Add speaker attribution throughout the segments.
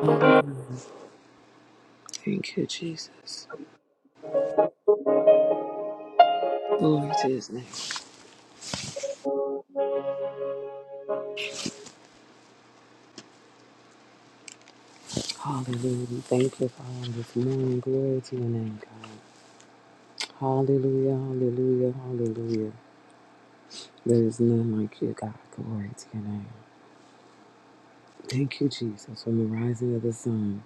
Speaker 1: Hallelujah. Thank you, Jesus. Glory to his name. Hallelujah. Thank you, Father, this morning. Glory to your name, God. Hallelujah, hallelujah, hallelujah. There is none like you, God. Glory to your name. Thank you, Jesus, from the rising of the sun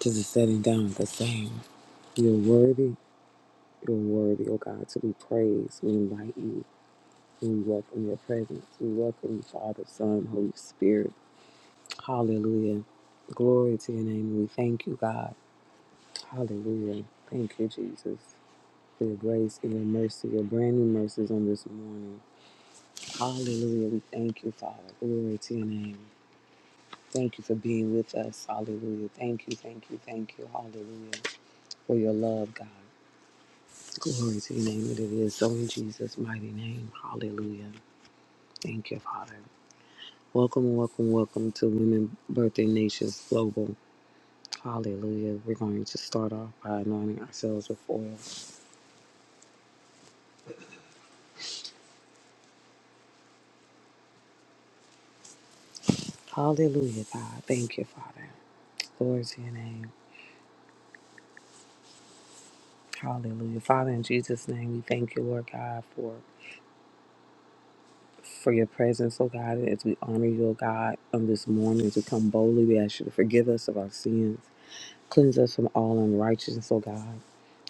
Speaker 1: to the setting down of the same. You're worthy, you're worthy, oh God, to be praised. We invite you. We welcome your presence. We welcome you, Father, Son, Holy Spirit. Hallelujah. Glory to your name. We thank you, God. Hallelujah. Thank you, Jesus, for your grace and your mercy, your brand new mercies on this morning. Hallelujah. We thank you, Father. Glory to your name. Thank you for being with us. Hallelujah. Thank you, thank you, thank you. Hallelujah. For your love, God. Glory to your name. It is so in Jesus' mighty name. Hallelujah. Thank you, Father. Welcome, welcome, welcome to Women Birthday Nations Global. Hallelujah. We're going to start off by anointing ourselves with oil. Hallelujah, God. Thank you, Father. Glory to your name. Hallelujah. Father, in Jesus' name, we thank you, Lord God, for for your presence, oh God, as we honor you, oh God, on this morning, as we come boldly, we ask you to forgive us of our sins, cleanse us from all unrighteousness, oh God.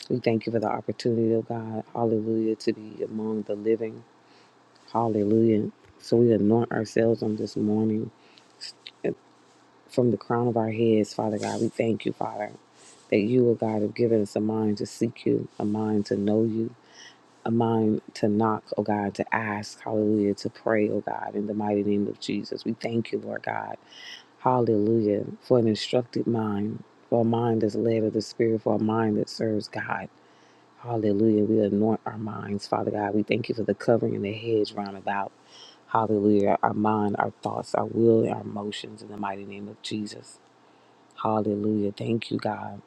Speaker 1: We thank you for the opportunity, oh God, hallelujah, to be among the living. Hallelujah. So we anoint ourselves on this morning from the crown of our heads, Father God. We thank you, Father, that you, oh God, have given us a mind to seek you, a mind to know you, a mind to knock, oh God, to ask, hallelujah, to pray, oh God, in the mighty name of Jesus. We thank you, Lord God, hallelujah, for an instructed mind, for a mind that's led of the Spirit, for a mind that serves God. Hallelujah. We anoint our minds, Father God. We thank you for the covering and the hedge round about. Hallelujah. Our mind, our thoughts, our will, and our emotions in the mighty name of Jesus. Hallelujah. Thank you, God.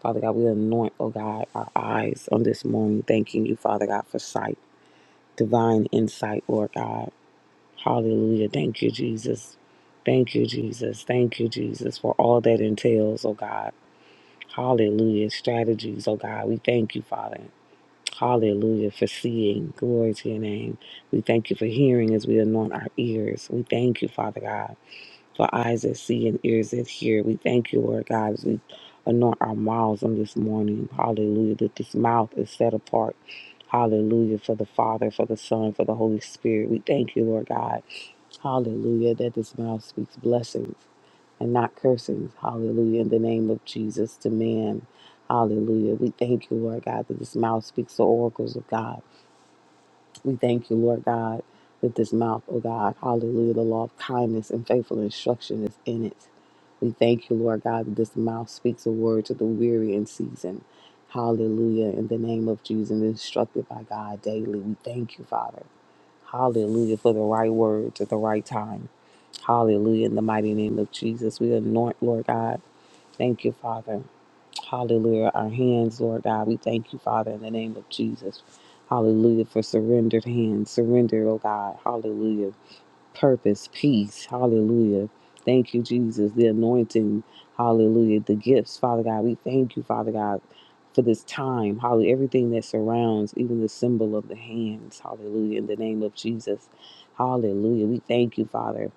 Speaker 1: Father God, we anoint, oh God, our eyes on this morning, thanking you, Father God, for sight divine insight, Lord God. Hallelujah. Thank you, Jesus. Thank you, Jesus. Thank you, Jesus, for all that entails, oh God. Hallelujah. Strategies, oh God. We thank you, Father. Hallelujah for seeing. Glory to your name. We thank you for hearing as we anoint our ears. We thank you, Father God for eyes that see and ears that hear. We thank you, Lord God, as we anoint our mouths on this morning. Hallelujah, that this mouth is set apart. Hallelujah, for the Father, for the Son, for the Holy Spirit. We thank you, Lord God. Hallelujah, that this mouth speaks blessings and not cursings. Hallelujah, in the name of Jesus to man. Hallelujah. We thank you, Lord God, that this mouth speaks the oracles of God. We thank you, Lord God, that this mouth, oh God, hallelujah, the law of kindness and faithful instruction is in it. We thank you, Lord God, that this mouth speaks a word to the weary in season. Hallelujah, in the name of Jesus, and instructed by God daily. We thank you, Father. Hallelujah, for the right words at the right time. Hallelujah, in the mighty name of Jesus. We anoint, Lord God. Thank you, Father. Hallelujah. Our hands, Lord God, we thank you, Father, in the name of Jesus. Hallelujah for surrendered hands. Surrender, oh God. Hallelujah purpose, peace. Hallelujah. Thank you, Jesus. The anointing. Hallelujah. The gifts, Father God. We thank you, Father God, for this time. Hallelujah. Everything that surrounds, even the symbol of the hands. Hallelujah. In the name of Jesus. Hallelujah. We thank you, Father.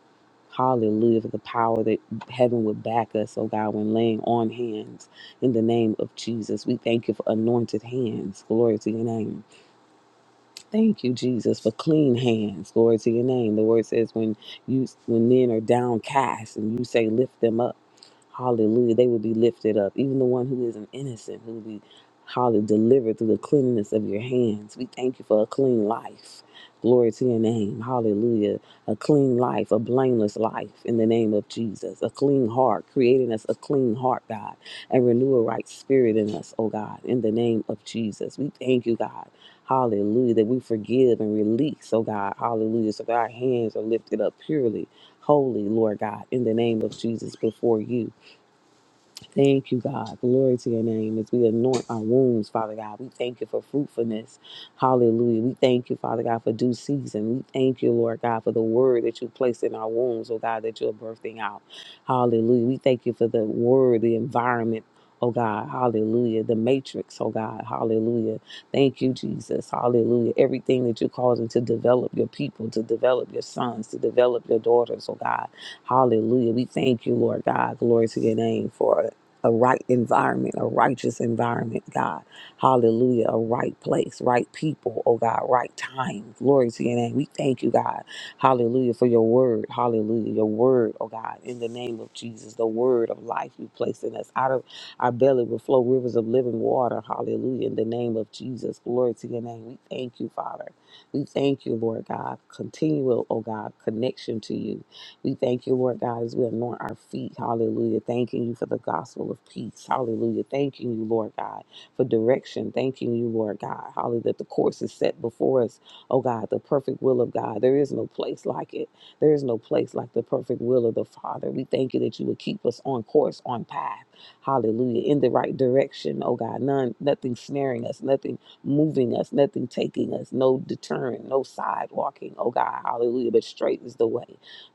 Speaker 1: Hallelujah for the power that heaven would back us, oh God, when laying on hands in the name of Jesus. We thank you for anointed hands. Glory to your name. Thank you, Jesus, for clean hands. Glory to your name. The word says when you when men are downcast and you say lift them up. Hallelujah. They will be lifted up. Even the one who isn't innocent, who will be hallelujah, delivered through the cleanness of your hands. We thank you for a clean life. Glory to your name. Hallelujah. A clean life, a blameless life in the name of Jesus. A clean heart, creating us a clean heart, God, and renew a right spirit in us, oh God, in the name of Jesus. We thank you, God. Hallelujah. That we forgive and release, oh God. Hallelujah. So that our hands are lifted up purely, holy, Lord God, in the name of Jesus before you. Thank you, God. Glory to your name. As we anoint our wombs, Father God, we thank you for fruitfulness. Hallelujah. We thank you, Father God, for due season. We thank you, Lord God, for the word that you placed in our wombs, oh God, that you're birthing out. Hallelujah. We thank you for the word, the environment. Oh God, hallelujah. The matrix, oh God, hallelujah. Thank you, Jesus, hallelujah. Everything that you're causing to develop your people, to develop your sons, to develop your daughters, oh God, hallelujah. We thank you, Lord God, glory to your name for it a right environment, a righteous environment, God. Hallelujah. A right place, right people, oh God, right time. Glory to your name. We thank you, God. Hallelujah for your word. Hallelujah. Your word, oh God, in the name of Jesus, the word of life you placed in us. Out of our belly will flow rivers of living water. Hallelujah. In the name of Jesus. Glory to your name. We thank you, Father. We thank you, Lord God. Continual, oh God, connection to you. We thank you, Lord God, as we anoint our feet. Hallelujah. Thanking you for the gospel of peace. Hallelujah. Thanking you, Lord God, for direction. Thanking you, Lord God. Hallelujah. That the course is set before us. Oh God, the perfect will of God. There is no place like it. There is no place like the perfect will of the Father. We thank you that you would keep us on course, on path. Hallelujah. In the right direction. Oh God. None nothing snaring us, nothing moving us, nothing taking us, no deterrent, no sidewalking. Oh God, hallelujah. But straight is the way.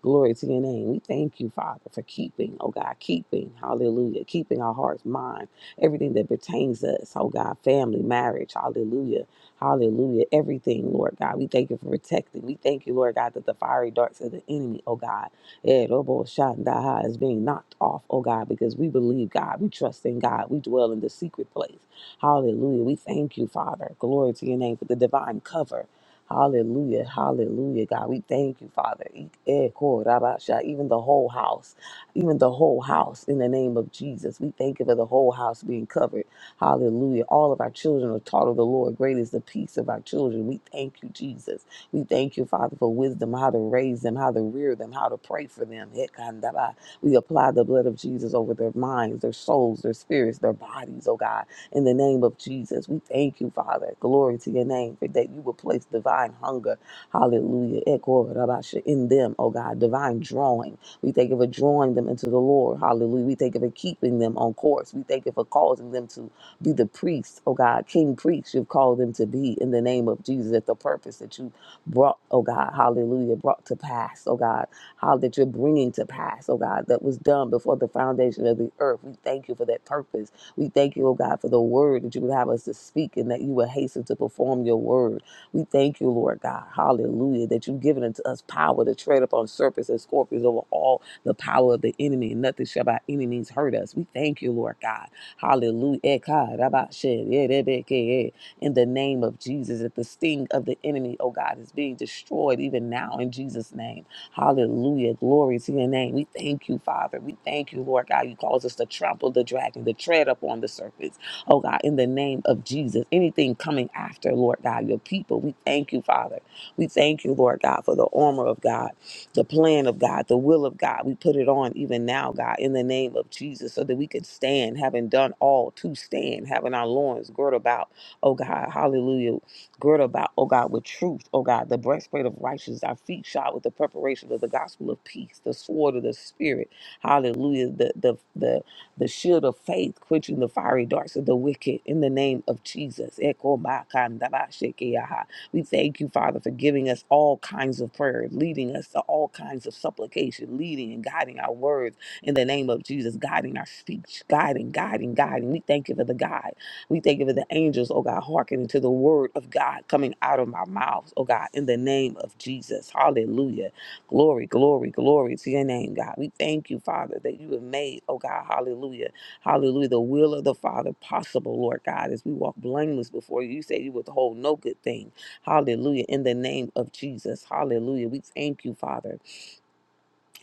Speaker 1: Glory to your name. We thank you, Father, for keeping, oh God, keeping, hallelujah, keeping our hearts, mind, everything that pertains to us, oh God, family, marriage, hallelujah, hallelujah, everything, Lord God. We thank you for protecting. We thank you, Lord God, that the fiery darts of the enemy, oh God, eh, robo shandaha, is being knocked off, oh God, because we believe God, we trust in God, we dwell in the secret place. Hallelujah. We thank you, Father. Glory to your name for the divine cover. Hallelujah. Hallelujah, God. We thank you, Father. E, Eh, ko, rabba, sha. Even the whole house, even the whole house in the name of Jesus. We thank you for the whole house being covered. Hallelujah. All of our children are taught of the Lord. Great is the peace of our children. We thank you, Jesus. We thank you, Father, for wisdom, how to raise them, how to rear them, how to pray for them. Eh, kandaba. We apply the blood of Jesus over their minds, their souls, their spirits, their bodies, oh God. In the name of Jesus, we thank you, Father. Glory to your name for that you will place divine hunger. Hallelujah. Echo Rabasha in them, oh God, divine drawing. We thank you for drawing them into the Lord. Hallelujah. We thank you for keeping them on course. We thank you for causing them to be the priests, oh God, king priests you've called them to be in the name of Jesus at the purpose that you brought, oh God, hallelujah, brought to pass, oh God, how that you're bringing to pass, oh God, that was done before the foundation of the earth. We thank you for that purpose we thank you, O God, for the word that you would have us to speak and that you would hasten to perform your word. We thank you, Lord God, hallelujah, that you've given unto us power to tread upon serpents and scorpions over all the power of the enemy, and nothing shall by any means hurt us. We thank you, Lord God, hallelujah. In the name of Jesus, that the sting of the enemy, oh God, is being destroyed even now in Jesus' name. Hallelujah. Glory to your name. We thank you, Father. We thank you, Lord God. You cause us to trample the dragon, to tread upon the serpents. Oh God, in the name of Jesus. Anything coming after, Lord God, your people. We thank you, Father. We thank you, Lord God, for the armor of God, the plan of God, the will of God. We put it on even now, God, in the name of Jesus, so that we can stand, having done all to stand, having our loins girt about. Oh God, hallelujah. Gird about, oh God, with truth, oh God, the breastplate of righteousness, our feet shod with the preparation of the gospel of peace, the sword of the spirit, hallelujah, the the the, the shield of faith, quenching the fiery darts of the wicked in the name of Jesus. Eko ma kanda ba sheke yaha. We thank you, Father, for giving us all kinds of prayer, leading us to all kinds of supplication, leading and guiding our words in the name of Jesus, guiding our speech, guiding, guiding, guiding. We thank you for the guide. We thank you for the angels, oh God, hearkening to the word of God coming out of my mouth, oh God, in the name of Jesus. Hallelujah. Glory, glory, glory to your name, God. We thank you, Father, that you have made, oh God, hallelujah. Hallelujah. The will of the Father possible, Lord God, as we walk blameless before you. You say you withhold no good thing. Hallelujah. In the name of Jesus. Hallelujah. We thank you, Father.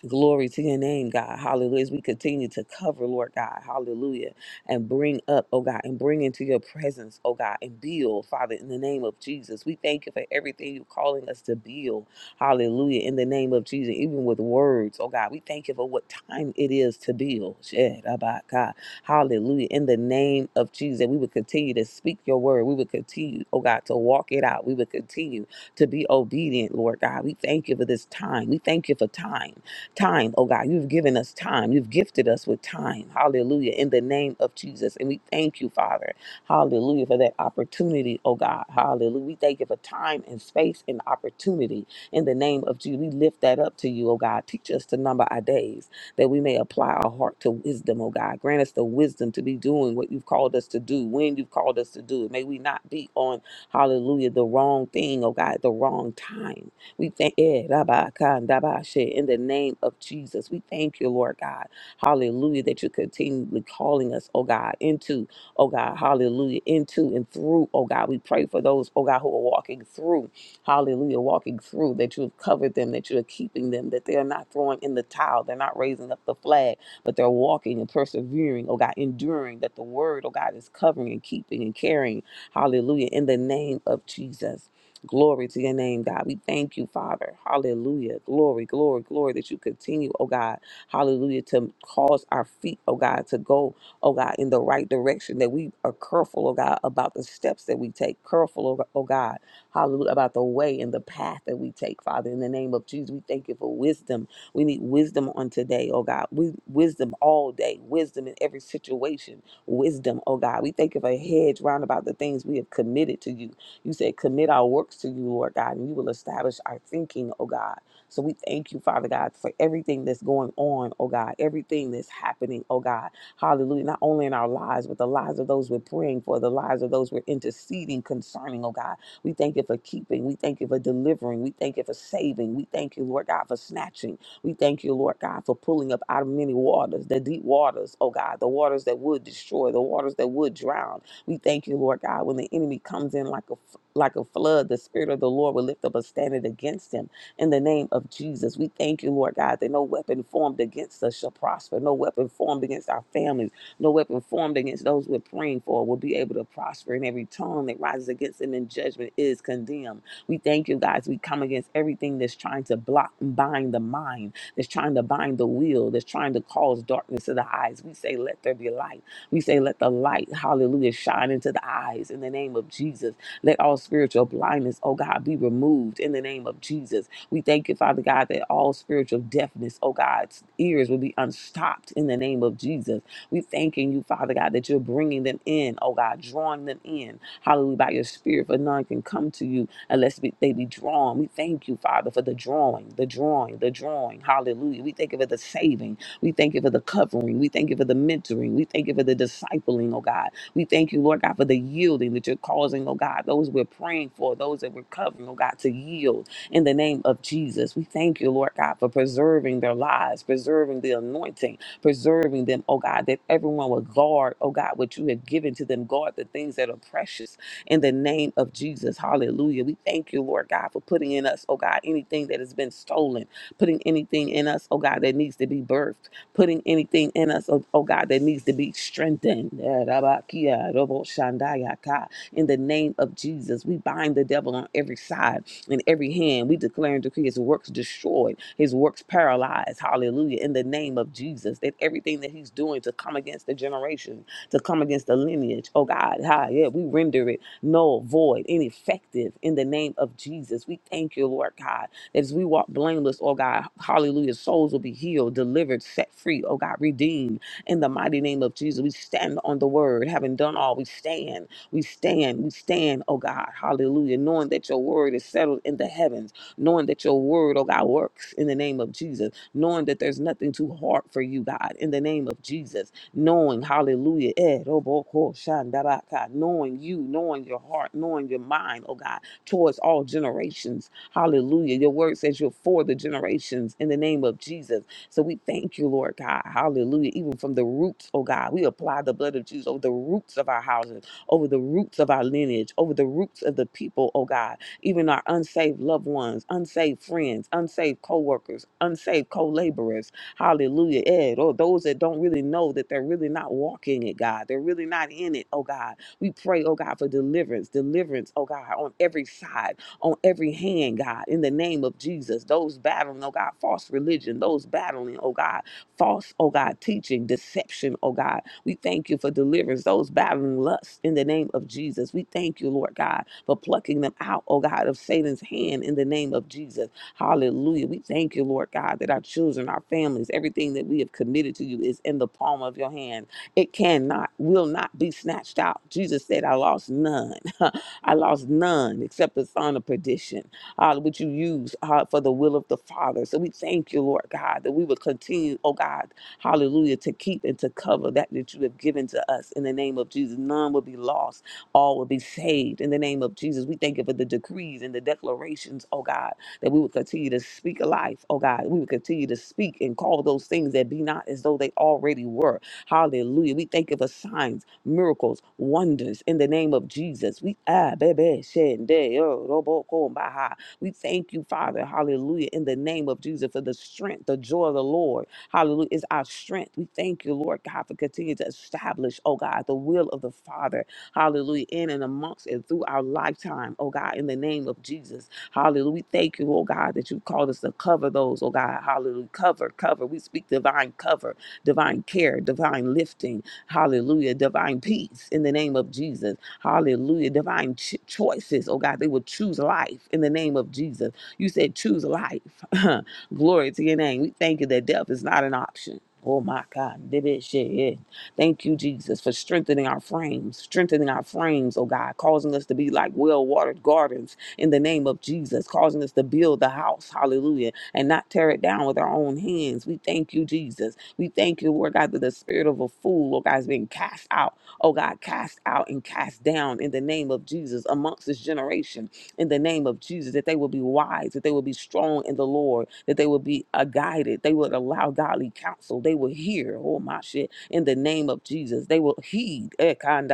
Speaker 1: Glory to your name, God. Hallelujah. As we continue to cover, Lord God, hallelujah, and bring up, oh God, and bring into your presence, oh God, and build, Father, in the name of Jesus. We thank you for everything you're calling us to build. Hallelujah. In the name of Jesus, even with words, oh God, we thank you for what time it is to build. Shed about God. Hallelujah. In the name of Jesus, we would continue to speak your word. We would continue, oh God, to walk it out. We would continue to be obedient, Lord God. We thank you for this time. We thank you for time. Time, oh God, you've given us time. You've gifted us with time. Hallelujah. In the name of Jesus. And we thank you, Father. Hallelujah, for that opportunity, oh God. Hallelujah. We thank you for time and space and opportunity. In the name of Jesus, we lift that up to you, oh God. Teach us to number our days that we may apply our heart to wisdom, oh God. Grant us the wisdom to be doing what you've called us to do, when you've called us to do it. May we not be on, hallelujah, the wrong thing, oh God, at the wrong time. We thank eh, rabba, kanda, ba, she, in the name of Jesus. We thank you, Lord God. Hallelujah, that you're continually calling us, oh God, into, oh God, hallelujah, into and through, oh God. We pray for those, oh God, who are walking through, hallelujah, walking through, that you have covered them, that you are keeping them, that they are not throwing in the towel, they're not raising up the flag, but they're walking and persevering, oh God, enduring, that the word, oh God, is covering and keeping and carrying, hallelujah, in the name of Jesus. Glory to your name, God. We thank you, Father. Hallelujah. Glory, glory, glory that you continue, oh God. Hallelujah. To cause our feet, oh God, to go, oh God, in the right direction. That we are careful, oh God, about the steps that we take. Careful, oh oh God. Hallelujah. About the way and the path that we take, Father. In the name of Jesus, we thank you for wisdom. We need wisdom on today, oh God. We wisdom all day, wisdom in every situation. Wisdom, oh God. We thank you for a hedge round about the things we have committed to you you said, commit our works to you, Lord God, and you will establish our thinking, oh God. So we thank you, Father God, for everything that's going on, oh God, everything that's happening, oh God. Hallelujah. Not only in our lives, but the lives of those we're praying for, the lives of those we're interceding concerning, oh God. We thank you for keeping. We thank you for delivering. We thank you for saving. We thank you, Lord God, for snatching. We thank you, Lord God, for pulling up out of many waters, the deep waters, oh God, the waters that would destroy, the waters that would drown. We thank you, Lord God, when the enemy comes in like a like a flood, the Spirit of the Lord will lift up a standard against him in the name of Jesus. We thank you, Lord God, that no weapon formed against us shall prosper, no weapon formed against our families, no weapon formed against those we're praying for will be able to prosper, and every tongue that rises against them in judgment is condemned. We thank you, guys. We come against everything that's trying to block and bind the mind, that's trying to bind the will, that's trying to cause darkness to the eyes. We say, let there be light. We say, let the light, hallelujah, shine into the eyes in the name of Jesus. Let all spiritual blindness, oh God, be removed in the name of Jesus. We thank you, Father God, that all spiritual deafness, oh God's ears will be unstopped in the name of Jesus. We thanking you, Father God, that you're bringing them in, oh God, drawing them in. Hallelujah, by your spirit, for none can come to you unless we, they be drawn. We thank you, Father, for the drawing, the drawing, the drawing. Hallelujah. We thank you for the saving. We thank you for the covering. We thank you for the mentoring. We thank you for the discipling, oh God. We thank you, Lord God, for the yielding that you're causing, oh God, those we're praying for, those that we're covering, oh God, to yield in the name of Jesus. We thank you, Lord God, for preserving their lives, preserving the anointing, preserving them, oh God, that everyone will guard, oh God, what you have given to them, guard the things that are precious in the name of Jesus. Hallelujah. We thank you, Lord God, for putting in us, oh God, anything that has been stolen, putting anything in us, oh God, that needs to be birthed putting anything in us, oh, oh God, that needs to be strengthened. Yeah, Rabakia, Robo Shandaya Ka. In the name of Jesus, we bind the devil on every side and every hand. We declare and decree his works destroyed, his works paralyzed. Hallelujah. In the name of Jesus, that everything that he's doing to come against the generation, to come against the lineage, oh God, hi, yeah, we render it null, void, ineffective in the name of Jesus. We thank you, Lord God that as we walk blameless, oh God, hallelujah, souls will be healed, delivered, set free, oh God, redeemed. In the mighty name of Jesus, we stand on the word. Having done all, we stand, we stand, we stand, oh God, hallelujah, knowing that your word is settled in the heavens, knowing that your word, oh God, works in the name of Jesus, knowing that there's nothing too hard for you, God, in the name of Jesus knowing, hallelujah, eh, robo ko shandaraka, knowing you, knowing your heart, knowing your mind, oh God, towards all generations. Hallelujah. Your word says you're for the generations in the name of Jesus. So we thank you, Lord God. Hallelujah. Even from the roots, oh God, we apply the blood of Jesus over the roots of our houses, over the roots of our lineage, over the roots of the people, oh God, even our unsaved loved ones, unsaved friends, unsaved co workers, unsaved co laborers. Hallelujah. Ed, or those that don't really know that they're really not walking it, God. They're really not in it, oh God. We pray, oh God, for deliverance, deliverance, oh God, on every side on every hand, God, in the name of Jesus. Those battling, oh God, false religion, those battling, oh God, false, oh God, teaching, deception, oh God. We thank you for deliverance, those battling lust in the name of Jesus. We thank you, Lord God, for plucking them out, oh God, of Satan's hand in the name of Jesus. Hallelujah. We thank you, Lord God, that our children, our families, everything that we have committed to you is in the palm of your hand. It cannot, will not be snatched out. Jesus said, I lost none. I lost none except the son of perdition, uh, which you use uh, for the will of the Father. So we thank you, Lord God, that we will continue, oh God, hallelujah, to keep and to cover that that you have given to us in the name of Jesus. None will be lost, all will be saved in the name of Jesus. We thank you for the decrees and the declarations, oh God, that we will continue to speak life, oh God. We will continue to speak and call those things that be not as though they already were Hallelujah. We thank you for signs, miracles, wonders in the name of Jesus. We ah, baby, shende, oh, robo, ko, baha. we thank you, Father. Hallelujah. In the name of Jesus for the strength, the joy of the Lord. Hallelujah. Is our strength. We thank you, Lord God, for continuing to establish, oh God, the will of the Father. Hallelujah. In and amongst and through our lifetime, oh God, in the name of Jesus. Hallelujah. We thank you, oh God, that you called us to cover those, oh God. Hallelujah. Cover, cover. We speak divine cover divine care, divine lifting. Hallelujah. Divine peace in the name of Jesus. Hallelujah. Divine ch- choices. Oh God, they will choose life in the name of Jesus. You said choose life. Glory to your name. We thank you that death is not an option. Oh my God. Dibit shit, yeah. Thank you, Jesus, for strengthening our frames, strengthening our frames, oh God, causing us to be like well watered gardens in the name of Jesus, causing us to build the house, hallelujah, and not tear it down with our own hands. We thank you, Jesus. We thank you, Lord God, that the spirit of a fool, Lord God, is being cast out. Oh God, cast out and cast down in the name of Jesus amongst this generation. In the name of Jesus, that they will be wise, that they will be strong in the Lord, that they will be uh, guided. They will allow godly counsel. They will hear. Oh my shit. In the name of Jesus, they will heed. eh, kind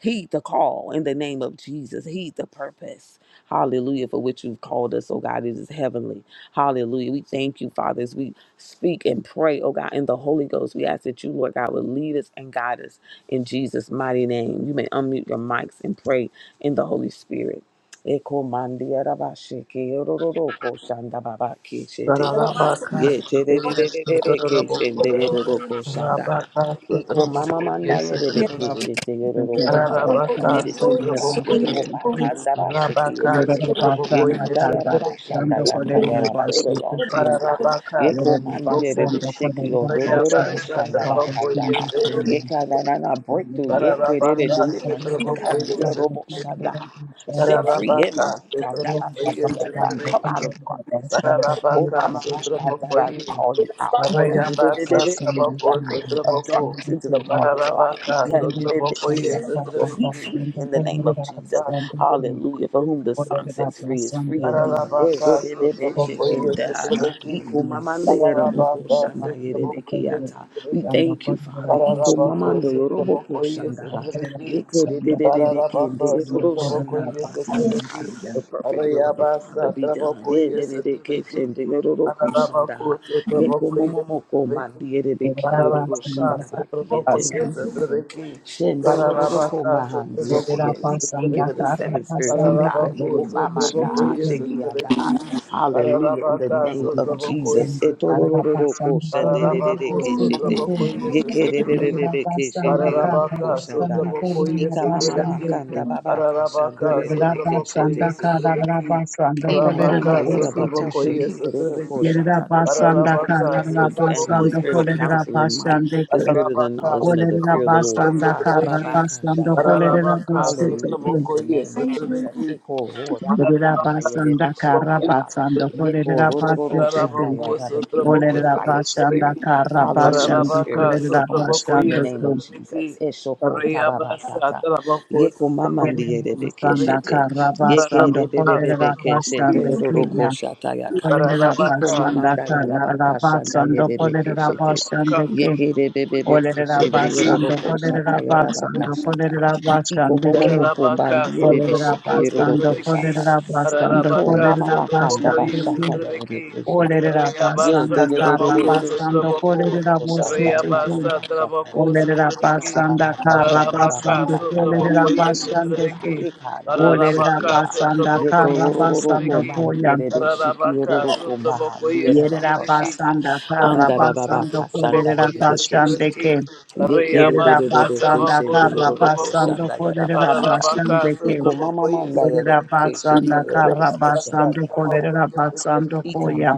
Speaker 1: Heed the call. In the name of Jesus, heed the purpose. Hallelujah, for which you've called us. Oh God, it is heavenly. Hallelujah. We thank you, fathers speak and pray, oh God, in the Holy Ghost. We ask that you, Lord God, would lead us and guide us in Jesus' mighty name. You may unmute your mics and pray in the Holy Spirit. Eko mandi arabashiki, ororoko shandababaki shete.
Speaker 2: Rabaka,
Speaker 1: Ye te de de de de de de ke shen
Speaker 2: Sutraboko,
Speaker 1: de yo ro ro ko shanda ha.
Speaker 2: Rabaka
Speaker 1: Iko
Speaker 2: Sutraboko,
Speaker 1: mama manda
Speaker 2: yes,
Speaker 1: ye de de
Speaker 3: Yeah,
Speaker 4: Thank
Speaker 1: ke
Speaker 2: Sutraboko,
Speaker 1: she te yo ro ro ko sha. We
Speaker 2: Rabaka Sutraboko, Rabaka
Speaker 1: committed to you, God.
Speaker 2: Sutraboko,
Speaker 1: Iko
Speaker 2: yes,
Speaker 1: ma kanda
Speaker 2: Sutraboko,
Speaker 1: ba sheki ye
Speaker 2: Rabaka
Speaker 1: de he.
Speaker 2: Sutraboko,
Speaker 1: Ye kanda ya ra ba shanda ya ta ya ra ba. They belong to you, God.
Speaker 2: Rabaka
Speaker 1: Ye ko mandi ye
Speaker 2: Sutraboko,
Speaker 1: de de sheki on do yo ro ro shanda ba kanda ha.
Speaker 2: yes,
Speaker 1: Ye
Speaker 2: Sutraboko,
Speaker 1: kanda na na breakthrough. Ye ke
Speaker 2: Rabaka
Speaker 1: de de deliverance. Ye kandi
Speaker 2: Sutraboko,
Speaker 1: ya ro bo
Speaker 2: yes,
Speaker 1: shanda ha set free in
Speaker 2: Tararabaka
Speaker 1: Mama Kandaba
Speaker 2: sutrabokoye
Speaker 1: Shikiata. Come
Speaker 2: sutrabeki.
Speaker 1: out of darkness. oh
Speaker 2: Tararabaka
Speaker 1: Mama Kandaba, we
Speaker 2: sutrabokoye.
Speaker 1: call you out.
Speaker 2: Parayabasa
Speaker 1: Ikadididididi,
Speaker 2: traboko
Speaker 1: Shikiaha, Of
Speaker 2: sutraboku.
Speaker 1: darkness into the
Speaker 4: you.
Speaker 1: marvelous light.
Speaker 2: Tararabaka
Speaker 4: Yerera
Speaker 1: Ikadidididi,
Speaker 2: sutrabokoye
Speaker 4: basanda karra
Speaker 1: Shikiaha. Be
Speaker 2: sutrabeki.
Speaker 1: free in the name of Jesus.
Speaker 2: Tararabaka
Speaker 1: Hallelujah. For
Speaker 2: sutrabokoye
Speaker 1: whom the Son sets free is free indeed.
Speaker 2: Tararabaka
Speaker 1: Ikadidididi,
Speaker 2: sutrabokoye
Speaker 1: Shikiaha.
Speaker 2: sutrabeki.
Speaker 1: Iko mamando yorobo ko
Speaker 2: Tararabaka
Speaker 1: shanda yerebe
Speaker 2: sutrabokoye
Speaker 1: keyata. We
Speaker 2: sutrabeki.
Speaker 1: thank you, Father. Iko
Speaker 2: Tararabako
Speaker 1: mamando yorobo ko
Speaker 2: sutrabokoye
Speaker 1: shanda ha.
Speaker 2: sutrabeki.
Speaker 1: Yeke de de de de de ke
Speaker 2: Ararabaka,
Speaker 1: de yorobo shanda
Speaker 2: Sotrabokoye,
Speaker 1: baba kanda
Speaker 2: Sotrabeki,
Speaker 1: ha. The perfect will of the Father
Speaker 2: Arayabasa,
Speaker 1: be done. Eh,
Speaker 2: Trabokoye,
Speaker 1: de de de ke
Speaker 2: Sotrabeki,
Speaker 1: shende yorobo ko shanda
Speaker 2: Ararabako,
Speaker 1: ha. Yeko
Speaker 2: Sotrabokoye,
Speaker 1: momo moko
Speaker 2: Sotrabeki,
Speaker 1: mandi yerebe ki yorobo
Speaker 2: Ararabaka,
Speaker 1: shanda ba kiyete.
Speaker 2: Sotrabokoye, Sotrabeki, Ararabaka,
Speaker 1: Shendolorokombahandieke.
Speaker 2: Sotrabokoye,
Speaker 1: We thank you for the
Speaker 2: Sotrabeki,
Speaker 1: seven spirits of
Speaker 4: basando kolerera
Speaker 1: God.
Speaker 2: Ararabako,
Speaker 1: Ikobamandaha,
Speaker 2: Sotrabokoye,
Speaker 4: basete
Speaker 2: Sotrabeki,
Speaker 1: shekiandaha. Hallelujah. In the
Speaker 2: Ararabaka,
Speaker 1: name of
Speaker 2: Sotrabokoye,
Speaker 1: Jesus.
Speaker 4: Yerabasanda
Speaker 2: Sotrabeki,
Speaker 1: Etorororoko
Speaker 4: Karabasanda
Speaker 2: Ararabako,
Speaker 1: shendededeke
Speaker 4: Kodorabasoto,
Speaker 1: shete.
Speaker 2: Sotrabokoye, Sotrabeki,
Speaker 1: Yekerebebebeke
Speaker 4: Yerabasanda
Speaker 2: Ararabaka,
Speaker 1: shenderoroko
Speaker 4: Karabasanda
Speaker 1: shandaha.
Speaker 2: Sotrabokoye,
Speaker 1: Ikamamama
Speaker 2: Sotrabeki,
Speaker 4: Koderabasanda,
Speaker 1: kandababa
Speaker 2: Ararabaka,
Speaker 1: kashandayereke
Speaker 2: Sotrabokoye,
Speaker 1: shete.
Speaker 4: Yerabasanda
Speaker 2: Sotrabeki,
Speaker 4: Karabasanda
Speaker 2: Arabaka,
Speaker 1: Imamanda
Speaker 4: Koderabasoto,
Speaker 1: Yarabakashi
Speaker 2: Sotrabokoye,
Speaker 1: Kiyoroko
Speaker 2: Sotrabeki,
Speaker 1: Shata, the spirit
Speaker 4: Yerabasanda
Speaker 1: of
Speaker 2: Ararabaka,
Speaker 1: wisdom and
Speaker 4: Karabasanda
Speaker 1: understanding, the
Speaker 2: Sotrabokoye,
Speaker 4: Koderabasanda,
Speaker 1: spirit of
Speaker 2: Sotrabeki,
Speaker 1: counsel and might,
Speaker 4: Koderabasanda
Speaker 1: the spirit of the
Speaker 2: Ararabaka,
Speaker 1: knowledge and of the fear of the
Speaker 2: Sotrabokoye,
Speaker 1: Lord. Ha ba ba
Speaker 2: Sotrabeki,
Speaker 1: ba ka
Speaker 4: Karabasanda
Speaker 2: Ararabaka,
Speaker 1: Hallelujah
Speaker 4: Koderabasoto,
Speaker 1: in the
Speaker 2: Sotrabokoye,
Speaker 1: name
Speaker 3: I
Speaker 1: of
Speaker 3: am
Speaker 1: Jesus.
Speaker 2: Sotrabeki,
Speaker 1: Eko ro rabakanda
Speaker 2: Pararabaka,
Speaker 1: yerebe
Speaker 4: Yerabasanda
Speaker 1: shekiya ha.
Speaker 4: Karabasanda
Speaker 1: Yeko ro ro ro ro shanda
Speaker 4: Koderabasanda,
Speaker 1: yarabeki. Lead us
Speaker 4: Olerera
Speaker 1: by your spirit.
Speaker 4: bashanda kara
Speaker 1: Hallelujah.
Speaker 4: bashanda
Speaker 2: Pararabaka,
Speaker 1: Spirit rest
Speaker 4: kolerera
Speaker 1: upon us in the
Speaker 4: bashanda
Speaker 1: name
Speaker 4: ko
Speaker 1: of Jesus. Eshoko tababakata. Yeko
Speaker 4: yerera
Speaker 1: mamandiye rebeke
Speaker 4: bashanda kara
Speaker 1: Yeke
Speaker 4: bashanda kolerera
Speaker 1: rebebebebeke
Speaker 4: bashanda
Speaker 1: roroko
Speaker 4: kriya
Speaker 1: shatayaka.
Speaker 4: olerera
Speaker 1: Iko
Speaker 4: bashanda
Speaker 1: mamandaya
Speaker 4: kara
Speaker 1: rabaka shandaye
Speaker 4: bashanda kolerera bashanda ke
Speaker 1: Yeke rebebebeke
Speaker 4: olerera
Speaker 2: Pararabaka,
Speaker 4: bashanda
Speaker 1: roroko
Speaker 4: kolerera
Speaker 1: shataya rabaka
Speaker 4: bashanda kolerera
Speaker 1: Iko
Speaker 4: bashanda ke
Speaker 1: momomo
Speaker 2: Tararabaka,
Speaker 1: kombandiye
Speaker 4: olerera
Speaker 2: Sotraboko,
Speaker 1: rebeshiki
Speaker 4: bashanda
Speaker 1: roroko
Speaker 2: Sotrabeki,
Speaker 1: shata.
Speaker 4: kolerera bashanda
Speaker 1: Iko
Speaker 2: Tararabaka,
Speaker 1: mama
Speaker 4: kolerera
Speaker 1: makanda
Speaker 2: Sotraboko,
Speaker 4: bashanda
Speaker 1: bashata
Speaker 4: ke
Speaker 2: Sotrabeki,
Speaker 1: yarebekeshete.
Speaker 4: olerera
Speaker 1: Ye de
Speaker 4: bashanda
Speaker 2: Reabasa,
Speaker 1: de de de
Speaker 4: kara
Speaker 1: de
Speaker 2: Traboko,
Speaker 4: bashanda
Speaker 1: keshin de
Speaker 2: Sotraboko,
Speaker 4: kolerera
Speaker 1: yoroko shanda
Speaker 4: bashanda
Speaker 1: yarabaka
Speaker 2: Reabasa,
Speaker 1: shata.
Speaker 2: Traboko,
Speaker 4: Olerera
Speaker 1: Anda
Speaker 2: Sotrabeki,
Speaker 1: baba
Speaker 4: basanda
Speaker 1: baka
Speaker 4: kara
Speaker 1: shanda baba
Speaker 2: Tararabaka,
Speaker 4: basando
Speaker 1: kata yara
Speaker 4: kolerera
Speaker 2: Sotraboko,
Speaker 1: Andababakashandababakatayarabi. Please, oh
Speaker 4: basando
Speaker 1: God,
Speaker 2: Sotrabeki,
Speaker 4: ke.
Speaker 1: eka dere
Speaker 4: Olerera
Speaker 1: shiki
Speaker 2: Tararabaka,
Speaker 1: ha
Speaker 4: basanda
Speaker 2: Sotraboko,
Speaker 4: kara
Speaker 1: ko ko
Speaker 4: basando
Speaker 2: Sotrabeki,
Speaker 4: koyan.
Speaker 1: shiki
Speaker 2: Tararabaka,
Speaker 1: ororo komba ha
Speaker 2: Sotraboko,
Speaker 1: ndiere
Speaker 4: Yerera
Speaker 1: banko
Speaker 2: Sotrabeki,
Speaker 1: shata
Speaker 4: basanda kara
Speaker 1: anda
Speaker 2: Tararabaka,
Speaker 1: shanda
Speaker 4: basando
Speaker 1: shanda shanda
Speaker 2: Sotraboko,
Speaker 4: kolerera
Speaker 1: yere be
Speaker 4: basando
Speaker 1: keshete.
Speaker 4: ke.
Speaker 2: Sotrabeki,
Speaker 1: Yeke de be
Speaker 4: Yerera
Speaker 1: be
Speaker 2: Reabasa,
Speaker 4: basanda
Speaker 1: yara
Speaker 2: Traboko,
Speaker 4: kara basando
Speaker 2: Sotraboko,
Speaker 1: yara
Speaker 4: kolerera
Speaker 1: bakata.
Speaker 2: Ararabaka
Speaker 4: basando ke.
Speaker 1: Iko mama
Speaker 2: sotrabokoye
Speaker 1: ekandereshekeha.
Speaker 4: Yerera
Speaker 2: sotrabeki.
Speaker 4: basanda kara
Speaker 2: Arayabasa
Speaker 4: basando kolerera
Speaker 2: trabokoye
Speaker 1: Yetorororokombandiyerebeshikiyororokombahandiyerabakoshata.
Speaker 4: basando
Speaker 1: yara Yekerebebebekeshendeyororokoshandayarabakata. Ikomamamandayerebekeshekeyororokoshandayarabakata.
Speaker 2: sotrabeki.
Speaker 4: koyan.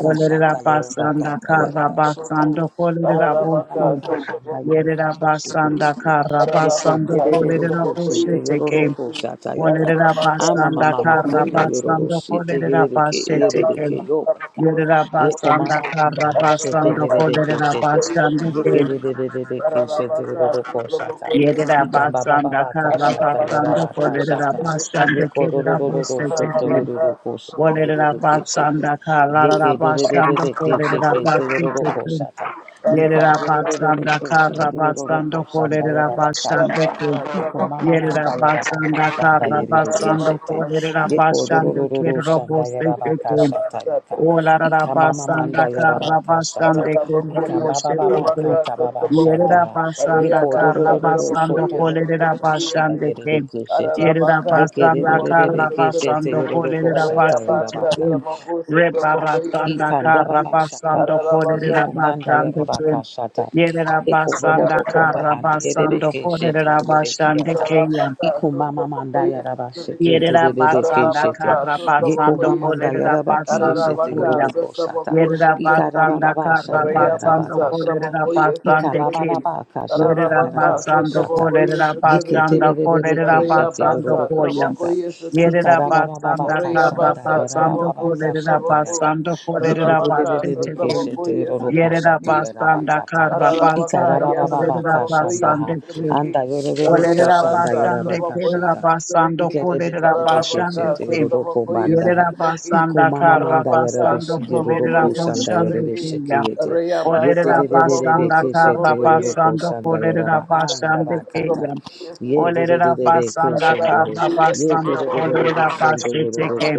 Speaker 4: Olerera basanda
Speaker 2: sotrabeki
Speaker 4: kara
Speaker 2: sotraboko.
Speaker 4: basando kolerera
Speaker 1: Anda
Speaker 2: Ararabaka
Speaker 4: bosu.
Speaker 1: yarabakasha anda
Speaker 2: sotraboko.
Speaker 1: yerere
Speaker 4: Yerera
Speaker 1: keşe
Speaker 4: basanda
Speaker 1: teleki
Speaker 4: kara
Speaker 1: yeke
Speaker 2: Ararabaka
Speaker 4: basando
Speaker 1: derere
Speaker 4: kolerera
Speaker 1: keşe
Speaker 2: sotrabokoye
Speaker 4: boshete
Speaker 1: teyororo
Speaker 4: ke.
Speaker 2: sotrabeki.
Speaker 1: koşa tayaka
Speaker 4: Olerera
Speaker 2: Ararabaka
Speaker 1: ama
Speaker 4: basanda
Speaker 1: mama
Speaker 4: kara
Speaker 2: sotrabokoye
Speaker 1: makanda yororo
Speaker 4: basando
Speaker 1: şite
Speaker 4: kolerera
Speaker 1: yerere ke
Speaker 4: boshete
Speaker 1: yerere
Speaker 4: ke.
Speaker 1: ke
Speaker 2: Arayabasa
Speaker 1: yobeka
Speaker 2: trabokoye
Speaker 4: Yerera
Speaker 1: yeko
Speaker 4: basanda
Speaker 1: mama
Speaker 2: sotrabeki.
Speaker 1: manda
Speaker 4: kara
Speaker 1: ha şete
Speaker 4: basando
Speaker 2: Ararabaka
Speaker 1: yerere
Speaker 4: kolerera
Speaker 1: keşe te
Speaker 2: sotrabokoye
Speaker 4: basande ke.
Speaker 1: yeke
Speaker 2: sotrabeki.
Speaker 1: derere keşe
Speaker 2: Ararabaka
Speaker 1: teyororo koşa ta
Speaker 2: sotrabokoye sotrabeki.
Speaker 4: Yerera
Speaker 1: İkan baba
Speaker 4: basanda
Speaker 1: baba
Speaker 4: kara
Speaker 1: kaşa ta
Speaker 2: Arabaka,
Speaker 4: basando
Speaker 1: yaraba
Speaker 2: Trabaco,
Speaker 1: kaşa
Speaker 4: kolerera
Speaker 1: ta
Speaker 4: basande ke
Speaker 1: yeko
Speaker 4: rera
Speaker 1: rorororo
Speaker 4: boshete
Speaker 1: soto
Speaker 4: ke.
Speaker 1: yororo koşi
Speaker 4: Olerera
Speaker 1: yerere keşe te
Speaker 4: basanda kara rera
Speaker 1: yeke
Speaker 4: basando
Speaker 1: derere keşe
Speaker 4: kolerera
Speaker 1: ke teyororo
Speaker 4: boshete ke.
Speaker 1: koşa ta Yika
Speaker 4: Yerera
Speaker 1: yerere
Speaker 4: basanda
Speaker 1: keshen
Speaker 4: kara
Speaker 1: deroro ko
Speaker 4: basando
Speaker 1: shanda
Speaker 4: kolerera
Speaker 1: yarabakanda
Speaker 4: basande
Speaker 1: ha.
Speaker 4: ke.
Speaker 1: Iko mama
Speaker 4: Yerera
Speaker 1: manda yarabaka
Speaker 4: basanda
Speaker 1: shanda
Speaker 4: karra
Speaker 1: yerere
Speaker 4: basando
Speaker 1: keshete.
Speaker 4: kolerera
Speaker 1: Yeko
Speaker 4: basando
Speaker 1: dororo
Speaker 4: kerro
Speaker 1: shanda
Speaker 4: boste
Speaker 1: yarabaka
Speaker 4: teke.
Speaker 1: shata yaka.
Speaker 4: Olarara
Speaker 1: Ika mama manda
Speaker 4: basanda karra
Speaker 1: yarabaka shata.
Speaker 4: basande kerro
Speaker 1: Ika baba
Speaker 4: boste
Speaker 1: baba
Speaker 4: teke.
Speaker 1: kata baba shanda
Speaker 4: Yerera
Speaker 1: ha.
Speaker 2: Trabaco,
Speaker 4: basanda
Speaker 1: Yeko
Speaker 4: karra
Speaker 1: dororo
Speaker 4: basando
Speaker 1: soto
Speaker 2: yes,
Speaker 1: yororo
Speaker 4: kolerera
Speaker 1: ko
Speaker 2: Trabaki,
Speaker 1: shanda
Speaker 4: basande ke.
Speaker 1: yerere keshete.
Speaker 4: Yerera
Speaker 1: Yeke
Speaker 4: basanda
Speaker 1: rerere
Speaker 4: karra
Speaker 1: keshete
Speaker 4: basando
Speaker 1: yororo ko
Speaker 4: kolerera
Speaker 1: shata
Speaker 4: baste
Speaker 1: yarabaka.
Speaker 4: teke. Rebarasanda
Speaker 1: Ika
Speaker 4: karra
Speaker 1: shata.
Speaker 4: basando
Speaker 2: Arabaka,
Speaker 4: kolerera
Speaker 1: Yeko manda
Speaker 4: basande ke.
Speaker 1: yarabaka shata.
Speaker 4: Yerera
Speaker 1: Yeko bobo
Speaker 4: basanda
Speaker 1: boko
Speaker 4: karra
Speaker 1: bahandi
Speaker 4: basando
Speaker 1: yereke shete
Speaker 4: kolerera
Speaker 1: yereke
Speaker 4: basande
Speaker 1: yata.
Speaker 4: ke.
Speaker 1: Iko mama manda yaraba shekete
Speaker 4: Yerera
Speaker 1: yereke
Speaker 4: basanda
Speaker 1: shete.
Speaker 4: kara
Speaker 1: Yeko
Speaker 4: basando
Speaker 1: mama manda
Speaker 4: kolerera
Speaker 1: yaraba ki
Speaker 4: basando
Speaker 1: shete
Speaker 4: koya.
Speaker 1: yoroko shata.
Speaker 4: Yerera
Speaker 1: Ika baba
Speaker 4: basanda
Speaker 1: baba
Speaker 4: kara
Speaker 1: shanda
Speaker 4: basando
Speaker 1: yarabaka shata.
Speaker 4: kolerera
Speaker 1: Ika
Speaker 4: basande
Speaker 1: baba Iko
Speaker 4: kim.
Speaker 1: mama
Speaker 4: Yerera
Speaker 2: Ararabaka,
Speaker 1: mama
Speaker 4: basando
Speaker 1: Ikandababashata.
Speaker 2: Sotraboko, yes,
Speaker 4: kolerera
Speaker 1: Yekumanda yarabakashata.
Speaker 2: Trebeki,
Speaker 4: basanda
Speaker 1: Yekubobobobobahandi yererekeshete yererekiyata. Ikumamamanda yarabashekete yererekeshete. Yekumamanda yarabakiyeshete
Speaker 4: kolerera
Speaker 1: yororokoshata. Ikarabababashanda yarabakashata. Ikabababakashata yarabakashata. Yeketebebebekeshete
Speaker 4: basando
Speaker 2: Reabasa,
Speaker 4: koya.
Speaker 2: trabajo
Speaker 1: yororokoshata.
Speaker 2: y ese
Speaker 4: Yerera
Speaker 2: trabequi.
Speaker 4: basanda kara
Speaker 1: Ikarabababakashanda
Speaker 2: Reabasa,
Speaker 4: basando
Speaker 2: trabajo, se
Speaker 4: kolerera
Speaker 1: yarabababakashata
Speaker 2: trabajo.
Speaker 4: basando
Speaker 1: Ye ye
Speaker 4: kolerera
Speaker 2: Aralabaca, se
Speaker 4: basete kim.
Speaker 2: trabajo y ese
Speaker 4: Yerera
Speaker 2: trabequi.
Speaker 4: basanda
Speaker 1: Yekerebebebebekesheterorokoshatayarabakata.
Speaker 4: kara
Speaker 2: Aralabaca,
Speaker 4: basando
Speaker 2: ya se
Speaker 4: kolerera
Speaker 2: trabajo y
Speaker 1: Ikarabababakashandaha.
Speaker 2: ese
Speaker 4: basande kim.
Speaker 2: trabequi.
Speaker 4: Olerera
Speaker 2: Reabasa,
Speaker 4: basande
Speaker 2: trabajo y
Speaker 4: kerera
Speaker 1: Andayerorokoshandayarabakashata.
Speaker 2: ese
Speaker 4: basando
Speaker 2: trabequi.
Speaker 4: kolerera basande
Speaker 2: Aralabaca, se
Speaker 4: ke.
Speaker 2: trabajo y ese
Speaker 1: Ikerebebebebekesheterorokobandaha.
Speaker 4: Yerera
Speaker 2: trabequi.
Speaker 4: basanda kara
Speaker 2: Aralabaca, se
Speaker 4: basando
Speaker 2: trabajo
Speaker 4: kolerera
Speaker 2: y ese
Speaker 4: basande
Speaker 2: trabequi.
Speaker 4: keya.
Speaker 1: Ikomamamandayarabeshigerorokoshandayarabeshekeyete.
Speaker 4: Olerera
Speaker 2: Reabasa, trabajo,
Speaker 4: basanda
Speaker 2: se
Speaker 4: kara
Speaker 2: trabajo
Speaker 4: basando
Speaker 1: Yetererebebebekesheterorokoshandayaraba.
Speaker 4: kolerera basande
Speaker 1: Andabakata.
Speaker 4: keya. Olerera basanda
Speaker 2: Rabaka,
Speaker 1: Yeterererekeshendehe.
Speaker 4: kara basando kolerera basete ke.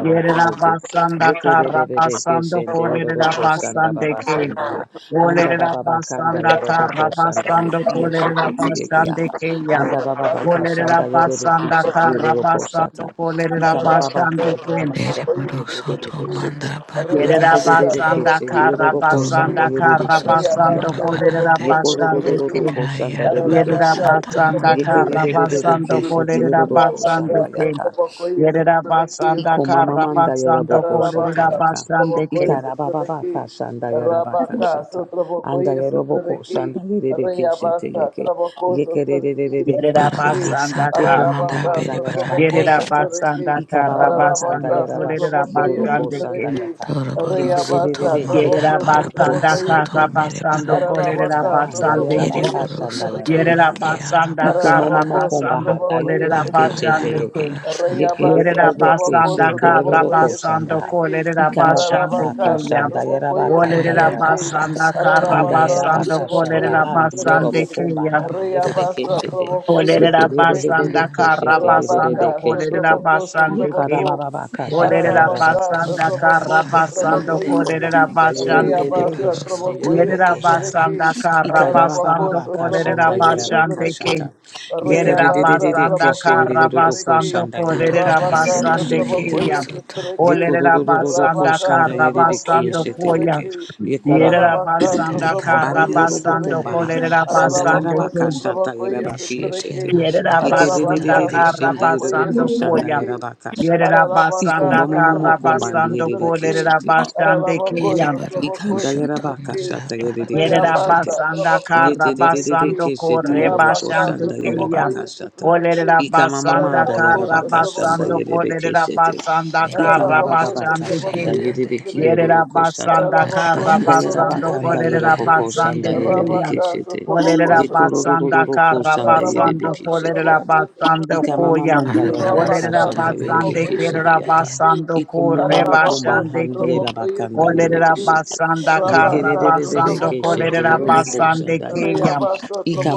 Speaker 4: Yerera basanda kara
Speaker 1: Yekererereke
Speaker 4: basando
Speaker 1: shende
Speaker 4: kolerera
Speaker 1: yororoko shanda
Speaker 4: basande
Speaker 1: baba
Speaker 4: ke.
Speaker 1: kanda ha. Anda
Speaker 4: Olerera
Speaker 1: baba bakanda
Speaker 4: basanda kara
Speaker 1: yoroboko shanda
Speaker 4: basando
Speaker 1: yekiye
Speaker 4: kolerera
Speaker 1: shekete yekiya
Speaker 4: basande
Speaker 1: ha.
Speaker 4: keya.
Speaker 1: Anda baba baka
Speaker 4: Olerera
Speaker 1: shanda yerebeki
Speaker 4: basanda
Speaker 1: shiki
Speaker 4: kara
Speaker 1: yororoko
Speaker 4: basando
Speaker 1: shata.
Speaker 4: kolerera
Speaker 1: Ika baba
Speaker 4: basande
Speaker 1: bakanda baba
Speaker 4: kem.
Speaker 1: shanda yete
Speaker 5: Deriborosoto
Speaker 1: bebebe sheke.
Speaker 5: manda
Speaker 1: Yete
Speaker 4: Yerera
Speaker 1: derereke
Speaker 5: barabarasete.
Speaker 4: basanda
Speaker 1: shende
Speaker 4: kara
Speaker 1: yororoko shanda
Speaker 4: basanda kara
Speaker 1: yerebeki
Speaker 5: Gloriborosoto
Speaker 1: shiki
Speaker 4: basando
Speaker 1: anda ha.
Speaker 4: kolerera
Speaker 5: marabarande.
Speaker 4: basande kem.
Speaker 1: Yekororororoko shanda bebeki
Speaker 4: Yerera
Speaker 1: shete.
Speaker 5: Kayarabarasata
Speaker 4: basanda
Speaker 5: manda
Speaker 4: kara
Speaker 1: Yekerebebebeke
Speaker 4: basando
Speaker 5: beribarande.
Speaker 1: shete
Speaker 4: kolerera
Speaker 1: yororoko shanda
Speaker 4: basande kem.
Speaker 1: yaka.
Speaker 4: Yerera basanda
Speaker 1: Iko mama
Speaker 4: kara
Speaker 1: manda
Speaker 4: basando
Speaker 1: yaraboko shata
Speaker 4: kolerera
Speaker 1: yaka.
Speaker 4: basande
Speaker 1: Ika
Speaker 4: kem.
Speaker 1: rabababa ka
Speaker 2: Trabeki,
Speaker 1: shanda yarabaka
Speaker 2: Rabaka,
Speaker 1: shata. Anda
Speaker 2: Sotrabokoye,
Speaker 1: yaraboko
Speaker 2: Sotrabeki,
Speaker 1: shanda yerebeke shete
Speaker 2: Reabasa,
Speaker 1: yeke.
Speaker 2: Traboko,
Speaker 1: Yeke
Speaker 2: Sotrabeki,
Speaker 1: rerererere
Speaker 4: Yerera
Speaker 1: ke
Speaker 2: Sotrabeki,
Speaker 1: shete.
Speaker 4: basanda
Speaker 5: Barabarasata
Speaker 1: Yeko mama
Speaker 5: manda
Speaker 2: Ararabaka,
Speaker 1: manda yarabaka
Speaker 2: Sotrabokoye,
Speaker 5: beribarande.
Speaker 4: Yerera
Speaker 1: shata.
Speaker 2: Sotrabeki,
Speaker 4: basanda
Speaker 1: Ika
Speaker 4: kara
Speaker 1: bababa kanda
Speaker 2: Ararabaka,
Speaker 4: basando
Speaker 1: yarabash
Speaker 4: kolerera
Speaker 2: Sotrabokoye,
Speaker 3: going to get
Speaker 1: kiroroko
Speaker 4: basande
Speaker 1: shanda
Speaker 4: kem.
Speaker 2: Sotrabeki,
Speaker 1: yaka. Yeke
Speaker 2: Reabasa,
Speaker 5: Doroborosoto
Speaker 1: rererere ke
Speaker 5: manda
Speaker 2: Traboko,
Speaker 4: Yerera
Speaker 1: shete
Speaker 4: basanda
Speaker 1: yoroko
Speaker 2: Sotrabokoye,
Speaker 5: barabarasoto
Speaker 4: kara
Speaker 1: shata. Iko
Speaker 4: basando
Speaker 1: mama
Speaker 5: meribarande.
Speaker 4: kolerera
Speaker 1: Ikomamamanda
Speaker 2: Tararabaka,
Speaker 1: handa
Speaker 3: it.
Speaker 4: basande kem.
Speaker 2: Sotrabokoye,
Speaker 1: yarabakasha nda
Speaker 2: Sotrabeke,
Speaker 5: Kiriborosoto
Speaker 4: Yerera
Speaker 2: Shite.
Speaker 1: yarabakasha.
Speaker 4: basanda kara
Speaker 5: rekiarabasata.
Speaker 2: Tararabako,
Speaker 1: Ikomomomo komba
Speaker 4: basando
Speaker 1: handa
Speaker 2: Sotrabokoye,
Speaker 4: kolerera
Speaker 1: yerebeke shete
Speaker 2: Sotrabeke.
Speaker 4: basande
Speaker 1: yeke.
Speaker 4: kem.
Speaker 5: Lakayarabarasata.
Speaker 1: Yeke
Speaker 2: Rayabasa,
Speaker 4: Yerera
Speaker 1: rebebeke
Speaker 2: Traboko,
Speaker 4: basanda
Speaker 1: shende
Speaker 4: kara
Speaker 2: Sotrabokoye,
Speaker 1: yororoko shanda
Speaker 4: basando
Speaker 1: ha.
Speaker 2: Sotrabeke.
Speaker 4: kolerera
Speaker 1: Ikamba baba
Speaker 4: basande
Speaker 2: Tararabaka,
Speaker 1: bakasha
Speaker 4: kem.
Speaker 1: nda
Speaker 2: Sotrabokoye,
Speaker 1: yarabakata
Speaker 4: Olerera
Speaker 2: Sotrabeke.
Speaker 1: yarabashata.
Speaker 4: basanda
Speaker 5: Kayarabarasata
Speaker 4: kara
Speaker 1: Anda
Speaker 2: Tararabaka,
Speaker 4: basando
Speaker 5: meherosoto.
Speaker 1: yarabakasha nda
Speaker 2: Sotrabokoye,
Speaker 4: kolerera
Speaker 1: handi
Speaker 2: Sotrabeke.
Speaker 1: yorobo
Speaker 4: basande
Speaker 1: komba
Speaker 4: kem.
Speaker 1: handi
Speaker 5: Banda
Speaker 1: yerebeke
Speaker 2: Rayabasa,
Speaker 1: shete.
Speaker 2: Trabokoye,
Speaker 1: Yeke
Speaker 4: Olerera
Speaker 5: boroborosoto
Speaker 2: Sotrabeke.
Speaker 4: basanda
Speaker 5: meherande.
Speaker 1: rebebebeke
Speaker 4: kara
Speaker 1: shete
Speaker 2: Rabaka,
Speaker 4: basando
Speaker 1: yerebeke
Speaker 4: kolerera
Speaker 1: shete.
Speaker 2: Sotraboko,
Speaker 4: basande kem.
Speaker 2: Sotraboko.
Speaker 1: Yekarababa
Speaker 5: Pere
Speaker 1: bakasha nda
Speaker 4: Olerera
Speaker 5: Boroso to
Speaker 2: Ararabacasa,
Speaker 4: basanda
Speaker 1: yarabakasha.
Speaker 5: Mata
Speaker 4: kara
Speaker 2: Trabocosa,
Speaker 4: basando
Speaker 5: Barabarande,
Speaker 2: Trabocoyese,
Speaker 4: kolerera
Speaker 1: Ikumomomokombahanda
Speaker 4: basande
Speaker 5: Pere
Speaker 4: ke.
Speaker 2: Reabasa,
Speaker 1: yerererekeshe
Speaker 5: Boroso to
Speaker 2: Trabocoyese,
Speaker 4: Yerera
Speaker 1: ndererorokoshata.
Speaker 5: Rekiara
Speaker 2: Trebeke,
Speaker 4: basanda kara
Speaker 5: Masata,
Speaker 4: basando
Speaker 2: Ararabacosa,
Speaker 4: kolerera
Speaker 1: Ikarabababakashanda
Speaker 3: I
Speaker 2: Trabocoyese,
Speaker 4: basande
Speaker 2: Trebeke,
Speaker 4: ke.
Speaker 1: yarabakashata.
Speaker 4: Yerera
Speaker 2: Reabasa,
Speaker 4: basanda
Speaker 1: Yekerererekeshe
Speaker 2: Trabocosa,
Speaker 4: kara
Speaker 2: Trebeke,
Speaker 4: basando
Speaker 1: ndererorokoshanda
Speaker 4: kolerera
Speaker 1: yererekiye
Speaker 2: Rabacasa,
Speaker 5: Darabarasata
Speaker 4: basande ke
Speaker 1: ndereshekete
Speaker 5: Behero
Speaker 4: ya.
Speaker 1: yeke.
Speaker 2: Trabocoyese,
Speaker 5: Soto,
Speaker 2: Trebeke,
Speaker 4: Olerera basanda
Speaker 1: Yekororororokoshanda
Speaker 2: Rabacasa,
Speaker 4: kara basando
Speaker 2: Trabocoyese,
Speaker 1: yererekiyeshete
Speaker 4: koya.
Speaker 1: yeke.
Speaker 2: Trebeke,
Speaker 1: Yekombaha.
Speaker 4: Yerera
Speaker 2: Ararabacasa,
Speaker 4: basanda
Speaker 5: Akayara
Speaker 4: kara
Speaker 2: Trabocoyese,
Speaker 4: basando
Speaker 5: Barasata
Speaker 2: Trebeke,
Speaker 1: Ikambandiyerobokombaha.
Speaker 4: kolerera
Speaker 5: Mehero
Speaker 1: Anda
Speaker 5: Soto,
Speaker 4: basande
Speaker 2: Ararabacosa,
Speaker 4: ke.
Speaker 1: roko
Speaker 2: Trabocoyese, Trebeke,
Speaker 5: Eshete
Speaker 1: yarabakiyeshete.
Speaker 4: Yerera
Speaker 5: Larabarasata
Speaker 4: basanda
Speaker 2: Ararabacasa,
Speaker 1: Yekerererekeshe
Speaker 4: kara
Speaker 5: Merebaran,
Speaker 2: Trabocoyese,
Speaker 4: basando
Speaker 3: am
Speaker 1: ndererorokoshanda
Speaker 4: koya.
Speaker 2: Trebeke,
Speaker 1: yarabakashata.
Speaker 4: Yerera
Speaker 2: Ararabaka,
Speaker 4: basanda
Speaker 1: Ikombamomo
Speaker 4: kara
Speaker 2: Sotrobokoye,
Speaker 4: basando
Speaker 1: kombambirere
Speaker 2: Sotrobeke,
Speaker 4: kolerera
Speaker 1: keshete.
Speaker 4: basande
Speaker 2: Ararabako,
Speaker 5: Ere
Speaker 4: keya.
Speaker 2: Sotroboko,
Speaker 5: Boroko
Speaker 1: Ikanda
Speaker 5: Shoto
Speaker 1: yarabaka
Speaker 2: Sotrobeke,
Speaker 5: Manda
Speaker 1: shata yerere
Speaker 4: Yerera
Speaker 5: Barabarande,
Speaker 2: Arayabasa,
Speaker 1: kiyeshete.
Speaker 4: basanda
Speaker 2: Trabako,
Speaker 4: kara
Speaker 1: Yete de de de
Speaker 2: Sotrobeke,
Speaker 1: de
Speaker 4: basando
Speaker 1: keshete
Speaker 4: kore
Speaker 1: yeroroko
Speaker 2: Arabaka,
Speaker 4: basande
Speaker 1: shanda
Speaker 4: keya.
Speaker 2: Sotrobokoye,
Speaker 1: yarabaka shata.
Speaker 2: Sotrobeke,
Speaker 4: Olerera basanda
Speaker 1: Ikamamamanda
Speaker 2: Ararabako,
Speaker 4: kara
Speaker 1: yarabaka shanda
Speaker 2: Sotrobokoye,
Speaker 4: basando
Speaker 1: yerere
Speaker 4: kolerera
Speaker 1: keshete.
Speaker 4: basanda
Speaker 5: Pere
Speaker 4: kara
Speaker 2: Ararabacos,
Speaker 5: Boroso to
Speaker 1: Ikamababaka
Speaker 4: basande
Speaker 1: shanda
Speaker 2: Trabacoyes,
Speaker 1: yerere
Speaker 5: Reherande,
Speaker 2: Trebeki,
Speaker 4: Yerera
Speaker 1: kiyororoko shata.
Speaker 4: basanda
Speaker 2: Ararabacos,
Speaker 4: kara
Speaker 1: Anda
Speaker 4: basando
Speaker 1: yarabaka
Speaker 5: Darabarasata
Speaker 2: Trabacos,
Speaker 1: anda
Speaker 4: kolerera
Speaker 2: Trebeki,
Speaker 1: yaraboko
Speaker 5: Rekiara
Speaker 4: basande
Speaker 1: shanda yerere
Speaker 5: Meherande,
Speaker 4: keyan.
Speaker 2: Rabacas, the
Speaker 1: keshete.
Speaker 2: Trabacos,
Speaker 4: Olerera basanda
Speaker 2: Trebeki,
Speaker 1: Yekororororoko
Speaker 4: kara
Speaker 1: shanda yerere
Speaker 4: basando
Speaker 2: Ararabacos,
Speaker 4: kolerera
Speaker 2: Trabacos,
Speaker 1: keshekiyata.
Speaker 4: basando
Speaker 2: Trebeki,
Speaker 4: koyan.
Speaker 1: Ikamamamanda yarabaka
Speaker 4: Olerera
Speaker 2: Rabacas,
Speaker 1: shanda
Speaker 5: Arabarasata
Speaker 1: yerere
Speaker 4: basande
Speaker 2: Trabacoyes,
Speaker 4: kerera
Speaker 5: Rekiara
Speaker 1: keshekiyata.
Speaker 2: Trebeki,
Speaker 4: basando
Speaker 1: Iko
Speaker 4: kore
Speaker 1: momo ikomomomokumba
Speaker 2: Ararabacos,
Speaker 4: basande keyan.
Speaker 1: handiera
Speaker 2: Trabacoyes,
Speaker 1: bakanda lere
Speaker 4: Olerera
Speaker 2: Trebeki,
Speaker 1: beshete.
Speaker 4: basanda kara
Speaker 1: Yekere
Speaker 5: Bawaraga
Speaker 2: Rabacas, the
Speaker 1: bebebebe
Speaker 4: basando
Speaker 5: barasata
Speaker 2: Trabacos,
Speaker 1: keshete
Speaker 4: kolerera
Speaker 1: roro
Speaker 5: beherande
Speaker 2: Trebeki,
Speaker 1: kosa
Speaker 4: basande keyan.
Speaker 2: Reabas,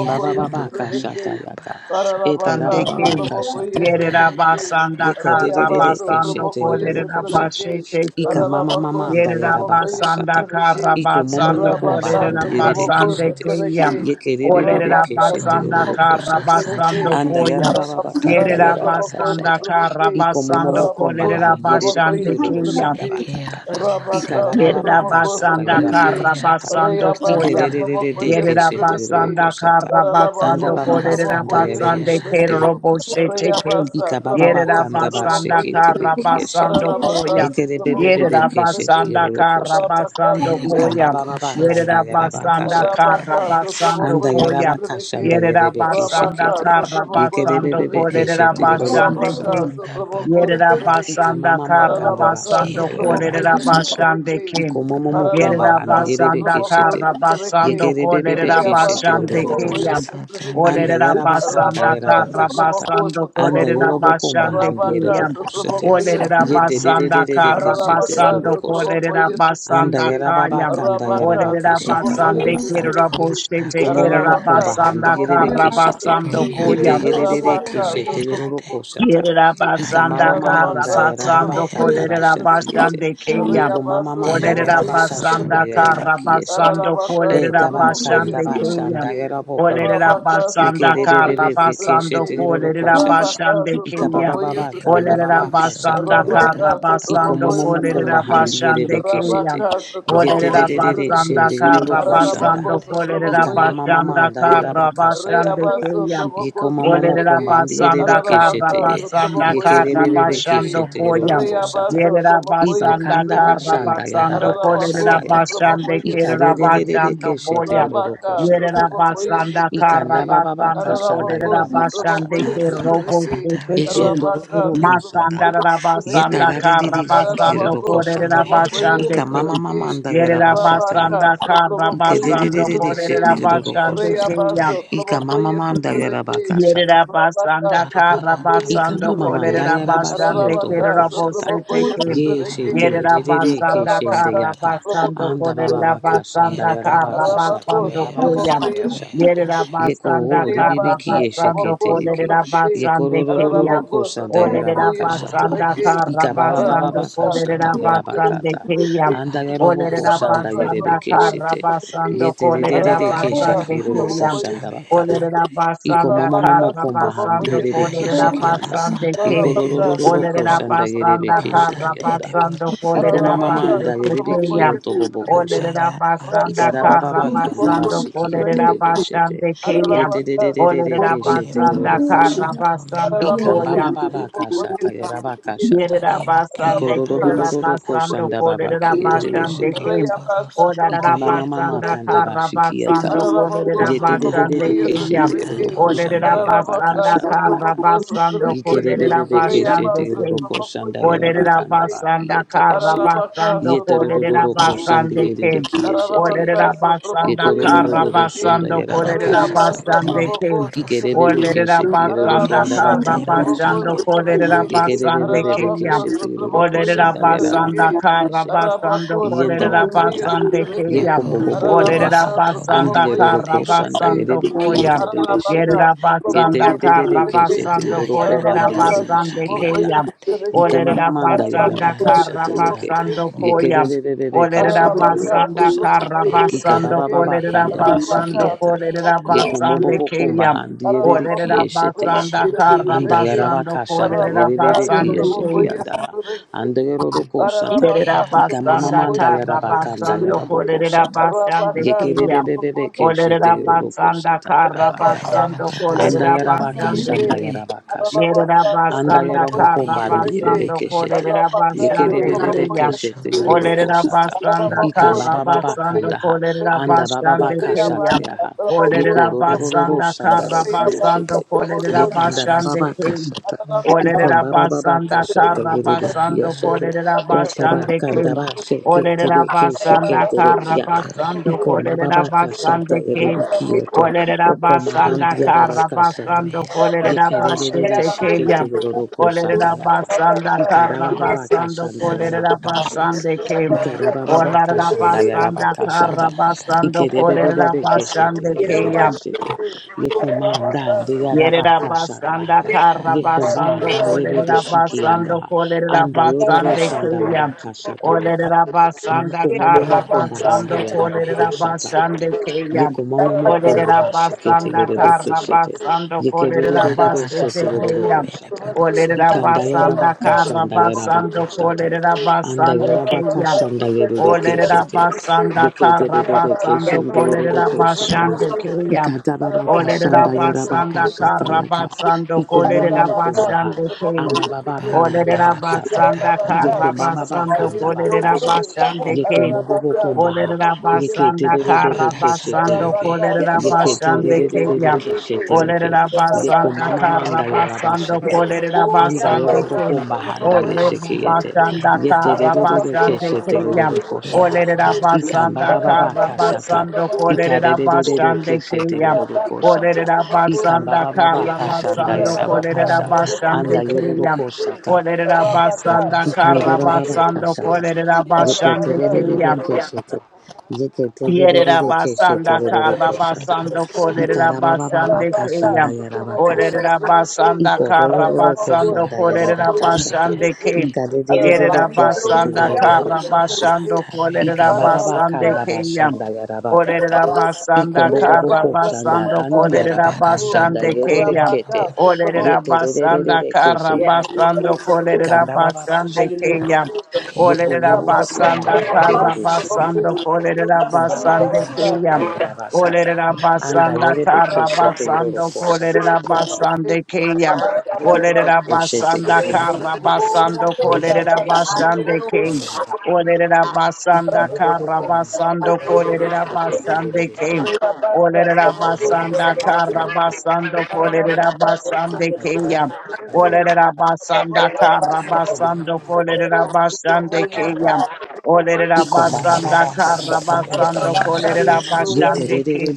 Speaker 1: mama
Speaker 2: Trebeki,
Speaker 5: makayara barasata
Speaker 4: Basande
Speaker 2: Ararabacas,
Speaker 4: keyan.
Speaker 2: Trabacoyes,
Speaker 4: Yerera
Speaker 1: rabaka
Speaker 5: akayara
Speaker 2: Trebeki,
Speaker 4: basanda
Speaker 1: Yekere
Speaker 4: kara
Speaker 1: rere
Speaker 2: Reyabaso
Speaker 4: basando
Speaker 2: Traboko
Speaker 1: keshete
Speaker 2: yes
Speaker 1: roro
Speaker 2: at
Speaker 4: kolerera
Speaker 2: the
Speaker 1: kosata.
Speaker 2: Viki,
Speaker 4: basete keyan.
Speaker 1: Ika mama mama
Speaker 2: Arabacos,
Speaker 4: Yerera
Speaker 1: dayara
Speaker 2: Traboko
Speaker 1: baka
Speaker 2: yes at
Speaker 4: basanda
Speaker 1: shata.
Speaker 2: the
Speaker 4: kara
Speaker 2: Viki,
Speaker 1: Iko momo
Speaker 4: basando
Speaker 2: Rabacas,
Speaker 4: kolerera
Speaker 5: barasata mere
Speaker 2: Trabocos
Speaker 4: basande
Speaker 2: at
Speaker 1: lerebeshete yekerererekeshete rorokoshandayaka ikambababakashatayaka etarababakashatarabaka yekerererekeshete
Speaker 5: barosoto
Speaker 4: keyam.
Speaker 1: rorokoshata ikamamamamandayarabakashata ikomomomokumba
Speaker 4: Olerera
Speaker 2: Rabacas,
Speaker 1: handiererekeshete yekerererekeshete
Speaker 4: basanda
Speaker 5: dolara
Speaker 2: Trabocos
Speaker 4: kara
Speaker 2: at
Speaker 1: rorokoshata
Speaker 5: barasata
Speaker 4: koyam.
Speaker 5: meherosoto
Speaker 2: Arabacas,
Speaker 4: Yerera
Speaker 2: Trabocos
Speaker 5: beherande
Speaker 2: at
Speaker 4: basanda
Speaker 1: shata.
Speaker 4: kara
Speaker 1: Iko
Speaker 4: basando
Speaker 1: momomo
Speaker 2: Tarabako
Speaker 1: kumbaha
Speaker 4: kolerera
Speaker 1: yerere
Speaker 2: Sotrabako
Speaker 1: kiroro
Speaker 4: keyam.
Speaker 2: Yesotrabeki,
Speaker 1: shandarakata.
Speaker 5: dekeyara
Speaker 1: Ika
Speaker 2: Rabaka
Speaker 5: masata
Speaker 4: Yerida
Speaker 1: rababaka
Speaker 2: Sotrabako
Speaker 1: shata
Speaker 4: basanda
Speaker 1: yerabaka
Speaker 2: Sotrabeki,
Speaker 4: kara
Speaker 5: bakayara
Speaker 1: shata.
Speaker 4: basando
Speaker 1: Ike
Speaker 2: Rayabasa
Speaker 5: barasata
Speaker 4: koya.
Speaker 1: rerere
Speaker 2: Trabako
Speaker 1: de
Speaker 4: Yerida
Speaker 5: beherande
Speaker 1: keshete
Speaker 2: Yesotrabeki,
Speaker 1: roroko
Speaker 4: basanda
Speaker 1: shata.
Speaker 4: kara
Speaker 5: dara
Speaker 2: Tarabako
Speaker 1: Anda
Speaker 4: basando
Speaker 1: bababaka
Speaker 4: kolerida
Speaker 2: Sotrabako
Speaker 1: anda
Speaker 5: barasata
Speaker 1: yerere
Speaker 4: basande
Speaker 1: shiki
Speaker 4: kero
Speaker 5: meherande
Speaker 2: Yesotrabeki,
Speaker 4: robo
Speaker 1: roroko shata.
Speaker 4: shete ke.
Speaker 2: Rayabasa
Speaker 1: Ika
Speaker 2: Trabako
Speaker 1: bababaka
Speaker 4: Yerida
Speaker 1: anda
Speaker 2: Sotrabako
Speaker 4: basanda
Speaker 1: bashekete
Speaker 2: Yesi,
Speaker 4: kara
Speaker 1: beki yeshete.
Speaker 4: basando
Speaker 2: Tarabaka
Speaker 4: koya.
Speaker 1: Ike
Speaker 2: Sotrabako
Speaker 1: bebe
Speaker 4: Yerida
Speaker 2: Sotrabeki,
Speaker 1: kesheki
Speaker 4: basanda kara
Speaker 2: Rabaka
Speaker 4: basando
Speaker 5: deri
Speaker 1: Ika
Speaker 2: Sotrabako
Speaker 4: koya.
Speaker 5: baroko
Speaker 1: bababaka
Speaker 5: shoto
Speaker 1: anda
Speaker 4: Yerida
Speaker 2: Yesotrabeki,
Speaker 5: dara
Speaker 1: yerabaka
Speaker 4: basanda
Speaker 1: shata ya.
Speaker 2: Rabaka
Speaker 4: kara
Speaker 5: barabarande
Speaker 4: basando
Speaker 2: Sotraboko
Speaker 1: Anda
Speaker 2: yes,
Speaker 4: koya.
Speaker 1: yerabaka
Speaker 2: Sotrabeke
Speaker 4: Yerida
Speaker 1: yerebe
Speaker 4: basanda
Speaker 2: Rabaka
Speaker 1: keshekete.
Speaker 4: kara
Speaker 2: Sotraboko
Speaker 1: Ike rebebe
Speaker 4: basando
Speaker 1: bebe
Speaker 2: Sotrabeke
Speaker 4: kolerida
Speaker 1: keshete
Speaker 5: Beriboroso
Speaker 1: roroko
Speaker 4: basande
Speaker 2: Rabaka
Speaker 4: ke.
Speaker 5: Tomanda
Speaker 2: Sotraboko
Speaker 4: Yerera
Speaker 5: Barabarande
Speaker 2: Sotrabeke
Speaker 1: Ika
Speaker 4: basanda
Speaker 1: mama
Speaker 4: karra
Speaker 1: makanda
Speaker 2: Arabaka
Speaker 1: bashanda
Speaker 4: basando
Speaker 5: Kiara
Speaker 2: Sotraboko
Speaker 4: kolerera
Speaker 2: yes,
Speaker 5: Manda
Speaker 1: yarabakashata.
Speaker 5: Doko
Speaker 4: basande
Speaker 2: Sotrabeke
Speaker 1: Iko
Speaker 4: kim.
Speaker 1: momo
Speaker 5: Barande
Speaker 1: mokomba
Speaker 4: Yerera
Speaker 2: Arabaka
Speaker 1: handi yerebe
Speaker 4: basanda
Speaker 2: Sotraboko
Speaker 1: keshete.
Speaker 4: karra
Speaker 2: Sotrabeke
Speaker 4: basando
Speaker 1: Yekerebe bebe
Speaker 4: kolerera
Speaker 2: Rayabasa
Speaker 1: keshete
Speaker 4: basande
Speaker 1: yororo
Speaker 2: Traboko
Speaker 4: kiyam.
Speaker 1: koshata.
Speaker 5: Darabarasata
Speaker 2: Sotrabeke
Speaker 1: Anda
Speaker 4: Olerera
Speaker 5: Miriboroso
Speaker 1: yarabakanda
Speaker 4: basanda
Speaker 2: Rabaka
Speaker 4: karra
Speaker 1: yarabakashata.
Speaker 2: sotraboko
Speaker 4: basando
Speaker 1: Anda
Speaker 2: sotraboko.
Speaker 4: kolerera
Speaker 1: yorobo komba
Speaker 4: basande
Speaker 1: handi
Speaker 2: Rabaka
Speaker 1: yerebo
Speaker 4: kiyam.
Speaker 1: koshete.
Speaker 2: sotraboko ye
Speaker 4: Olerera
Speaker 5: Tomarabarasata
Speaker 1: Yete
Speaker 2: sotrabeki.
Speaker 5: Manda
Speaker 4: basanda
Speaker 1: rererere
Speaker 5: Dele
Speaker 4: karra
Speaker 1: keshete
Speaker 2: Rabaka
Speaker 1: yororo
Speaker 4: basando
Speaker 2: sotraboko
Speaker 1: koshata.
Speaker 4: kolerera
Speaker 2: ye
Speaker 1: Anda
Speaker 4: basanda
Speaker 2: sotrabeki.
Speaker 1: yarababa
Speaker 4: kayam.
Speaker 1: kanda
Speaker 2: Rabaka
Speaker 4: Olerera
Speaker 1: yarabakashata
Speaker 2: sotraboko ye
Speaker 4: basande
Speaker 5: Deriboroso
Speaker 1: yarabakata.
Speaker 4: kirra
Speaker 2: sotrabeki.
Speaker 5: Tomanda
Speaker 4: boshete
Speaker 1: Ikomomomo
Speaker 4: kirra
Speaker 2: Rabaka
Speaker 5: Beribarande
Speaker 1: kumbahandi
Speaker 4: basanda
Speaker 2: sotraboko
Speaker 1: yerere
Speaker 2: ye
Speaker 4: karra
Speaker 1: keshete.
Speaker 4: basando
Speaker 2: sotrabeki.
Speaker 5: Koyara
Speaker 1: Yete
Speaker 4: koyam.
Speaker 1: yerere
Speaker 5: Barasata
Speaker 2: Rabaka
Speaker 1: keshete yororo
Speaker 5: Reherande
Speaker 2: sotraboko
Speaker 1: koshata.
Speaker 4: Yerera
Speaker 2: sotrabeki.
Speaker 1: Ika mama
Speaker 4: basanda
Speaker 5: Kayara
Speaker 4: kara
Speaker 1: mamanda
Speaker 2: Rabaka
Speaker 5: Barasata
Speaker 1: yarababa
Speaker 4: basando
Speaker 2: sotraboko ye
Speaker 5: Meherande
Speaker 4: kolerera
Speaker 1: katarasha
Speaker 2: sotrabeki.
Speaker 1: kiyete.
Speaker 4: basande keya.
Speaker 1: Yeko
Speaker 2: Reyaba
Speaker 1: mama manda
Speaker 2: sotraboko
Speaker 4: Olerera
Speaker 2: ye
Speaker 1: yarabaka
Speaker 5: Deriboroso
Speaker 1: shanda
Speaker 4: basanda
Speaker 2: sotrabeki.
Speaker 5: Torihera
Speaker 1: yaraba
Speaker 4: kara
Speaker 1: kiyeshete.
Speaker 4: basando
Speaker 2: Ararabaka
Speaker 1: E
Speaker 4: kolerera
Speaker 1: taba
Speaker 2: Sotrobokoye
Speaker 1: kanda
Speaker 4: basande
Speaker 1: ba
Speaker 4: keya.
Speaker 1: shanda
Speaker 2: Sotrebeki,
Speaker 1: yarabo
Speaker 4: Olerera
Speaker 1: kumbaha.
Speaker 2: Rabaka
Speaker 1: Ike
Speaker 4: basanda
Speaker 2: Sotrobokoye
Speaker 4: kara
Speaker 1: rerere
Speaker 4: basando
Speaker 2: Sotrebeki,
Speaker 1: keshete yororo
Speaker 4: kolerera
Speaker 1: koshata.
Speaker 2: Rabaka
Speaker 4: basande
Speaker 1: Ika baba
Speaker 4: keya.
Speaker 2: Sotrobokoye
Speaker 1: baba kanda
Speaker 2: Sotrebeki,
Speaker 4: Olerera
Speaker 5: Deriboroko
Speaker 1: baba
Speaker 5: Shoto
Speaker 1: kashata
Speaker 4: basanda
Speaker 1: yata.
Speaker 5: Manda
Speaker 2: Rabaka
Speaker 4: kara
Speaker 1: Iko
Speaker 2: Sotrobokoye
Speaker 4: basando
Speaker 1: momomo
Speaker 5: Barabarasata
Speaker 4: kolerera
Speaker 2: Sotrebeki,
Speaker 1: kumbahandi
Speaker 5: Reherande
Speaker 1: yerere
Speaker 4: basande keya.
Speaker 1: keshete.
Speaker 2: Rabaka
Speaker 1: Yete
Speaker 4: Olerera
Speaker 2: Sotrobokoye
Speaker 5: Kere
Speaker 1: rerere
Speaker 2: Sotrebeki,
Speaker 5: bolo
Speaker 4: basanda
Speaker 1: shende
Speaker 5: soto
Speaker 1: yororo
Speaker 4: kara
Speaker 2: Ararabako
Speaker 1: koshanda.
Speaker 4: basando
Speaker 5: beherande.
Speaker 4: kolerera
Speaker 1: Ika
Speaker 2: Sotrobokoye
Speaker 1: mama mama
Speaker 4: basanda
Speaker 2: Sotrebeki,
Speaker 1: ndayera
Speaker 4: kara
Speaker 1: bakashata
Speaker 4: basande
Speaker 1: yaka.
Speaker 2: Reabaso
Speaker 4: keya.
Speaker 2: Toboko
Speaker 1: Yeko mama moko
Speaker 4: Olerera
Speaker 2: Sotlebeki,
Speaker 1: mbandi yerebe
Speaker 4: basanda karra
Speaker 1: keshete
Speaker 2: Arabaka
Speaker 1: ye.
Speaker 5: Dere
Speaker 4: basanda
Speaker 5: bolo
Speaker 1: Yeke
Speaker 2: Sotlebokoye
Speaker 4: karra
Speaker 5: soto
Speaker 1: rebebe
Speaker 5: weke
Speaker 2: Sotlebeki,
Speaker 4: basando
Speaker 1: keshete
Speaker 5: arama
Speaker 1: yeroro
Speaker 4: koyam.
Speaker 5: sata.
Speaker 1: koshata.
Speaker 2: Reabaso
Speaker 4: Yerera
Speaker 1: Iba
Speaker 2: Tobokoye
Speaker 4: basanda
Speaker 1: kanda
Speaker 4: karra
Speaker 2: Sotlebeki,
Speaker 1: bashanda yara
Speaker 5: Kere
Speaker 4: basando
Speaker 5: bolo
Speaker 2: Arabako
Speaker 4: kolerera
Speaker 1: bakashata
Speaker 5: sata
Speaker 1: yaka.
Speaker 4: basande
Speaker 2: Sotlebokoye
Speaker 5: bolo
Speaker 1: Ika
Speaker 4: kerera
Speaker 5: soto
Speaker 2: Sotlebeki,
Speaker 1: rererere
Speaker 4: basando
Speaker 5: beherande.
Speaker 1: keshete
Speaker 4: koyam.
Speaker 1: yeroro
Speaker 2: Rabaka
Speaker 1: koshata
Speaker 4: Yerera
Speaker 1: yaka.
Speaker 2: Sotlebokoye
Speaker 4: basanda
Speaker 1: Ika
Speaker 4: karra
Speaker 2: Sotlebeki,
Speaker 1: ndaba baba
Speaker 4: basando
Speaker 1: kashanda
Speaker 2: Arabako
Speaker 4: kolerera
Speaker 1: yara bakashata
Speaker 4: basande
Speaker 2: Sotlebokoye
Speaker 5: Dara bolo
Speaker 4: kerrobo
Speaker 2: Sotlebeki,
Speaker 5: sata
Speaker 1: Eso
Speaker 4: sepepe.
Speaker 5: behero
Speaker 2: Rabaka
Speaker 1: todo
Speaker 5: soto.
Speaker 4: Masanda
Speaker 1: kosanda.
Speaker 2: Sotlebokoye
Speaker 4: rara
Speaker 1: Yeta
Speaker 2: Sotlebeki,
Speaker 4: basanda
Speaker 1: rare de
Speaker 4: karra
Speaker 1: de
Speaker 5: Bolo bolo
Speaker 1: shikira
Speaker 4: basando
Speaker 1: shikiro
Speaker 2: Cararabaco,
Speaker 5: soto
Speaker 1: kosata.
Speaker 4: kolerera
Speaker 2: Sotrobocoye,
Speaker 5: beheranda
Speaker 4: basande
Speaker 1: Ika mama
Speaker 4: kem.
Speaker 1: mama
Speaker 5: bolo
Speaker 2: Sotrebeke,
Speaker 1: anda
Speaker 5: soto.
Speaker 1: yara
Speaker 4: Yerera
Speaker 1: basata
Speaker 2: Rabaca,
Speaker 1: yaka.
Speaker 4: basanda karra
Speaker 1: Ika de
Speaker 2: Sotrobocoye,
Speaker 1: de de
Speaker 4: basando
Speaker 1: de de
Speaker 5: Amara
Speaker 1: shete
Speaker 4: kolerera
Speaker 2: Sotrebeke,
Speaker 5: sata
Speaker 1: yoro
Speaker 5: behero
Speaker 1: kosata.
Speaker 5: soto
Speaker 4: basande
Speaker 2: Reabaso,
Speaker 1: Ika
Speaker 5: beherande.
Speaker 1: mama
Speaker 2: Trobocoye,
Speaker 1: mama anda yara
Speaker 2: Sotrebeke,
Speaker 1: bakasata.
Speaker 4: Yerera
Speaker 2: Rabaca,
Speaker 4: basanda
Speaker 5: Dara
Speaker 4: kara
Speaker 5: baranda
Speaker 2: Sotrobocoye,
Speaker 4: basando
Speaker 5: boko
Speaker 2: Sotrebeke,
Speaker 5: loro
Speaker 4: kolerera
Speaker 1: Ikamamamandaya
Speaker 5: bolo
Speaker 1: rabakiyo
Speaker 4: basande
Speaker 5: soto.
Speaker 2: Cararabaca,
Speaker 1: toboko
Speaker 4: kerera bose
Speaker 1: shata.
Speaker 2: Sotrobocoye,
Speaker 4: teke.
Speaker 5: E
Speaker 1: Ye
Speaker 2: Sotrebeke,
Speaker 1: shete
Speaker 4: Yerera
Speaker 5: aramanda
Speaker 1: dedede ke
Speaker 4: basanda
Speaker 5: barabara
Speaker 1: shende
Speaker 2: Rabaka,
Speaker 4: kara
Speaker 5: sata.
Speaker 1: yaka.
Speaker 4: basando
Speaker 1: Anda baba
Speaker 4: kolerera
Speaker 1: baka shanda
Speaker 4: basanda
Speaker 5: Ere bolo
Speaker 4: kara
Speaker 1: yarabaka
Speaker 5: soto
Speaker 1: shata
Speaker 4: basando
Speaker 5: behero
Speaker 1: yarabaka
Speaker 2: Rabaka,
Speaker 4: koyam.
Speaker 1: andaya
Speaker 5: soto
Speaker 1: shata.
Speaker 4: Yerera
Speaker 5: beherande.
Speaker 1: Yeko
Speaker 4: basanda
Speaker 1: o
Speaker 4: kara
Speaker 1: ribibiki
Speaker 4: basando
Speaker 1: yeshekete yeke.
Speaker 4: kolerera
Speaker 1: Yeko
Speaker 4: basande keyam.
Speaker 1: rorororoko shanda
Speaker 4: Olerera
Speaker 1: yarabaka shata.
Speaker 4: basanda
Speaker 5: Yarabara
Speaker 4: kara
Speaker 1: Ika baba
Speaker 5: Satari,
Speaker 1: baba
Speaker 4: basando
Speaker 1: baka shata
Speaker 5: Rosoto,
Speaker 4: kolerera basande
Speaker 1: yarabakata.
Speaker 4: keyam.
Speaker 1: Anda
Speaker 5: Yarabara
Speaker 1: yaroboko
Speaker 4: Olerera
Speaker 1: shanda
Speaker 5: Satari,
Speaker 4: basanda
Speaker 1: yerebeke
Speaker 4: kara
Speaker 1: shete.
Speaker 4: basando
Speaker 1: Yete
Speaker 4: kolerera
Speaker 1: dedede ke sheki
Speaker 4: basande
Speaker 3: going
Speaker 5: Nakayarabara
Speaker 1: yororoko
Speaker 4: keyam.
Speaker 1: shanda
Speaker 5: Satari
Speaker 1: bakata.
Speaker 4: Olerera
Speaker 5: Hirande,
Speaker 1: Iko
Speaker 4: basanda
Speaker 1: mama mama
Speaker 4: karra
Speaker 1: komba handi
Speaker 4: basando
Speaker 1: yerere
Speaker 4: kolerera
Speaker 2: Rabaka,
Speaker 5: Nakayarabara
Speaker 1: keshikianda.
Speaker 4: basande
Speaker 1: Iko
Speaker 5: Satari
Speaker 4: kin.
Speaker 2: Ararabaka,
Speaker 1: rorororo
Speaker 4: Olerera
Speaker 5: Hirosoto,
Speaker 2: Sotraboko,
Speaker 1: koshanda yerere
Speaker 4: basanda
Speaker 2: Sotraboko,
Speaker 5: Banda
Speaker 4: karra
Speaker 5: de
Speaker 1: keshikianda
Speaker 2: Sotrabeki,
Speaker 1: ha.
Speaker 4: basando
Speaker 5: Deboro
Speaker 1: Iko
Speaker 5: Soto
Speaker 4: kolerera
Speaker 1: mama
Speaker 2: Ararabaka,
Speaker 1: manda
Speaker 5: Hirande,
Speaker 4: basete
Speaker 1: yerere
Speaker 2: Sotraboko,
Speaker 1: kiyo
Speaker 4: kiyam.
Speaker 2: yes,
Speaker 1: tobobo
Speaker 2: Sotrabeki,
Speaker 1: koshata.
Speaker 4: Olerera
Speaker 5: Nakayarabara
Speaker 1: Ika
Speaker 4: basanda
Speaker 2: Rayabaso,
Speaker 4: karra
Speaker 1: rababa
Speaker 5: Satari
Speaker 1: kanda
Speaker 2: Sotraboko,
Speaker 5: Hirande,
Speaker 4: basando
Speaker 1: bashiki yete
Speaker 4: kolerera
Speaker 2: Sotrabeki,
Speaker 1: bebe shete.
Speaker 4: basande kiyam.
Speaker 1: Yete de
Speaker 2: Ararabaka,
Speaker 1: de de de de
Speaker 4: Olerera
Speaker 2: Sotraboko, yes,
Speaker 1: keshete
Speaker 4: basanda
Speaker 5: Beriboro
Speaker 1: yororo
Speaker 2: Sotrabeki,
Speaker 4: karra
Speaker 1: koshata.
Speaker 5: Kushoto
Speaker 4: basando
Speaker 5: Manda
Speaker 1: Ika
Speaker 2: Ararabako,
Speaker 1: baba
Speaker 4: koyam.
Speaker 1: baba
Speaker 5: Darabarande,
Speaker 2: Sotraboko,
Speaker 1: kashata
Speaker 2: yes,
Speaker 1: yaraba
Speaker 2: Sotrabeki,
Speaker 1: kashata.
Speaker 5: Tare
Speaker 1: Iko
Speaker 4: Yerabasande
Speaker 5: Ukeyara
Speaker 2: Rabaka,
Speaker 1: rorororo
Speaker 5: Masata,
Speaker 2: Sotraboko,
Speaker 4: Kerabasando
Speaker 1: koshanda
Speaker 2: yes,
Speaker 1: baba
Speaker 2: Sotomaki,
Speaker 1: kiyete
Speaker 5: Toko
Speaker 4: Kolerabasande Kim.
Speaker 1: beshikiata.
Speaker 5: Loroboro
Speaker 2: Rayabasa,
Speaker 5: Soto
Speaker 1: Ika
Speaker 2: Traboco,
Speaker 1: mama mama
Speaker 4: Olarabasanda
Speaker 5: Hirande,
Speaker 1: kanda
Speaker 2: Sutravacation,
Speaker 1: bashikiyata.
Speaker 4: Karabasando
Speaker 2: Arabaco,
Speaker 1: Yete de de
Speaker 5: Banda
Speaker 1: de
Speaker 2: Sutravoco,
Speaker 4: Kolerabasande
Speaker 1: Yetedededede
Speaker 2: yes,
Speaker 4: Kiyam.
Speaker 1: keshete
Speaker 5: Darabaranda
Speaker 2: Sutravaki,
Speaker 1: roroko shanda
Speaker 5: Doko
Speaker 1: yarabaka
Speaker 2: Arabaca,
Speaker 4: Olerabasanda
Speaker 1: shata yaka.
Speaker 2: Sutravoco,
Speaker 4: Karabasando
Speaker 2: Sutravaki,
Speaker 1: Ikedebebebe
Speaker 4: Kolerabasande
Speaker 1: keshete
Speaker 2: Rayabasa,
Speaker 4: Kim.
Speaker 1: roroko
Speaker 2: Traboco,
Speaker 1: shanda
Speaker 2: yes,
Speaker 1: yarabaka
Speaker 2: Sutravaki,
Speaker 1: ndabaki
Speaker 4: Olerabasanda
Speaker 1: yetebeshete.
Speaker 2: Arabaca,
Speaker 4: Karabasando
Speaker 2: Sutravoco,
Speaker 1: Yeterororoko shanda
Speaker 4: Kolerabasande
Speaker 1: yere
Speaker 2: Sutravaki,
Speaker 1: de yedede
Speaker 4: Kim.
Speaker 1: kiyeshete
Speaker 2: Arabaca,
Speaker 1: yeke.
Speaker 4: Olerabasanda
Speaker 1: Yeko
Speaker 2: Sutravoco,
Speaker 1: ro
Speaker 2: yes,
Speaker 1: ro ro ro ro
Speaker 2: Sutravaki,
Speaker 1: shanda
Speaker 4: Karabasando
Speaker 1: yarabaka shata
Speaker 5: Barabarasoto
Speaker 2: Rayabasa,
Speaker 1: yaka.
Speaker 4: Kolerabasande Kim.
Speaker 2: Traboco,
Speaker 1: Ikerebebe
Speaker 5: mereborosoto
Speaker 2: Sutravaki,
Speaker 4: Olerera
Speaker 1: keshekiro
Speaker 4: basanda
Speaker 1: rokonda
Speaker 2: Ararabaka,
Speaker 4: kara
Speaker 5: keshete
Speaker 1: bakanda
Speaker 2: Sotraboko,
Speaker 5: manda
Speaker 4: basando
Speaker 1: bashikiyete.
Speaker 2: Sotrabeke,
Speaker 4: kolerera
Speaker 5: barabarande
Speaker 4: basande
Speaker 1: Ikerebebe
Speaker 2: Ararabako,
Speaker 4: keyam.
Speaker 1: keshetiro
Speaker 2: Sotraboko, yes,
Speaker 4: Olerera
Speaker 1: rokoshanda
Speaker 2: Sotrabeke,
Speaker 4: basanda
Speaker 1: yarabakanda
Speaker 4: kara
Speaker 1: yeshete.
Speaker 2: Arabako,
Speaker 4: basando
Speaker 1: Yenda
Speaker 4: kolerera
Speaker 2: Sotraboko,
Speaker 1: bakanta
Speaker 2: yes,
Speaker 1: ha.
Speaker 4: basande
Speaker 1: Ye
Speaker 2: Sotrabeke,
Speaker 4: keyam.
Speaker 5: bakolor
Speaker 1: kumbobobo
Speaker 2: Ararabaka,
Speaker 4: Olerera
Speaker 1: kumbaha.
Speaker 5: borosoto
Speaker 4: basanda
Speaker 2: Sotraboko,
Speaker 1: Andi
Speaker 2: yes,
Speaker 5: marabarande
Speaker 4: kara
Speaker 1: rokoshanda
Speaker 2: Sotrabeke,
Speaker 4: basando koyam.
Speaker 1: yerebikiyete
Speaker 2: Ararabaka,
Speaker 1: bebeshete.
Speaker 4: Yerera
Speaker 2: Sotraboko,
Speaker 4: basanda
Speaker 1: Yeterere
Speaker 4: kara
Speaker 2: Sotrabeke,
Speaker 5: sata
Speaker 1: keshetiro
Speaker 4: basando kolerera
Speaker 1: rokombande
Speaker 2: Ararabaka,
Speaker 5: yarabarasata
Speaker 4: basande
Speaker 2: Sotraboko,
Speaker 1: shikiyanda ha.
Speaker 2: yes,
Speaker 4: keyam.
Speaker 5: meherande
Speaker 2: Sotrabeke,
Speaker 4: Olerera
Speaker 1: Yikamamamanda
Speaker 4: basanda
Speaker 2: Ararabaka,
Speaker 4: kara
Speaker 1: yarabakashata
Speaker 2: Sotraboko,
Speaker 1: yeke.
Speaker 5: karabarasata
Speaker 2: yes,
Speaker 4: basando koyam.
Speaker 2: Sotrabeke,
Speaker 5: mohorosoto
Speaker 1: Yekerebebebeke
Speaker 4: Olerera
Speaker 1: shete
Speaker 2: Ararabaka,
Speaker 4: basanda
Speaker 1: yororokoshata.
Speaker 4: kara
Speaker 2: Sotrobokoye,
Speaker 5: bekia
Speaker 4: basando
Speaker 2: Sotrobeke,
Speaker 4: kolerera
Speaker 1: Yikabababakanda
Speaker 2: Rabaka,
Speaker 5: meheresete
Speaker 4: basando
Speaker 1: bashikiyata.
Speaker 5: be
Speaker 4: kolerera
Speaker 2: Sotrobokoye,
Speaker 4: basande
Speaker 2: Sotrobeke,
Speaker 4: keyam.
Speaker 1: Yekumbobobokumbahandi
Speaker 2: Ararabako,
Speaker 4: Olerera
Speaker 1: yererikiye shete yaka.
Speaker 4: basanda
Speaker 2: Sotrobokoye,
Speaker 5: beshete
Speaker 4: kara
Speaker 1: Anda
Speaker 2: Sotrobeke,
Speaker 5: bekia
Speaker 4: basando
Speaker 1: yarabakashanda
Speaker 4: kolerera
Speaker 3: to
Speaker 2: Arabaka,
Speaker 5: marande
Speaker 1: yerebebekiye
Speaker 4: basande ke.
Speaker 3: the
Speaker 2: Sotrobokoye,
Speaker 1: shekiyanda.
Speaker 2: Sotrobeke,
Speaker 1: Anda yororokoshata.
Speaker 2: Ararabaka,
Speaker 4: Lerera basanda
Speaker 5: kiarabasata
Speaker 1: Yikamamamanda
Speaker 2: Sotrobokoye,
Speaker 4: kara
Speaker 2: Sotrobeke,
Speaker 1: yarabakanda
Speaker 4: basando
Speaker 5: mohorosoto
Speaker 4: kolerera
Speaker 1: yarabokoshata.
Speaker 4: basande
Speaker 2: Rabaka,
Speaker 4: kriya.
Speaker 1: Yekerererere
Speaker 2: Sotrobokoye,
Speaker 4: Olerera
Speaker 2: Sotrobeke,
Speaker 1: keshetero loko
Speaker 4: basanda
Speaker 1: shata
Speaker 4: kara
Speaker 2: Arabasta,
Speaker 1: yarabakata.
Speaker 4: basando
Speaker 1: Anda
Speaker 4: kolerera
Speaker 5: bakayarabarasata
Speaker 1: yarabakasha
Speaker 4: basande
Speaker 1: anda
Speaker 5: meherande
Speaker 4: ke.
Speaker 1: yarabakashata. Anda
Speaker 4: Yerabasanda
Speaker 1: yaraboko
Speaker 5: Dobi and
Speaker 1: mbandire
Speaker 4: Karabasando
Speaker 5: Ibeki
Speaker 1: keshete.
Speaker 4: Kolerabasande
Speaker 5: Mirabanda
Speaker 3: Nahana.
Speaker 1: Yekerererere
Speaker 4: Kaya.
Speaker 5: Doshoto
Speaker 1: keshetero loko shata.
Speaker 4: Olerabasanda
Speaker 1: Ika baba baba
Speaker 5: Dokashatani
Speaker 4: Karabasando
Speaker 1: kanda ha. Anda baba
Speaker 4: Kolerabasande Kaya.
Speaker 1: bakashata yaha. Yekororororo
Speaker 4: Olerabasanda
Speaker 1: shandara
Speaker 5: Santa
Speaker 1: kiyeshete.
Speaker 4: Karabasando
Speaker 1: Yekanda
Speaker 5: Tarabara
Speaker 1: baba
Speaker 4: Kolerabasande
Speaker 5: Santa
Speaker 4: Kaya.
Speaker 1: bakashata.
Speaker 5: Rokulo
Speaker 1: Ikombaba baba
Speaker 4: Olerabasanda
Speaker 1: kasha ta ye de de de kia
Speaker 4: Karabasando
Speaker 1: soto
Speaker 5: Tarabaranda
Speaker 1: o taba
Speaker 4: Kolerabasande
Speaker 5: Vishiti
Speaker 1: kanda
Speaker 4: Kaya.
Speaker 1: ba se ke de be ke se ke
Speaker 4: Olerabasanda
Speaker 1: de be kia ha
Speaker 5: Iko
Speaker 4: Karabasando
Speaker 1: ikombaba baba kasha ta
Speaker 4: Kolerabasande
Speaker 1: ye de
Speaker 4: Kaya.
Speaker 1: bu kio to
Speaker 4: Olerera
Speaker 1: o koma hand
Speaker 4: basanda
Speaker 1: ya
Speaker 5: Karabara
Speaker 1: raba
Speaker 4: kara
Speaker 1: kasha
Speaker 5: Santa
Speaker 1: ta
Speaker 4: basando
Speaker 5: Miro
Speaker 1: ye
Speaker 4: kolerera
Speaker 1: ke de de
Speaker 3: get
Speaker 1: de de
Speaker 3: it. I am
Speaker 4: basete
Speaker 1: se
Speaker 3: going
Speaker 1: ke
Speaker 4: keya.
Speaker 1: te gororo kasha ta
Speaker 4: Olerera
Speaker 1: ya ka
Speaker 4: basanda
Speaker 1: ikara
Speaker 4: kara
Speaker 1: baba baba kasha
Speaker 4: basando
Speaker 1: ta ya
Speaker 4: kolerera
Speaker 1: raba kasha
Speaker 5: Tarabara
Speaker 1: ta
Speaker 4: basande
Speaker 5: Santa
Speaker 4: ke.
Speaker 5: Riro
Speaker 1: ikara baba baba
Speaker 5: Soto
Speaker 4: Olerera
Speaker 1: kasha ta ya raba
Speaker 4: basanda
Speaker 1: kasha ta
Speaker 4: kara
Speaker 5: Panda
Speaker 4: basando
Speaker 1: ikede be be
Speaker 5: Tarabaranda
Speaker 1: be
Speaker 4: kolerera
Speaker 1: be ke se te
Speaker 4: basande
Speaker 3: get
Speaker 1: ye
Speaker 3: it. I
Speaker 1: de
Speaker 3: am
Speaker 1: de de
Speaker 3: going
Speaker 1: se te ye koma hand ya raba
Speaker 4: Yerera
Speaker 1: kasha ta
Speaker 4: basanda karra
Speaker 1: Ye
Speaker 4: basando
Speaker 5: Bakayarabara
Speaker 1: commanda ye yerebe
Speaker 4: kolerera
Speaker 3: to
Speaker 5: Santa
Speaker 1: shiki anda
Speaker 4: basando
Speaker 1: ha.
Speaker 4: kolerera
Speaker 1: Anda
Speaker 3: get
Speaker 1: yororo
Speaker 4: basande
Speaker 1: sanda baba
Speaker 4: kuya.
Speaker 1: kasha tayaka.
Speaker 4: Olerera basanda
Speaker 1: Yiko momo mo
Speaker 4: karra
Speaker 1: komba
Speaker 5: Barabara
Speaker 1: handa
Speaker 4: basando
Speaker 5: Santa
Speaker 1: yaraba
Speaker 4: kolerera
Speaker 5: Riro
Speaker 1: kasha
Speaker 5: Soto
Speaker 1: tayaka.
Speaker 4: basande kuya.
Speaker 1: Yiko momo mo komba
Speaker 4: Olerera
Speaker 1: ha shekete
Speaker 4: basanda
Speaker 1: yerebe
Speaker 4: karra
Speaker 1: keshete.
Speaker 4: basando
Speaker 1: Yeke de de
Speaker 4: kolerera
Speaker 1: de de de
Speaker 5: Barabara
Speaker 4: basete
Speaker 1: shete yeroro
Speaker 5: Santa
Speaker 4: kuya.
Speaker 1: koshata.
Speaker 5: Mirabara
Speaker 4: Olerera
Speaker 5: Soto
Speaker 1: Ikanda
Speaker 4: basanda
Speaker 1: yaraba
Speaker 5: Beherande
Speaker 1: kasha
Speaker 4: karra
Speaker 1: anda yaraba
Speaker 4: basando
Speaker 1: kashata.
Speaker 4: kolerera
Speaker 1: Anda
Speaker 4: basande
Speaker 1: yaraba
Speaker 4: kuya.
Speaker 1: kasha anda yerebe
Speaker 4: Olerera
Speaker 1: keshete.
Speaker 4: basanda
Speaker 1: Yeke de de
Speaker 4: kara
Speaker 1: de de
Speaker 4: basando
Speaker 1: keshete yeroro
Speaker 4: kolerera
Speaker 1: koshanda ha.
Speaker 4: basande kiyam.
Speaker 1: Ikata baba kasha
Speaker 4: Olerera
Speaker 1: anda yaraba
Speaker 2: Thank
Speaker 4: basanda
Speaker 1: kasha
Speaker 2: you.
Speaker 4: kara
Speaker 1: tayaka
Speaker 4: basando
Speaker 2: Rabaka,
Speaker 1: ikomomo
Speaker 4: kolerera
Speaker 1: mokombaha
Speaker 4: basande kiyam.
Speaker 1: ambababa kanda
Speaker 5: Banda
Speaker 4: Olerera
Speaker 1: baba shata
Speaker 5: darabaranda
Speaker 4: basanda
Speaker 5: bokoro
Speaker 4: kara
Speaker 5: soto.
Speaker 1: yekombababa
Speaker 4: basando
Speaker 1: kanda
Speaker 4: kolerera
Speaker 1: bakasha
Speaker 4: basande
Speaker 1: yekombobobo kombaha
Speaker 4: Olerera
Speaker 1: yekete
Speaker 4: basanda kara
Speaker 1: ke
Speaker 5: Arabara
Speaker 1: keshete
Speaker 5: sata
Speaker 4: basando
Speaker 1: yeke
Speaker 5: rehero
Speaker 4: kolerera
Speaker 5: soto.
Speaker 1: yekete
Speaker 4: basande
Speaker 1: yererere
Speaker 4: keya.
Speaker 1: keshete yeke
Speaker 4: Olerera basanda
Speaker 1: yekomama
Speaker 4: kara
Speaker 1: manda
Speaker 4: basando
Speaker 1: yarabashandaha
Speaker 4: kolerera
Speaker 1: anda
Speaker 4: basande
Speaker 1: yerobo
Speaker 4: keya.
Speaker 1: kombaha da
Speaker 5: Arabara
Speaker 4: Olerera
Speaker 1: yesheke
Speaker 5: sata
Speaker 1: yete
Speaker 4: basanda
Speaker 5: diarande.
Speaker 4: kara
Speaker 1: yetererere
Speaker 4: basande
Speaker 1: keshete
Speaker 4: keya.
Speaker 1: yeroro
Speaker 5: E
Speaker 1: koshata
Speaker 4: Olerera
Speaker 5: aramanda doko
Speaker 4: basanda
Speaker 1: ikambababa
Speaker 4: kara
Speaker 1: kashata
Speaker 5: yorobadande.
Speaker 4: basando kolerera
Speaker 1: ikarerere
Speaker 4: basande
Speaker 1: keshete
Speaker 4: keya.
Speaker 1: yeroro koshata
Speaker 4: Olerera
Speaker 1: Ikamba
Speaker 4: basanda
Speaker 1: baba
Speaker 4: kara
Speaker 1: baka shanda
Speaker 5: Arabara
Speaker 4: basando
Speaker 2: Rabaka,
Speaker 1: yara
Speaker 5: sata
Speaker 1: baka
Speaker 4: kolerera
Speaker 1: sha.
Speaker 5: manda
Speaker 4: basande
Speaker 1: Anda yororo
Speaker 4: keya.
Speaker 1: ko
Speaker 5: borobadande.
Speaker 1: shata.
Speaker 4: Olerera
Speaker 5: Kere boro
Speaker 4: basanda
Speaker 5: soto
Speaker 1: Ikanda
Speaker 4: kara
Speaker 1: baba
Speaker 5: rehero
Speaker 1: baka
Speaker 4: basando
Speaker 1: shata.
Speaker 5: soto.
Speaker 4: kolerera
Speaker 1: Yekete
Speaker 4: basande
Speaker 1: bebe
Speaker 4: keya.
Speaker 1: bebe keshete. Yekete
Speaker 4: Yerera
Speaker 1: yerere keshete
Speaker 4: basanda
Speaker 1: yororo
Speaker 4: kara
Speaker 1: ko shata.
Speaker 4: basando
Speaker 5: Kayarabara
Speaker 4: kolerera
Speaker 5: sata
Speaker 1: Ikara
Speaker 5: me.
Speaker 1: baba baba
Speaker 4: basande
Speaker 1: ka
Speaker 4: keya.
Speaker 1: shanda yara baka shata.
Speaker 4: Olerera basanda
Speaker 1: Iko
Speaker 4: kara
Speaker 1: dorororoko
Speaker 4: basando
Speaker 1: sanda
Speaker 5: Barabara
Speaker 4: kolerera
Speaker 1: yarabaka
Speaker 5: sata
Speaker 1: sata.
Speaker 4: basande keya.
Speaker 5: reherande.
Speaker 1: Ika de de de de de
Speaker 4: Yerera
Speaker 1: ke se te
Speaker 4: basanda
Speaker 5: Banda
Speaker 1: yororoko
Speaker 4: kara
Speaker 5: barabara
Speaker 1: sanda haba.
Speaker 4: basando
Speaker 5: sata
Speaker 1: Ika
Speaker 4: kolerera
Speaker 5: reherande.
Speaker 1: bababa
Speaker 4: basande
Speaker 1: kanda ba
Speaker 4: keya.
Speaker 1: sanda yarabaka ta.
Speaker 4: Olerera
Speaker 1: Iko
Speaker 4: basanda kara
Speaker 1: boboboko sanda
Speaker 4: basando
Speaker 1: handi
Speaker 4: kolerera
Speaker 1: yarabaka
Speaker 5: Barabaranda
Speaker 1: sanda
Speaker 4: basande
Speaker 5: boko
Speaker 1: yerebe
Speaker 4: keya.
Speaker 1: kete.
Speaker 5: lorobarande.
Speaker 4: Olerera
Speaker 1: Yete de de de de
Speaker 4: basanda
Speaker 1: de ke
Speaker 4: kara
Speaker 1: se have your way
Speaker 4: basando
Speaker 1: God.
Speaker 4: kolerera
Speaker 1: Ikanda bababa
Speaker 4: basande
Speaker 3: Thank
Speaker 1: sata
Speaker 4: keya.
Speaker 1: yaka.
Speaker 5: que
Speaker 1: Yeko
Speaker 4: Olerera
Speaker 5: alama
Speaker 1: boboboko
Speaker 5: sata
Speaker 4: basanda
Speaker 1: mahandi
Speaker 5: boho
Speaker 4: tarra
Speaker 1: yerebe
Speaker 5: soto
Speaker 4: basando
Speaker 1: shikiata.
Speaker 4: kolerera
Speaker 1: Iko bababa
Speaker 4: basande
Speaker 5: bohola
Speaker 1: kashanda
Speaker 4: kriyam.
Speaker 1: yarabaka ta.
Speaker 5: sata
Speaker 4: Olerera
Speaker 5: mehera
Speaker 1: Anda
Speaker 4: basanda
Speaker 1: yerebe ke
Speaker 4: tarra
Speaker 1: se te
Speaker 4: basando
Speaker 1: yororoko sanda
Speaker 4: kolerera
Speaker 1: yarabaka.
Speaker 4: basande kriyam. Olerera basanda karra
Speaker 5: arabara
Speaker 4: basando
Speaker 5: sata
Speaker 4: kolerera
Speaker 5: mehera soto
Speaker 4: basande
Speaker 3: you.
Speaker 4: kriyam. Olerera basanda
Speaker 3: Glory to
Speaker 4: karra
Speaker 2: Thank
Speaker 4: basando kolerera
Speaker 3: your
Speaker 4: basande kriyam. Olerera basanda karra basando kolerera basande kriyam. Olerera basanda kara basando kolerera basande keya. Olerera basanda
Speaker 5: arabara
Speaker 4: kara
Speaker 5: sata
Speaker 4: basando
Speaker 5: veke ara
Speaker 4: kolerera
Speaker 5: mehera de
Speaker 4: basande ke.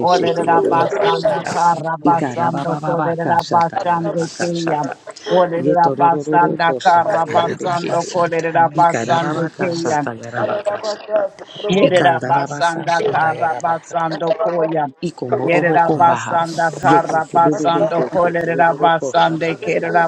Speaker 4: Olerera
Speaker 5: lora
Speaker 4: basanda
Speaker 5: baro
Speaker 4: kara
Speaker 5: soto mehera
Speaker 4: basando kolerera basande keya. Olerera basanda kara
Speaker 5: arabara
Speaker 4: basando
Speaker 5: sata
Speaker 4: kolerera
Speaker 5: meke
Speaker 4: basande
Speaker 5: ara
Speaker 4: keya.
Speaker 5: masata lora
Speaker 4: Yerera
Speaker 1: Ikanda
Speaker 5: baro
Speaker 1: baba
Speaker 4: basanda
Speaker 5: soto
Speaker 1: kashanda
Speaker 4: kara
Speaker 5: mehera de
Speaker 1: yarabakashata.
Speaker 4: basando
Speaker 2: you.
Speaker 4: koya.
Speaker 1: Iko mobobo
Speaker 4: Yerera
Speaker 5: loko
Speaker 1: kombaha.
Speaker 5: lora
Speaker 4: basanda
Speaker 5: baro
Speaker 1: Yeke
Speaker 4: kara
Speaker 5: soto
Speaker 4: basando
Speaker 1: tebebeke
Speaker 5: mehera de
Speaker 4: kolerera
Speaker 1: tekeroroko
Speaker 4: basande
Speaker 1: sandayaka.
Speaker 4: kerera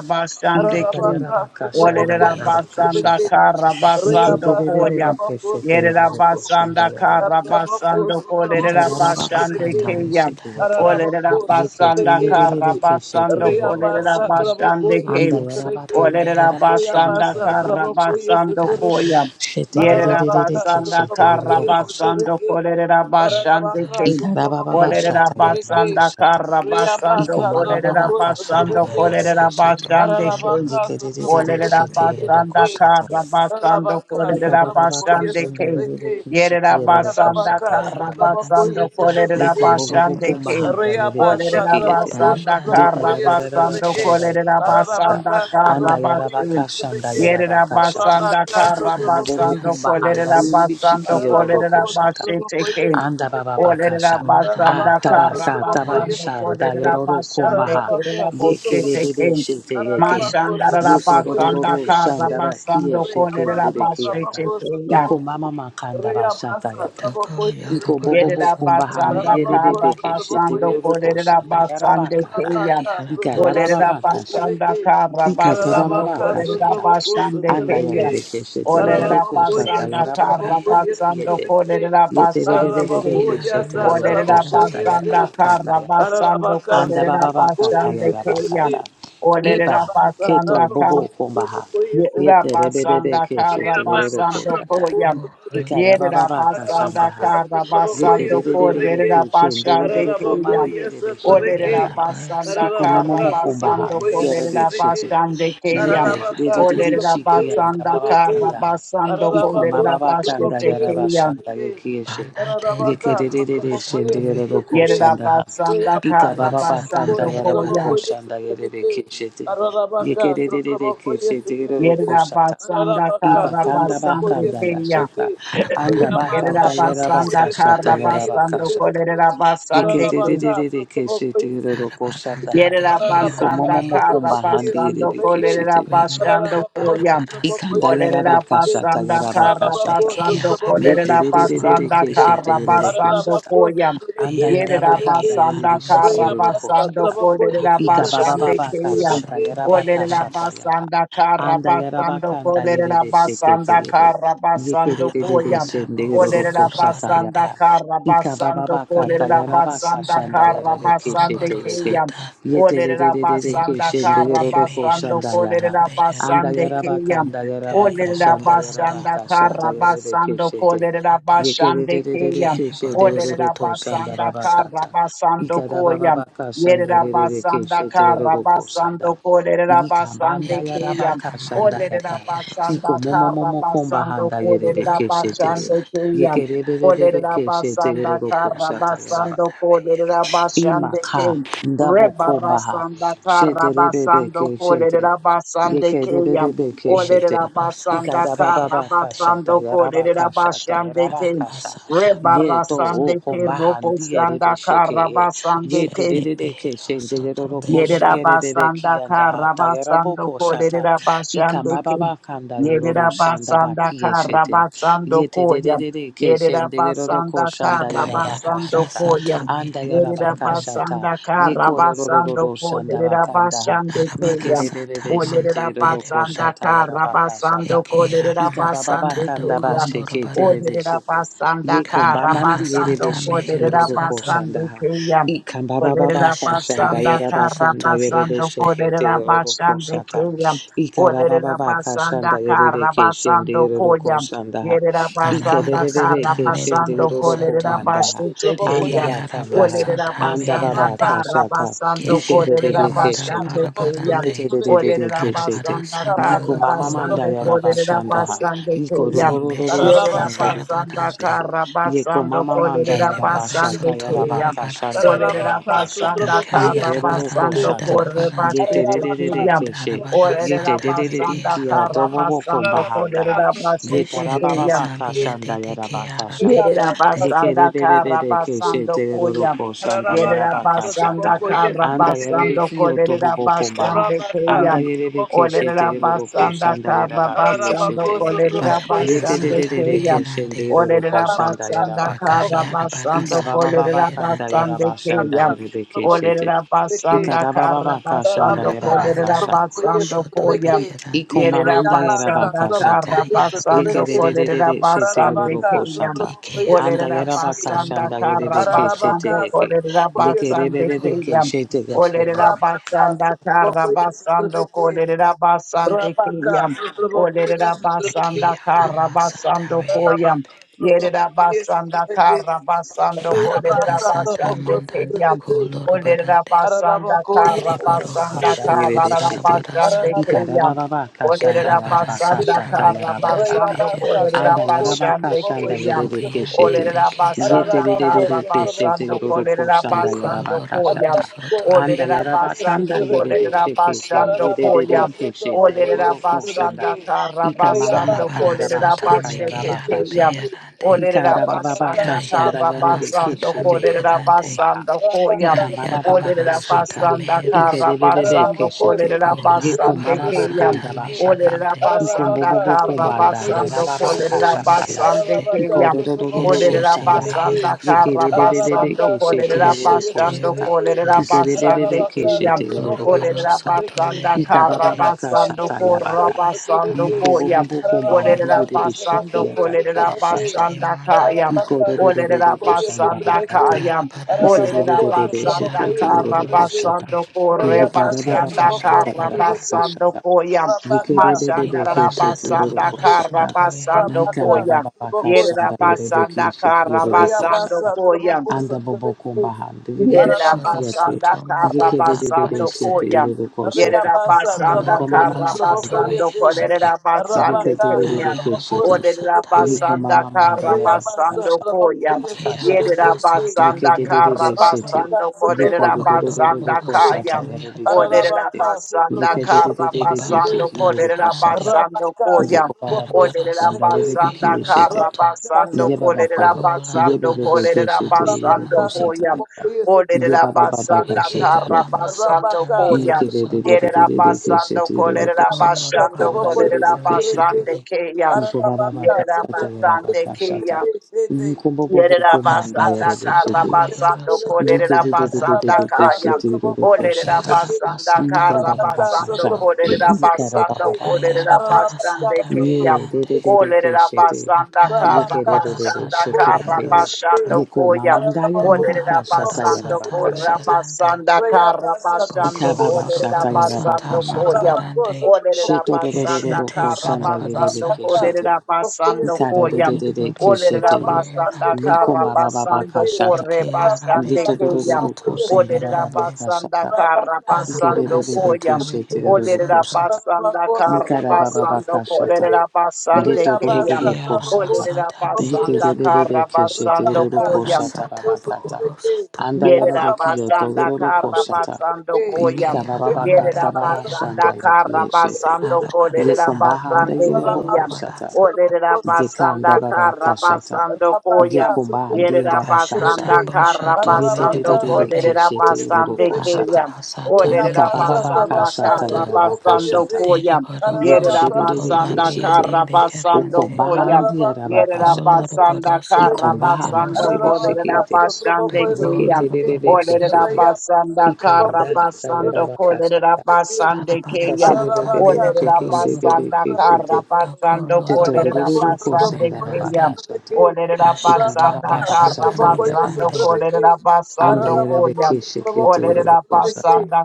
Speaker 1: Ika
Speaker 4: basande kiri.
Speaker 1: tayarabaka
Speaker 2: trabocoyes,
Speaker 4: Olerera
Speaker 5: kere
Speaker 1: sandayarabaka
Speaker 5: baro
Speaker 4: basanda
Speaker 1: shata.
Speaker 5: soto
Speaker 4: kara
Speaker 5: mehera
Speaker 1: Ike
Speaker 4: basando koya.
Speaker 1: tebebeke
Speaker 4: Yerera
Speaker 1: tekeroroko
Speaker 4: basanda kara
Speaker 1: sandayarabaka shata.
Speaker 4: basando
Speaker 1: Ika
Speaker 4: kolerera
Speaker 5: arabara
Speaker 1: rababaka
Speaker 4: basande
Speaker 5: sata
Speaker 4: keya.
Speaker 5: manda
Speaker 1: ndayesekeyete.
Speaker 4: Olerera
Speaker 5: behera
Speaker 1: Yeke
Speaker 4: basanda kara
Speaker 1: tebebeke
Speaker 4: basando
Speaker 1: tekeroroko
Speaker 4: kolerera
Speaker 1: shata.
Speaker 4: basande keya.
Speaker 1: Andayarabaka
Speaker 2: trabeque.
Speaker 4: Olerera
Speaker 5: Alvarosataverande,
Speaker 1: andayarabasha
Speaker 4: basanda
Speaker 2: Reabasa,
Speaker 4: kara
Speaker 1: andayarabaka shata
Speaker 2: trabocoyes,
Speaker 4: basando
Speaker 1: yaka.
Speaker 2: trabeque.
Speaker 4: koya.
Speaker 1: Shete de de de
Speaker 2: Pararabaka
Speaker 4: Yerabasanda
Speaker 2: sutrabokoye
Speaker 1: shata.
Speaker 4: Karabasando
Speaker 2: sutreke.
Speaker 4: Korea Basande
Speaker 2: Pararabaka
Speaker 4: King.
Speaker 1: Ikarababa
Speaker 2: sutrabokoye
Speaker 4: Orera
Speaker 5: Abagebarasataverande,
Speaker 2: sutreke.
Speaker 4: Basanda
Speaker 1: shata
Speaker 4: Karabasando
Speaker 2: Riyabasa
Speaker 1: Ikon baba
Speaker 4: Korea
Speaker 2: trabako
Speaker 1: baba kashanda
Speaker 4: Basando
Speaker 2: sutreke.
Speaker 1: yarebe
Speaker 4: Korea
Speaker 5: Harabarasata
Speaker 1: keshete.
Speaker 4: Basande King.
Speaker 2: Pararabaka
Speaker 1: Yekerere
Speaker 4: Orera
Speaker 2: sutrabokoye
Speaker 1: shete
Speaker 5: Bokolorvarasataverande,
Speaker 1: yeroro
Speaker 4: Basanda
Speaker 2: sutreke.
Speaker 1: koshata yaka.
Speaker 4: Karabasando
Speaker 2: Pararabaka
Speaker 1: Ika
Speaker 4: Korea
Speaker 1: baba baba
Speaker 2: sutrabokoye
Speaker 4: Basande
Speaker 1: kashanda
Speaker 4: King.
Speaker 1: yarebe
Speaker 2: sutreke.
Speaker 1: kishi
Speaker 4: Yerera
Speaker 1: yeroro
Speaker 4: Basanda
Speaker 1: koshata
Speaker 2: Rabacasa,
Speaker 1: yaka
Speaker 2: trabajo
Speaker 1: kanda.
Speaker 2: y
Speaker 4: Karabasando
Speaker 2: ese
Speaker 5: Harabarasata
Speaker 4: Korea
Speaker 5: Banda
Speaker 1: Yekon
Speaker 2: trabeque.
Speaker 1: bobo
Speaker 4: Basande
Speaker 1: boko
Speaker 4: King.
Speaker 1: mahanda
Speaker 5: Bokorosata,
Speaker 1: yarebe
Speaker 2: Reabasa,
Speaker 4: Orera
Speaker 1: shekiyete.
Speaker 2: trabajo, se
Speaker 4: Basanda
Speaker 5: Banda
Speaker 1: Geta
Speaker 2: trabajo y ese
Speaker 1: rararara
Speaker 4: Karabasando
Speaker 2: trabeque.
Speaker 1: shanda
Speaker 4: Korea
Speaker 1: yaraba kata.
Speaker 4: Basanda
Speaker 2: Rabacasa,
Speaker 1: Anda
Speaker 2: trabajo y
Speaker 1: yaraba
Speaker 4: Karabashin.
Speaker 2: ese
Speaker 1: kashanda
Speaker 2: trabeque.
Speaker 1: yaraba
Speaker 4: Yerera
Speaker 1: kashata.
Speaker 4: basanda
Speaker 2: Rabacasa,
Speaker 4: kara
Speaker 1: Ikon bobo
Speaker 2: trabajo y
Speaker 1: boko
Speaker 4: basando
Speaker 2: ese
Speaker 1: mahanda
Speaker 4: kolerera
Speaker 2: trabeque.
Speaker 5: Harabarasatame,
Speaker 1: yarebe
Speaker 4: basando
Speaker 1: shiki yeroro
Speaker 4: kolerera
Speaker 2: Rabacasa,
Speaker 1: koshata.
Speaker 2: trabajo y
Speaker 4: basheteke.
Speaker 2: ese
Speaker 1: Anda baba
Speaker 2: trabeque.
Speaker 4: Olerera
Speaker 1: bakasha. Ah,
Speaker 4: basanda
Speaker 2: Ararabaka
Speaker 4: kara
Speaker 1: tabaka taba
Speaker 2: sotrobokoye
Speaker 5: Polarabarasatame,
Speaker 4: basando
Speaker 1: shanda
Speaker 2: sotrobeke.
Speaker 4: kolerera
Speaker 1: yororo
Speaker 4: bashande
Speaker 1: kumbaha.
Speaker 2: Ararabaka
Speaker 4: kerera
Speaker 1: Ye kere
Speaker 2: sotroboko.
Speaker 1: bebe
Speaker 4: bosheteke.
Speaker 1: shete yeke.
Speaker 2: Ararabako
Speaker 4: Mashandara
Speaker 1: Ye
Speaker 2: sotrobokoye
Speaker 1: torororo
Speaker 4: basanda
Speaker 5: Kiribarasatame,
Speaker 4: kara
Speaker 2: sotrobeke.
Speaker 1: shanda ba kiye
Speaker 4: basando
Speaker 1: sheke
Speaker 4: kolerera
Speaker 2: Reabasa
Speaker 1: bebe kiyata.
Speaker 4: basheteke.
Speaker 2: tabako
Speaker 1: Iko
Speaker 2: sotroboko.
Speaker 1: mama makanda ba shata
Speaker 2: Reabasa
Speaker 1: yata.
Speaker 5: Doko
Speaker 2: tabakoye
Speaker 1: Iko
Speaker 2: sotrobeke.
Speaker 1: bobobo
Speaker 4: Yerera
Speaker 1: kumbaha
Speaker 4: basanda
Speaker 1: ndere
Speaker 4: kara
Speaker 2: Ararabako
Speaker 5: Yarabarasataverande,
Speaker 1: bebe ke shete
Speaker 2: sotrobokoye
Speaker 4: basando
Speaker 1: yororo ko
Speaker 4: kolerera
Speaker 1: shanda
Speaker 2: sotrobeke.
Speaker 4: basande
Speaker 1: yarabakata.
Speaker 5: Abaka
Speaker 4: keyan.
Speaker 2: Rabaka
Speaker 5: Yarabarasataverande,
Speaker 4: Olerera
Speaker 2: sotrobokoye
Speaker 4: basanda
Speaker 2: sotrobeke.
Speaker 4: kara
Speaker 1: Ikata baba
Speaker 4: basando
Speaker 2: Ararabaka
Speaker 1: baka
Speaker 4: kolerera
Speaker 1: shata.
Speaker 2: sotroboko
Speaker 4: basande
Speaker 1: Anda
Speaker 2: sotrobeke.
Speaker 1: yere
Speaker 4: keyan.
Speaker 1: de keşete yororo
Speaker 4: Olerera
Speaker 2: Ararabako
Speaker 1: koşata
Speaker 2: yes
Speaker 4: basanda kara
Speaker 1: yarabakanda
Speaker 2: sotrobokoye
Speaker 5: Kiribarasataverande,
Speaker 4: basando
Speaker 1: yekiyete.
Speaker 4: kolerera
Speaker 2: sotrobeke.
Speaker 4: basande
Speaker 1: Yeterebebebe
Speaker 2: Ararabako,
Speaker 4: keyan.
Speaker 5: Ekiara
Speaker 2: yes,
Speaker 1: keşete yororo
Speaker 5: masata
Speaker 4: Olerera
Speaker 2: Ararabako,
Speaker 1: koşata
Speaker 2: yes,
Speaker 4: basanda
Speaker 2: eh.
Speaker 5: beherande
Speaker 1: yarabakata
Speaker 4: kara
Speaker 1: ya.
Speaker 4: basando
Speaker 2: Ararabaka,
Speaker 1: Anda
Speaker 4: kolerera
Speaker 1: baba
Speaker 2: Sutrabako,
Speaker 1: bakata
Speaker 2: yes,
Speaker 4: basande keyan.
Speaker 1: yarabakata.
Speaker 2: Sutrabaki.
Speaker 1: Iba
Speaker 4: Olerera
Speaker 2: Reabasa,
Speaker 1: keto
Speaker 2: Tabako,
Speaker 4: basanda
Speaker 1: bobo kombaha.
Speaker 2: Sutrabako, yes, Sutrabaki.
Speaker 1: Yeterebebebe
Speaker 4: Yerabasanda
Speaker 1: keşete yororo
Speaker 2: Reabasa,
Speaker 4: Karabasando
Speaker 5: bashata
Speaker 1: koşata.
Speaker 2: Tabako,
Speaker 4: Koyam.
Speaker 2: Sutrabaki.
Speaker 5: bohoro
Speaker 4: Yerabasanda
Speaker 1: Ikarababakashandaha.
Speaker 2: Ararabaka, Sutrabako, yes,
Speaker 4: Karabasando
Speaker 1: Yeterererere
Speaker 2: Sutrabaki.
Speaker 4: Korerabashande
Speaker 1: kishendegeroroko
Speaker 2: Ararabako,
Speaker 4: Kiyam.
Speaker 2: yes,
Speaker 1: mandiyerere
Speaker 2: Sutrabaki.
Speaker 5: lara
Speaker 1: shikiyandaha.
Speaker 4: Olerabasanda
Speaker 5: barasata
Speaker 2: Ararabaka,
Speaker 1: Ikomomomokombaha
Speaker 5: beherande
Speaker 4: Karabasando
Speaker 2: Sutrabako, yes,
Speaker 1: ndiyerere shete.
Speaker 2: Sutrabaki.
Speaker 4: Korerabashande Kiyam.
Speaker 1: Yeko
Speaker 5: kayara
Speaker 2: Ararabaka
Speaker 1: rererere
Speaker 5: baranda
Speaker 2: sutrabokoye
Speaker 1: shikiyanda
Speaker 4: Olerabasanda
Speaker 2: sutrabeke.
Speaker 1: babakandaha.
Speaker 4: Karabasando
Speaker 2: Ararabako
Speaker 1: Ikomababakanda
Speaker 4: Korerabashande
Speaker 2: sutrabokoye
Speaker 4: Kiyam.
Speaker 1: yarabashanda
Speaker 2: sutrabeke.
Speaker 1: yekiyeshe.
Speaker 5: banda deri
Speaker 2: Ararabaka
Speaker 5: baroko
Speaker 1: Yekerererere
Speaker 2: sutrabokoye
Speaker 5: shoto behera
Speaker 1: shendegeroroko
Speaker 2: sutrabeke.
Speaker 1: shandaha.
Speaker 4: Yerabasanda
Speaker 5: yara
Speaker 2: Rayabasa sutraboko
Speaker 5: barasata
Speaker 1: Ikababakanda
Speaker 4: Karabasando
Speaker 5: mere
Speaker 1: yaraboko
Speaker 4: Koyam.
Speaker 2: sutrabokoye
Speaker 5: barande
Speaker 1: shanda yerere
Speaker 2: sutrabeke.
Speaker 1: keshete.
Speaker 2: Ararabaka
Speaker 1: Yekerererere
Speaker 2: sutrabokoye
Speaker 1: keshete
Speaker 2: sutrabeke.
Speaker 4: Yerabasanda
Speaker 2: Ararabaka
Speaker 1: Ibakanda
Speaker 2: sutrabokoye
Speaker 4: Karabasande
Speaker 1: bakanda
Speaker 4: Kiyam.
Speaker 2: sutrabeke.
Speaker 1: yashata.
Speaker 5: para
Speaker 1: Anda
Speaker 5: baranda
Speaker 4: Yerera
Speaker 2: Rayabasa
Speaker 1: bakata
Speaker 5: boshete
Speaker 4: basanda
Speaker 1: yarabaka
Speaker 2: sutrabokoye
Speaker 5: sara
Speaker 1: shata
Speaker 4: karra
Speaker 2: sutrabeke
Speaker 5: barande
Speaker 1: yarabaka
Speaker 4: basando
Speaker 1: shata.
Speaker 2: sutrabeke.
Speaker 4: kolerera basande
Speaker 1: Geke de
Speaker 4: ke.
Speaker 1: de de
Speaker 2: Ararabaka
Speaker 1: de de keshete
Speaker 2: sutrabokoye
Speaker 5: yara
Speaker 1: yeroko
Speaker 2: sutrabeke.
Speaker 5: baranda
Speaker 1: sandaha.
Speaker 5: de
Speaker 4: Yerera
Speaker 2: Rabaka,
Speaker 1: Iko
Speaker 5: keara
Speaker 1: momo
Speaker 4: basanda
Speaker 5: mehero
Speaker 4: kara
Speaker 1: mokomba
Speaker 5: soto
Speaker 1: handi de
Speaker 4: basando
Speaker 1: de
Speaker 4: kolerera
Speaker 1: keshete.
Speaker 5: rimanda
Speaker 4: basando
Speaker 5: para
Speaker 4: koyam.
Speaker 1: Ikanda
Speaker 5: barasata
Speaker 4: Olerera
Speaker 1: yarabaka shata
Speaker 4: basanda kara
Speaker 1: yarabaka
Speaker 5: de
Speaker 1: shata.
Speaker 4: basando
Speaker 5: keara
Speaker 1: Yete
Speaker 4: kolerera
Speaker 5: mehero
Speaker 1: de de de de de
Speaker 5: soto
Speaker 4: basanda
Speaker 1: keshete
Speaker 4: kara
Speaker 5: beherande
Speaker 1: yeroko
Speaker 4: basando
Speaker 1: shata.
Speaker 4: koyam.
Speaker 1: Anda
Speaker 5: Beyande
Speaker 4: Yerera
Speaker 1: yarabaka anda
Speaker 5: beke
Speaker 4: basanda
Speaker 1: yerere shiki
Speaker 4: kara
Speaker 5: aramasata
Speaker 1: yeroko
Speaker 4: basando
Speaker 1: shata.
Speaker 4: kolerera
Speaker 1: Ika baba
Speaker 4: basande
Speaker 1: baba
Speaker 5: arabarasata
Speaker 4: koyam.
Speaker 1: kashata
Speaker 5: boshoto
Speaker 1: yaraba
Speaker 4: Olerera
Speaker 5: beheranda
Speaker 1: kashata yaka.
Speaker 4: basanda kara
Speaker 1: Anda yaraba
Speaker 4: basando
Speaker 1: kanda
Speaker 4: kolerera
Speaker 1: yerede şekete
Speaker 4: basanda
Speaker 1: Yere
Speaker 4: kara basando
Speaker 1: Yekere de de de
Speaker 4: koyam.
Speaker 5: darabaranda
Speaker 1: şende
Speaker 5: boko
Speaker 1: yororo
Speaker 4: Olerera
Speaker 1: koşata
Speaker 4: basanda
Speaker 1: yaka.
Speaker 5: lorobarande
Speaker 4: kara
Speaker 1: Ika baba
Speaker 4: basando
Speaker 1: baka ta
Speaker 4: kolerera
Speaker 1: yaraba
Speaker 4: basanda
Speaker 5: kiramasata
Speaker 1: kaşanda
Speaker 4: kara
Speaker 1: yarare
Speaker 5: boko
Speaker 4: basande
Speaker 1: keşete yeke.
Speaker 4: koyam.
Speaker 5: lorobarosata
Speaker 1: Yete de de
Speaker 4: Olerera
Speaker 1: de de de
Speaker 4: basanda
Speaker 1: keşende
Speaker 4: kara
Speaker 5: zibeshete
Speaker 1: yororo
Speaker 5: mehero
Speaker 4: basando
Speaker 1: koşanda
Speaker 5: soto
Speaker 1: yaha.
Speaker 4: kolerera
Speaker 1: Anda
Speaker 4: basande
Speaker 5: beherande
Speaker 1: yaraba
Speaker 4: keyam.
Speaker 1: kanda yaraba
Speaker 4: Olerera
Speaker 1: kaşanda
Speaker 5: kayarabaranda
Speaker 1: yaraba
Speaker 4: basanda
Speaker 5: bohoro
Speaker 1: kaşata
Speaker 4: kara
Speaker 1: yarare
Speaker 5: soto
Speaker 4: basando
Speaker 1: keşete.
Speaker 4: kolerera
Speaker 5: beherande
Speaker 1: Yekere
Speaker 4: basande
Speaker 1: de de de de
Speaker 4: keyam.
Speaker 1: keşende
Speaker 5: kiriboro
Speaker 1: yororo
Speaker 4: Olerera
Speaker 5: soto
Speaker 1: koşanda
Speaker 4: basanda
Speaker 5: behero
Speaker 1: baba
Speaker 4: kara
Speaker 5: soto
Speaker 1: kata.
Speaker 4: basando koyam.
Speaker 1: Ikadababakashanda
Speaker 4: Yerera
Speaker 1: yerereke
Speaker 4: basanda kara
Speaker 1: sheterorokosanda.
Speaker 4: basando kolerera
Speaker 1: Ikabanda
Speaker 4: basande
Speaker 5: eke
Speaker 4: keyam.
Speaker 1: yarabakashanda
Speaker 5: aramanda
Speaker 4: Olerera
Speaker 1: yaka.
Speaker 5: dehero
Speaker 1: Iko
Speaker 4: basanda
Speaker 5: soto
Speaker 4: kara
Speaker 1: momomomokomba
Speaker 4: basando
Speaker 1: handa
Speaker 4: kolerera
Speaker 1: yerereke shetere.
Speaker 4: basande
Speaker 5: kularabarasata
Speaker 4: keyam.
Speaker 5: beherande
Speaker 4: Olerera
Speaker 1: Yekerebebebeke
Speaker 4: basanda
Speaker 5: Yara
Speaker 4: kara
Speaker 1: sheterorokoshata
Speaker 5: bara
Speaker 4: basando
Speaker 5: santa
Speaker 1: yarabakata.
Speaker 5: vihiro
Speaker 4: kolerera
Speaker 5: soto
Speaker 4: basande
Speaker 1: Imaka
Speaker 4: keyam.
Speaker 1: Ndabo Kobaha
Speaker 4: Rebarasanda
Speaker 1: Shete Rebebe
Speaker 4: Karabasando
Speaker 1: Ke
Speaker 5: bokonde.
Speaker 1: Shete
Speaker 4: Kolera Basande
Speaker 1: Yeke
Speaker 4: Kayam.
Speaker 1: Rebebe Ke
Speaker 5: Yere
Speaker 4: Olera
Speaker 1: Shete
Speaker 5: bara
Speaker 4: Basanda
Speaker 5: soto
Speaker 1: Ikadababa
Speaker 5: vihirande.
Speaker 1: Kashata
Speaker 4: Karabasando
Speaker 1: Yaraba
Speaker 4: Kolera
Speaker 1: Kashata
Speaker 4: Basande
Speaker 1: Yaraba
Speaker 5: Yara
Speaker 4: Kayam.
Speaker 5: bara
Speaker 1: Kasha
Speaker 5: santa
Speaker 1: Ye To
Speaker 5: vihiro
Speaker 4: Rebarasande
Speaker 1: O
Speaker 5: soto
Speaker 4: K
Speaker 1: Kobaha
Speaker 4: Robo
Speaker 5: vihirande.
Speaker 1: Ndiye Rebe
Speaker 4: Sanda
Speaker 1: Sheke Ye Ye Te De
Speaker 5: Shete
Speaker 4: Karabasande
Speaker 1: De De Ke
Speaker 5: vihiro
Speaker 1: Shende
Speaker 5: soto
Speaker 1: Yeroro Koshi
Speaker 4: Yerera
Speaker 5: vihirande.
Speaker 1: Yerebebe
Speaker 4: basanda
Speaker 1: Kianda
Speaker 4: kara
Speaker 1: Hata Yarabo
Speaker 4: basando
Speaker 1: Koshata
Speaker 4: kolerera basande ke.
Speaker 1: Ikambaba Kanda Yeroro
Speaker 4: Yerera
Speaker 1: Shanda
Speaker 4: basanda
Speaker 1: Bakie
Speaker 4: kara
Speaker 1: Shete
Speaker 4: basando
Speaker 1: Ye Te De De
Speaker 4: koya.
Speaker 1: De De Ke
Speaker 4: Yerera
Speaker 1: Shende Yeroro
Speaker 4: basanda
Speaker 1: Koshanda
Speaker 4: kara
Speaker 5: Aka
Speaker 1: Yaraba
Speaker 5: yara
Speaker 4: basando
Speaker 1: Kashata
Speaker 4: koya.
Speaker 5: santa
Speaker 1: Anda
Speaker 5: vihiro
Speaker 4: Yerera
Speaker 5: soto.
Speaker 1: yarabakashata.
Speaker 4: basanda kara basando
Speaker 1: Yekororororo
Speaker 4: kolerera
Speaker 1: shandabakandaha.
Speaker 4: basande
Speaker 5: Yara bara
Speaker 4: keya.
Speaker 5: santa
Speaker 1: Nikerebebebe
Speaker 5: manda
Speaker 4: Olerera
Speaker 5: bere
Speaker 1: sheteroroko
Speaker 4: basanda
Speaker 1: shata
Speaker 5: barande.
Speaker 4: kara
Speaker 1: yarabakashata.
Speaker 4: basando
Speaker 5: Eke yara
Speaker 4: kolerera
Speaker 5: masata
Speaker 4: basande
Speaker 1: Ikabababakandaba
Speaker 5: doko
Speaker 4: keya.
Speaker 5: loro
Speaker 1: sheketebebe
Speaker 5: barande.
Speaker 4: Olerera
Speaker 1: shete.
Speaker 4: basanda
Speaker 5: Kara
Speaker 4: kara
Speaker 5: bara
Speaker 1: Yekombamandi yerebe
Speaker 4: basando
Speaker 5: santa mihiro
Speaker 4: kolerera
Speaker 1: shikiroroko
Speaker 5: soto.
Speaker 4: basande
Speaker 1: shandaha.
Speaker 4: keya. Olerera
Speaker 5: Kashata
Speaker 1: Ikambababakashanda
Speaker 4: basanda
Speaker 5: vihiro
Speaker 4: kara
Speaker 5: soto
Speaker 1: yarabakanda yerebe
Speaker 4: basando
Speaker 5: vihirande.
Speaker 4: kolerera
Speaker 1: sheketeroroko
Speaker 4: basande
Speaker 1: shata.
Speaker 4: keyam. Olerera
Speaker 1: Ikarabababakashanda
Speaker 4: basanda
Speaker 1: yerebe
Speaker 4: kara basando
Speaker 1: keshenderoroko
Speaker 4: koyam.
Speaker 1: shandaha.
Speaker 4: Yerera basanda
Speaker 1: Ikebebebebe
Speaker 4: kara
Speaker 5: Darabarasata
Speaker 4: basando
Speaker 1: keshenderoroko
Speaker 4: kolerera
Speaker 5: meriborosoto
Speaker 1: mandaha.
Speaker 4: basete
Speaker 5: de
Speaker 4: keyam.
Speaker 1: Andabakandaha,
Speaker 4: Olerera
Speaker 5: kearabasata
Speaker 4: basanda
Speaker 1: Andababa
Speaker 5: meherande
Speaker 4: kara
Speaker 1: Kashata,
Speaker 4: basando
Speaker 1: Ike Bebe
Speaker 5: keshete
Speaker 4: kolerera
Speaker 5: manda
Speaker 4: basande
Speaker 1: Keshete,
Speaker 4: keyam.
Speaker 1: Yete
Speaker 5: barabarande
Speaker 1: de de de de
Speaker 4: Olerera
Speaker 1: Keshete,
Speaker 4: basanda
Speaker 5: karabarasata
Speaker 1: Yiku
Speaker 4: kara
Speaker 1: Mama
Speaker 5: loko
Speaker 1: Manda
Speaker 4: basando kolerera
Speaker 5: yoroborosoto
Speaker 1: Yarabashandaha,
Speaker 4: basande
Speaker 1: Iko
Speaker 4: keyam.
Speaker 1: Dororo
Speaker 5: zibeshete
Speaker 4: Yerera
Speaker 1: Shanda Yede de de
Speaker 4: basanda
Speaker 5: zarabarande
Speaker 1: Keshete,
Speaker 4: kara
Speaker 1: Yeko
Speaker 4: basando
Speaker 1: Mama Manda
Speaker 4: kolerera basande
Speaker 1: Yarabashata
Speaker 5: keriborosoto
Speaker 4: keyam.
Speaker 1: Yarabaka Shanda
Speaker 4: Olerera
Speaker 5: marabarasete
Speaker 2: Ararabaka,
Speaker 1: Yarabakasha,
Speaker 4: basanda
Speaker 2: Sotrobokoye,
Speaker 1: Anda
Speaker 4: kara
Speaker 1: Yoroko
Speaker 2: Sotrobeke,
Speaker 4: basando
Speaker 5: dakayarabaranda
Speaker 1: Shata,
Speaker 4: kore
Speaker 5: darabarande
Speaker 1: Yete de
Speaker 4: basete
Speaker 1: de de
Speaker 2: Ararabaka,
Speaker 1: de
Speaker 4: kriya.
Speaker 1: Keshe,
Speaker 2: Sotrobokoye,
Speaker 4: Olerera
Speaker 1: Yete de
Speaker 5: darabarasata
Speaker 1: de de
Speaker 2: Sotrobeke,
Speaker 1: de
Speaker 4: basanda
Speaker 1: Kia
Speaker 4: kara
Speaker 1: Dobobo
Speaker 4: basando
Speaker 5: rekearabohorosoto
Speaker 2: Ararabaka,
Speaker 1: Kombahandaha,
Speaker 4: kolerera basete
Speaker 1: Yeta
Speaker 2: Sotrobokoye,
Speaker 5: beshete
Speaker 4: kriya.
Speaker 1: Rababa
Speaker 2: Sotrobeke,
Speaker 1: Kashanda
Speaker 5: zambiende de keara
Speaker 1: Yarabakasha.
Speaker 4: Yerera
Speaker 2: Reabasa,
Speaker 5: meherande
Speaker 2: Sotrobokoye,
Speaker 4: basanda kara
Speaker 1: Yekerebebebe
Speaker 2: Sotrobeke,
Speaker 4: basando koya.
Speaker 1: keshetereroko shanda
Speaker 4: Yerera
Speaker 2: Ararabaka,
Speaker 1: yarabaka
Speaker 4: basanda
Speaker 1: shata.
Speaker 2: Sotrobokoye,
Speaker 4: kara
Speaker 1: Anda
Speaker 2: Sotrobeke,
Speaker 4: basando
Speaker 1: yarebeki
Speaker 4: kolerera
Speaker 1: otobobo kombaha.
Speaker 4: basande
Speaker 2: Rabaka,
Speaker 4: kriya.
Speaker 1: Anda yerebe
Speaker 2: Sotrobokoye,
Speaker 4: Olerera
Speaker 2: Sotrobeke,
Speaker 1: keshetereroko
Speaker 4: basanda
Speaker 1: shanda
Speaker 4: kara
Speaker 1: yarabaki
Speaker 2: Ararabako,
Speaker 4: basando
Speaker 1: yeshetereke.
Speaker 4: kolerera
Speaker 2: Sotrobokoye,
Speaker 5: Barabara
Speaker 4: basande
Speaker 5: sata
Speaker 2: Sotrobeke,
Speaker 1: Yeterere
Speaker 4: kriya.
Speaker 5: meherande.
Speaker 1: keshendereroko
Speaker 4: Olerera
Speaker 1: shanda
Speaker 2: Ararabaka,
Speaker 4: basanda
Speaker 1: yarabaka
Speaker 4: kara
Speaker 1: shata.
Speaker 2: Sotrobokoye,
Speaker 5: Bakayara bara
Speaker 4: basando
Speaker 5: sata
Speaker 1: Ikabababa
Speaker 4: kolerera
Speaker 1: kanda
Speaker 5: reherande.
Speaker 4: basande
Speaker 1: yaraba shanda
Speaker 2: Rabaka,
Speaker 4: kriya.
Speaker 1: yerebe keshete.
Speaker 4: Olerera basanda kara
Speaker 1: Ikabababa kashanda
Speaker 4: basando
Speaker 1: yarabaka
Speaker 4: kolerera
Speaker 5: Arabaranda
Speaker 1: shata.
Speaker 5: doko
Speaker 4: basando
Speaker 5: shoto
Speaker 4: koya.
Speaker 1: Iko
Speaker 5: beherande.
Speaker 4: Yerera
Speaker 1: mamanda
Speaker 4: basanda
Speaker 1: yarabaka shata.
Speaker 4: kara
Speaker 5: Ibakayara bara
Speaker 1: Yeke
Speaker 4: basando
Speaker 1: de de de de
Speaker 4: kolerera
Speaker 5: sata.
Speaker 1: de shete
Speaker 4: basande
Speaker 1: roroko
Speaker 4: kriya.
Speaker 1: shata.
Speaker 5: Ike
Speaker 1: Anda
Speaker 4: Olerera
Speaker 5: arama
Speaker 1: yarabaka
Speaker 5: sata
Speaker 4: basanda
Speaker 1: shanda
Speaker 5: bohoro
Speaker 4: kara
Speaker 1: yerebeke
Speaker 5: soto.
Speaker 1: shete
Speaker 2: Ararabaka,
Speaker 4: basando
Speaker 1: yeke.
Speaker 4: kolerera
Speaker 2: Sotobokoye,
Speaker 1: Yeke
Speaker 4: basande
Speaker 5: Bokolo
Speaker 1: rebebeke
Speaker 4: kiyam.
Speaker 2: Sotobekeshete.
Speaker 1: shete
Speaker 5: bohoro
Speaker 1: yeke
Speaker 5: soto
Speaker 1: nama.
Speaker 4: Olerera
Speaker 5: re.
Speaker 2: Rabaka,
Speaker 4: basanda kara
Speaker 2: Sotobokoye,
Speaker 4: basando
Speaker 2: Sotobeke.
Speaker 4: kolerera basande
Speaker 2: Rabaka,
Speaker 4: kiyam.
Speaker 2: Sotobokoye,
Speaker 4: Olerera
Speaker 5: Ike
Speaker 2: Sotobekeshete.
Speaker 4: basanda kara
Speaker 5: arama sata
Speaker 4: basando koyam.
Speaker 2: Ararabaka,
Speaker 5: reherande.
Speaker 4: Yerera
Speaker 2: Sotobokoye,
Speaker 4: basanda
Speaker 2: Sotobeke.
Speaker 4: kara basando
Speaker 5: Barabara
Speaker 4: kolerera
Speaker 2: Reabasa,
Speaker 5: sata
Speaker 2: Toboko,
Speaker 4: basande
Speaker 5: manda
Speaker 4: kiyam.
Speaker 5: doko
Speaker 2: Sotobekeshete.
Speaker 4: Olerera
Speaker 5: lorobarande.
Speaker 4: basanda
Speaker 2: Ararabakoye,
Speaker 4: kara
Speaker 5: Dere boroko
Speaker 2: Sotobokoye,
Speaker 4: basanda
Speaker 1: Bahanda
Speaker 2: Sotobeke.
Speaker 5: shoto
Speaker 1: Yerede
Speaker 4: kara
Speaker 1: Shete.
Speaker 5: sarabara
Speaker 2: Para
Speaker 4: basande
Speaker 5: sata.
Speaker 4: kiyam.
Speaker 1: Ikarababa Kashanda
Speaker 4: Olerera
Speaker 5: Karabara
Speaker 1: Yaraba
Speaker 4: basanda
Speaker 5: sata
Speaker 1: Kashata
Speaker 4: kara
Speaker 5: reke
Speaker 1: Yaraba
Speaker 5: ara
Speaker 1: Kata.
Speaker 4: basando
Speaker 5: behero
Speaker 4: kolerera
Speaker 1: Anda
Speaker 5: soto.
Speaker 1: Yaraba
Speaker 4: basande
Speaker 1: Kashanda
Speaker 4: kiyam.
Speaker 1: Yerede
Speaker 5: Dobiande
Speaker 1: Keshete.
Speaker 4: Olerera
Speaker 5: beke ara
Speaker 1: Gete
Speaker 4: basanda
Speaker 1: de de de
Speaker 4: kara
Speaker 1: de
Speaker 5: meherande.
Speaker 1: Keshete
Speaker 4: basando
Speaker 1: Roroko
Speaker 4: kolerera
Speaker 1: Shanda
Speaker 5: Doko
Speaker 1: Yaraba
Speaker 4: basando koya.
Speaker 5: loroboro
Speaker 1: Kashata.
Speaker 5: soto
Speaker 1: Anda
Speaker 4: Olerera
Speaker 1: Yaraba
Speaker 5: reherande.
Speaker 1: Kanda
Speaker 4: basando
Speaker 1: Yerede
Speaker 4: kolerera
Speaker 1: Shekete.
Speaker 4: basando koya.
Speaker 1: Yerede Keshete
Speaker 4: Olerera
Speaker 1: Roroko
Speaker 4: basanda kara
Speaker 1: Ika mama
Speaker 4: basando
Speaker 5: Arabara
Speaker 1: makanda
Speaker 4: kolerera
Speaker 5: sata
Speaker 1: bashaka
Speaker 5: meke
Speaker 4: basete
Speaker 1: yarabaka
Speaker 5: ara
Speaker 4: keya.
Speaker 1: shata.
Speaker 2: la
Speaker 5: beherande.
Speaker 4: Olerera
Speaker 1: Ikanda baba baka
Speaker 4: basanda
Speaker 2: Arabaka,
Speaker 1: shanda
Speaker 4: kara
Speaker 5: Kayarabara
Speaker 1: yarebe
Speaker 4: basando
Speaker 5: sata
Speaker 1: keshete
Speaker 4: kolerera
Speaker 1: yaroboko
Speaker 5: meherande.
Speaker 1: baha.
Speaker 4: basando koya.
Speaker 1: Ika baba baba
Speaker 5: Kayarabara
Speaker 4: Olerera
Speaker 1: kashata.
Speaker 5: sata
Speaker 4: basanda
Speaker 5: mehero
Speaker 1: Ike
Speaker 4: kara
Speaker 5: soto.
Speaker 1: debebebe
Speaker 4: basando
Speaker 1: keshete.
Speaker 4: kolerera
Speaker 1: Yekum
Speaker 4: basande
Speaker 5: Bolarabara
Speaker 1: baba
Speaker 4: keya.
Speaker 5: sata
Speaker 1: bakanda bashata.
Speaker 4: Olerera
Speaker 5: meherande.
Speaker 1: Ikum
Speaker 4: basanda
Speaker 1: bobo
Speaker 4: kara
Speaker 1: bokumbanda
Speaker 4: basando
Speaker 5: Bolarabara
Speaker 1: yarababa
Speaker 4: kolerera
Speaker 5: sata
Speaker 1: kashata ya.
Speaker 4: basande
Speaker 5: meherande.
Speaker 1: Iko
Speaker 4: keya.
Speaker 1: do do do do do do
Speaker 4: Olerera
Speaker 5: Kishete
Speaker 1: shanda ha.
Speaker 4: basanda
Speaker 5: rehero
Speaker 1: Yeke
Speaker 4: karra
Speaker 5: soto.
Speaker 1: debebebe
Speaker 4: basando
Speaker 2: so
Speaker 1: keshete
Speaker 4: kolerera
Speaker 1: yaroboko
Speaker 5: Keshete
Speaker 4: basando
Speaker 1: shata.
Speaker 5: rehere
Speaker 4: kolerera
Speaker 1: Ike
Speaker 5: sato.
Speaker 4: basande
Speaker 1: debebebe
Speaker 4: kiyam.
Speaker 1: keshete
Speaker 2: the book
Speaker 1: yaroboko
Speaker 5: Dorobaro
Speaker 4: Olerera
Speaker 1: shata.
Speaker 5: soto
Speaker 2: Rabaka,
Speaker 4: basanda
Speaker 1: Ika
Speaker 4: karra
Speaker 1: baba
Speaker 5: reherande.
Speaker 1: baka
Speaker 4: basando
Speaker 1: shata
Speaker 4: korra
Speaker 1: yabaka.
Speaker 5: Kiara
Speaker 4: basando
Speaker 1: Iko bobo
Speaker 4: koyam.
Speaker 5: masata
Speaker 1: boko bandi de
Speaker 4: Olerera
Speaker 5: beherande.
Speaker 1: beshiki
Speaker 4: basando
Speaker 1: ata
Speaker 4: kolerera
Speaker 1: yaba
Speaker 5: Keshete
Speaker 1: kashata.
Speaker 4: basanda
Speaker 5: manda
Speaker 4: kayam.
Speaker 1: Iko do do do do
Speaker 5: barabarande.
Speaker 4: Olerera
Speaker 1: do do sandara
Speaker 4: basanda
Speaker 1: kata.
Speaker 4: kayam.
Speaker 5: Darabara
Speaker 1: Ike de de
Speaker 4: Olerera
Speaker 5: sata
Speaker 1: de de de
Speaker 4: basanda
Speaker 5: mekiara
Speaker 1: sheke te de
Speaker 4: karra
Speaker 1: do
Speaker 5: buhoro
Speaker 1: koshata.
Speaker 5: soto.
Speaker 4: basando korre
Speaker 1: Yika da baba ba ba
Speaker 4: basanda
Speaker 5: Muzanda
Speaker 1: shata da
Speaker 4: karra
Speaker 1: da
Speaker 5: darabarande.
Speaker 4: basando
Speaker 1: kashata.
Speaker 4: koyam.
Speaker 1: Yike de de de de ke
Speaker 4: Mashandara
Speaker 5: Banda
Speaker 1: shete de do
Speaker 4: basanda
Speaker 5: dorobaro
Speaker 4: karra
Speaker 1: koshata.
Speaker 5: soto
Speaker 4: basando
Speaker 1: Yika
Speaker 2: Rabaka
Speaker 5: reherande.
Speaker 4: koyam.
Speaker 1: baba ba ba ba
Speaker 2: sotroboko
Speaker 1: kashanda ya de
Speaker 2: sotrobeke.
Speaker 1: de
Speaker 4: Yerabasanda
Speaker 1: ki shiki de do
Speaker 4: Karabasando
Speaker 2: Reyabasa
Speaker 1: koshata.
Speaker 4: Koya.
Speaker 2: troboko
Speaker 1: Anda bobo
Speaker 2: sotrobeke.
Speaker 1: komba handi de de de
Speaker 4: Yerera
Speaker 2: Ararabaka
Speaker 1: shiki
Speaker 5: Erebaro
Speaker 1: ate.
Speaker 4: basanda
Speaker 5: soto
Speaker 2: sotroboko
Speaker 4: karra
Speaker 5: manda
Speaker 1: Yike
Speaker 2: ye
Speaker 1: de de de de
Speaker 4: basando
Speaker 5: darabara
Speaker 2: sotrobeke.
Speaker 1: shete
Speaker 4: koya.
Speaker 5: sete.
Speaker 1: de do koshata.
Speaker 4: Yerera
Speaker 2: Reyabasa
Speaker 5: Dokolo
Speaker 4: basanda
Speaker 1: Yiko
Speaker 2: troboko
Speaker 1: mama
Speaker 5: dorobaro
Speaker 4: karra
Speaker 2: sotroboko
Speaker 1: mapanda
Speaker 5: soto
Speaker 4: basando
Speaker 2: yese.
Speaker 1: bakashata.
Speaker 4: kolerera
Speaker 5: reherande.
Speaker 1: Yeke
Speaker 4: basande
Speaker 2: Rabaka
Speaker 1: tegerere
Speaker 4: koya.
Speaker 5: Ayara
Speaker 2: sotroboko
Speaker 1: keshete.
Speaker 4: Oderera
Speaker 5: barasata
Speaker 2: sotrobeke.
Speaker 1: Yiko
Speaker 4: basanda
Speaker 1: mama
Speaker 5: meherande.
Speaker 1: manda
Speaker 4: karra
Speaker 1: yara
Speaker 2: Reyabasa
Speaker 4: basando
Speaker 1: bakashata.
Speaker 2: troboko
Speaker 4: koya.
Speaker 1: Yara
Speaker 2: ye
Speaker 5: Kiara
Speaker 1: bakashata.
Speaker 2: sotrobeke
Speaker 4: Yerera
Speaker 2: se.
Speaker 5: basata
Speaker 1: Yeke
Speaker 4: basanda
Speaker 5: mehero
Speaker 4: karra
Speaker 1: tegerere
Speaker 5: soto.
Speaker 1: shete.
Speaker 2: Rabaka
Speaker 4: basando
Speaker 1: Yeko
Speaker 4: kolerera
Speaker 2: sotroboko ye
Speaker 1: dododododoro
Speaker 4: basanda
Speaker 5: Koloroboro
Speaker 2: sotrobeke.
Speaker 1: koshata
Speaker 4: kaya.
Speaker 5: soto
Speaker 1: yara liki
Speaker 5: reherande.
Speaker 4: Oderera
Speaker 1: yeshete.
Speaker 2: Ararabaka
Speaker 4: basanda
Speaker 1: Yeke
Speaker 2: sotroboko
Speaker 4: karra
Speaker 5: Kishite
Speaker 1: tegerere
Speaker 5: banda
Speaker 4: basando
Speaker 1: kesheki yoro
Speaker 4: kolerera
Speaker 1: koshata.
Speaker 5: darabarande.
Speaker 4: basando
Speaker 2: Rabaka
Speaker 4: koya.
Speaker 1: Yiko baba
Speaker 2: sotroboko
Speaker 5: Karabara
Speaker 4: Oderera
Speaker 1: bakashanda
Speaker 2: sotrobeke.
Speaker 5: sata
Speaker 1: yara liki
Speaker 4: basanda
Speaker 5: mehero
Speaker 1: yeshete.
Speaker 4: karra
Speaker 5: soto.
Speaker 2: Rabaka
Speaker 4: basando
Speaker 1: Yeba
Speaker 2: sotroboko
Speaker 4: kolerera
Speaker 1: baka.
Speaker 2: ye sotrobeke.
Speaker 4: basando
Speaker 5: Bolarabara
Speaker 1: Yebebebe
Speaker 4: kolerera
Speaker 5: sata
Speaker 1: keshete yoro
Speaker 2: Rabaka
Speaker 4: basando
Speaker 5: meherande.
Speaker 1: koshata
Speaker 4: koya.
Speaker 2: sotroboko
Speaker 1: yaka.
Speaker 2: ye
Speaker 4: Olerera
Speaker 1: Yeba
Speaker 2: sotrobeke
Speaker 1: baba
Speaker 4: basanda
Speaker 2: sotrobeke.
Speaker 1: bakashata
Speaker 4: kara
Speaker 5: Ekeara
Speaker 1: yara.
Speaker 4: basando
Speaker 5: masata
Speaker 2: Rabaka
Speaker 5: rehero
Speaker 4: koyan.
Speaker 2: sotroboko
Speaker 5: soto.
Speaker 4: Yerera
Speaker 2: sotrobeke.
Speaker 4: basando kolerera
Speaker 2: Reyabasa
Speaker 4: basando
Speaker 5: Koloroboro
Speaker 2: sotroboko ye
Speaker 5: soto
Speaker 4: kolerera
Speaker 2: sotrobeke.
Speaker 4: basande
Speaker 5: reherande.
Speaker 4: keyan.
Speaker 2: Arabaka
Speaker 4: Yerera
Speaker 2: sotroboko ye
Speaker 4: basande
Speaker 2: sotrobeke shete.
Speaker 4: Yerera
Speaker 2: Rabaka
Speaker 5: Arabara
Speaker 4: basanda kara
Speaker 5: sata
Speaker 2: sotroboko ye
Speaker 5: mehero
Speaker 4: basando
Speaker 2: sotrobeke.
Speaker 5: soto
Speaker 4: kolerera
Speaker 5: beherande.
Speaker 4: basanda
Speaker 2: Rabaka
Speaker 4: kaya.
Speaker 2: sotroboko
Speaker 4: Olerera
Speaker 5: Keara
Speaker 2: sotrobeke.
Speaker 4: basanda
Speaker 5: basata
Speaker 4: kara
Speaker 5: rehero
Speaker 2: Rabacá, se
Speaker 4: basando
Speaker 5: soto.
Speaker 2: travou com
Speaker 4: kolerera
Speaker 2: isso, tudo
Speaker 4: basando
Speaker 2: aqui.
Speaker 5: Dakayara
Speaker 4: kolerera
Speaker 2: Ararabacá,
Speaker 4: basande
Speaker 5: barasata
Speaker 2: se
Speaker 4: kaya.
Speaker 2: travou com
Speaker 5: reherande.
Speaker 2: isso, tudo
Speaker 4: Olerera
Speaker 2: aqui.
Speaker 4: basanda
Speaker 5: Nakayara
Speaker 4: kara
Speaker 2: Rabacá, se
Speaker 5: bara
Speaker 2: travou
Speaker 4: basanda
Speaker 5: sata
Speaker 2: com isso,
Speaker 4: kara
Speaker 5: rehero
Speaker 2: tudo aqui.
Speaker 5: soto
Speaker 4: basando koya.
Speaker 2: Ararabacá,
Speaker 4: Olerera
Speaker 5: bolara
Speaker 2: se travou
Speaker 5: bara
Speaker 2: com
Speaker 4: basando
Speaker 2: isso,
Speaker 5: sata
Speaker 2: tudo
Speaker 4: kora
Speaker 2: aqui.
Speaker 5: reherande
Speaker 4: basanda kara
Speaker 2: Reiabá, se travou
Speaker 5: boko
Speaker 4: basando
Speaker 2: com isso,
Speaker 1: Ikababa
Speaker 5: loro
Speaker 2: tudo
Speaker 4: kolerera
Speaker 1: shata
Speaker 5: bara
Speaker 2: aqui.
Speaker 5: sata
Speaker 1: yarabaka
Speaker 4: basando
Speaker 1: shata.
Speaker 4: koya.
Speaker 2: Ararabacá, se
Speaker 5: marabarande
Speaker 2: travou
Speaker 4: Olerera
Speaker 2: com
Speaker 1: Sheto do
Speaker 2: isso,
Speaker 1: do do do
Speaker 2: tudo
Speaker 4: basanda
Speaker 1: do
Speaker 5: keshete
Speaker 1: ko
Speaker 2: aqui.
Speaker 4: kara
Speaker 5: sara
Speaker 1: shanda ye
Speaker 5: bara
Speaker 1: de de
Speaker 4: basando
Speaker 1: ke
Speaker 2: Rabacá,
Speaker 5: sata
Speaker 2: se
Speaker 1: shete.
Speaker 4: kolerera
Speaker 2: travou com
Speaker 4: basando
Speaker 2: isso,
Speaker 1: Ikara
Speaker 2: tudo
Speaker 1: de
Speaker 4: koya.
Speaker 1: de de
Speaker 5: koloro
Speaker 2: aqui.
Speaker 1: de
Speaker 5: bara
Speaker 1: ke shete
Speaker 4: Olerera
Speaker 5: soto
Speaker 1: ye.
Speaker 2: Rabacá, se
Speaker 4: basanda
Speaker 5: reherande
Speaker 2: travou
Speaker 1: Yiko
Speaker 4: kara
Speaker 2: com
Speaker 1: ba ba
Speaker 2: isso,
Speaker 1: ba
Speaker 2: tudo
Speaker 1: ba ka
Speaker 4: basando
Speaker 2: aqui.
Speaker 1: shata.
Speaker 4: kore
Speaker 2: Rabacá,
Speaker 5: dekeara
Speaker 4: basande
Speaker 1: Yeto
Speaker 2: se
Speaker 1: do
Speaker 5: behero
Speaker 1: do do
Speaker 4: keyam.
Speaker 2: travou
Speaker 1: do ko
Speaker 5: soto
Speaker 2: com isso, tudo
Speaker 1: shanda ba
Speaker 4: Olerera
Speaker 1: ba ba
Speaker 5: beherande
Speaker 1: ka
Speaker 4: basanda
Speaker 1: shata.
Speaker 4: kara
Speaker 2: Rabaka
Speaker 1: Ike de
Speaker 5: arabara
Speaker 1: de
Speaker 4: basando
Speaker 2: sotraboko
Speaker 1: de de ke
Speaker 4: koyam.
Speaker 5: sata
Speaker 2: sotrabeke.
Speaker 1: shete do
Speaker 5: rehero
Speaker 1: do do ko
Speaker 4: Olerera
Speaker 5: soto
Speaker 1: shata.
Speaker 4: basanda
Speaker 2: Ararabako
Speaker 4: kara
Speaker 1: Ikara ba
Speaker 2: sotraboko
Speaker 1: ba
Speaker 2: ye
Speaker 1: ba ka
Speaker 4: basando
Speaker 1: shata.
Speaker 2: sotrabeke.
Speaker 4: kolerera basande
Speaker 1: Yeto do do do
Speaker 2: Reyabasa
Speaker 4: keyam.
Speaker 1: do ko
Speaker 5: dekeara
Speaker 2: traboko
Speaker 1: shata.
Speaker 4: Olerera
Speaker 5: masata
Speaker 2: sotraboko
Speaker 1: Ike
Speaker 4: basanda
Speaker 1: de
Speaker 2: yese.
Speaker 1: de
Speaker 5: beherande
Speaker 1: de
Speaker 4: kara
Speaker 1: ke shete do
Speaker 4: basando
Speaker 1: do do
Speaker 2: Rabaka
Speaker 1: ko
Speaker 5: karabara
Speaker 4: koyam.
Speaker 1: shata ba
Speaker 2: sotraboko
Speaker 5: sata
Speaker 1: ba kata.
Speaker 5: bohoro
Speaker 2: sotrabeke.
Speaker 5: soto
Speaker 1: Anda ye na
Speaker 4: Yerera
Speaker 1: be ki yo
Speaker 2: Ararabaka
Speaker 1: to do
Speaker 4: basanda
Speaker 1: do do ko
Speaker 2: sotraboko
Speaker 4: kara
Speaker 1: shata.
Speaker 4: basando
Speaker 2: sotrabeke.
Speaker 4: koya.
Speaker 1: Yika ba ba
Speaker 5: bekeara
Speaker 1: ba
Speaker 5: manda
Speaker 1: kata
Speaker 4: Yerera
Speaker 2: Reyabasa
Speaker 1: ba ba
Speaker 5: beherande
Speaker 2: traboko
Speaker 4: basanda
Speaker 1: shanda ye ki
Speaker 2: sotrabeke.
Speaker 4: kara
Speaker 1: ye
Speaker 2: Arabaka,
Speaker 1: shete.
Speaker 4: basando kolerera
Speaker 5: Arabarasata
Speaker 1: Yekombahanda
Speaker 5: roko
Speaker 4: basande keya.
Speaker 5: lorobara
Speaker 2: so
Speaker 1: Yerabokosata,
Speaker 5: sata
Speaker 2: provoke
Speaker 4: Olerera
Speaker 1: Dekanda
Speaker 4: basanda kara
Speaker 1: Babakashata,
Speaker 4: basando koya.
Speaker 1: Yekombahandi
Speaker 4: Yerera
Speaker 2: us
Speaker 5: Bashata
Speaker 1: Yerabakasha,
Speaker 4: basanda kara
Speaker 5: boshoto
Speaker 1: Yete de de
Speaker 4: basando
Speaker 1: de de
Speaker 5: merebarande.
Speaker 4: kolerera
Speaker 1: Keshete
Speaker 2: to
Speaker 4: basande
Speaker 1: Yerokosata,
Speaker 4: keya.
Speaker 5: Arabarasata
Speaker 1: Yika
Speaker 4: Olerera
Speaker 5: meke
Speaker 4: basanda
Speaker 1: Bababakashata
Speaker 4: kara
Speaker 5: arabasata.
Speaker 4: basando
Speaker 1: Yerabakashata,
Speaker 4: koya.
Speaker 5: Deriboro
Speaker 1: Yete de
Speaker 4: Yerera
Speaker 1: de de
Speaker 5: koshoto
Speaker 1: de
Speaker 4: basanda
Speaker 1: Keshete,
Speaker 5: labiande
Speaker 4: kara basando
Speaker 5: begerande.
Speaker 4: koya.
Speaker 1: Okombahandi
Speaker 4: Yerera
Speaker 1: Yerabakashata,
Speaker 4: basanda
Speaker 5: Goloroboro soto
Speaker 4: kara,
Speaker 5: rehero
Speaker 1: Ikombahandi
Speaker 4: Yerabasanda Karabasanda
Speaker 5: soto.
Speaker 1: Rebeshekete,
Speaker 4: Koderabashande
Speaker 2: the
Speaker 4: Kuyam.
Speaker 1: Yekete de de
Speaker 2: king.
Speaker 1: de
Speaker 5: Dokoloroboro soto.
Speaker 1: Keshete,
Speaker 2: Raya, so
Speaker 4: Orderabasanda
Speaker 1: Ikanda
Speaker 2: provoke us to the
Speaker 4: Karabasanda
Speaker 1: Yerabakashata,
Speaker 4: Koderabasande
Speaker 5: Arabara
Speaker 1: Ikate
Speaker 4: Kuyam.
Speaker 1: de de
Speaker 5: sata
Speaker 1: de de
Speaker 5: mere
Speaker 2: Arabacas,
Speaker 5: mereboro
Speaker 1: Shekende de de
Speaker 5: soto.
Speaker 1: de
Speaker 4: Orderabasanda
Speaker 1: Keshete,
Speaker 4: Karabasanda
Speaker 5: Dokoloroboro
Speaker 1: Shetorororo
Speaker 5: soto
Speaker 4: Koderabasande
Speaker 1: koshandara
Speaker 4: Kuyam.
Speaker 5: meherande.
Speaker 1: bakashata. Ikaraba
Speaker 5: Kashata
Speaker 4: Orderabasanda
Speaker 5: bashata
Speaker 1: babashata yere
Speaker 4: Karabasanda
Speaker 5: meherande.
Speaker 1: bakashata. Anda
Speaker 4: Koderabasanda
Speaker 1: yere beke
Speaker 4: Kuyam.
Speaker 1: shekete yororo kosata.
Speaker 4: Orderabasanda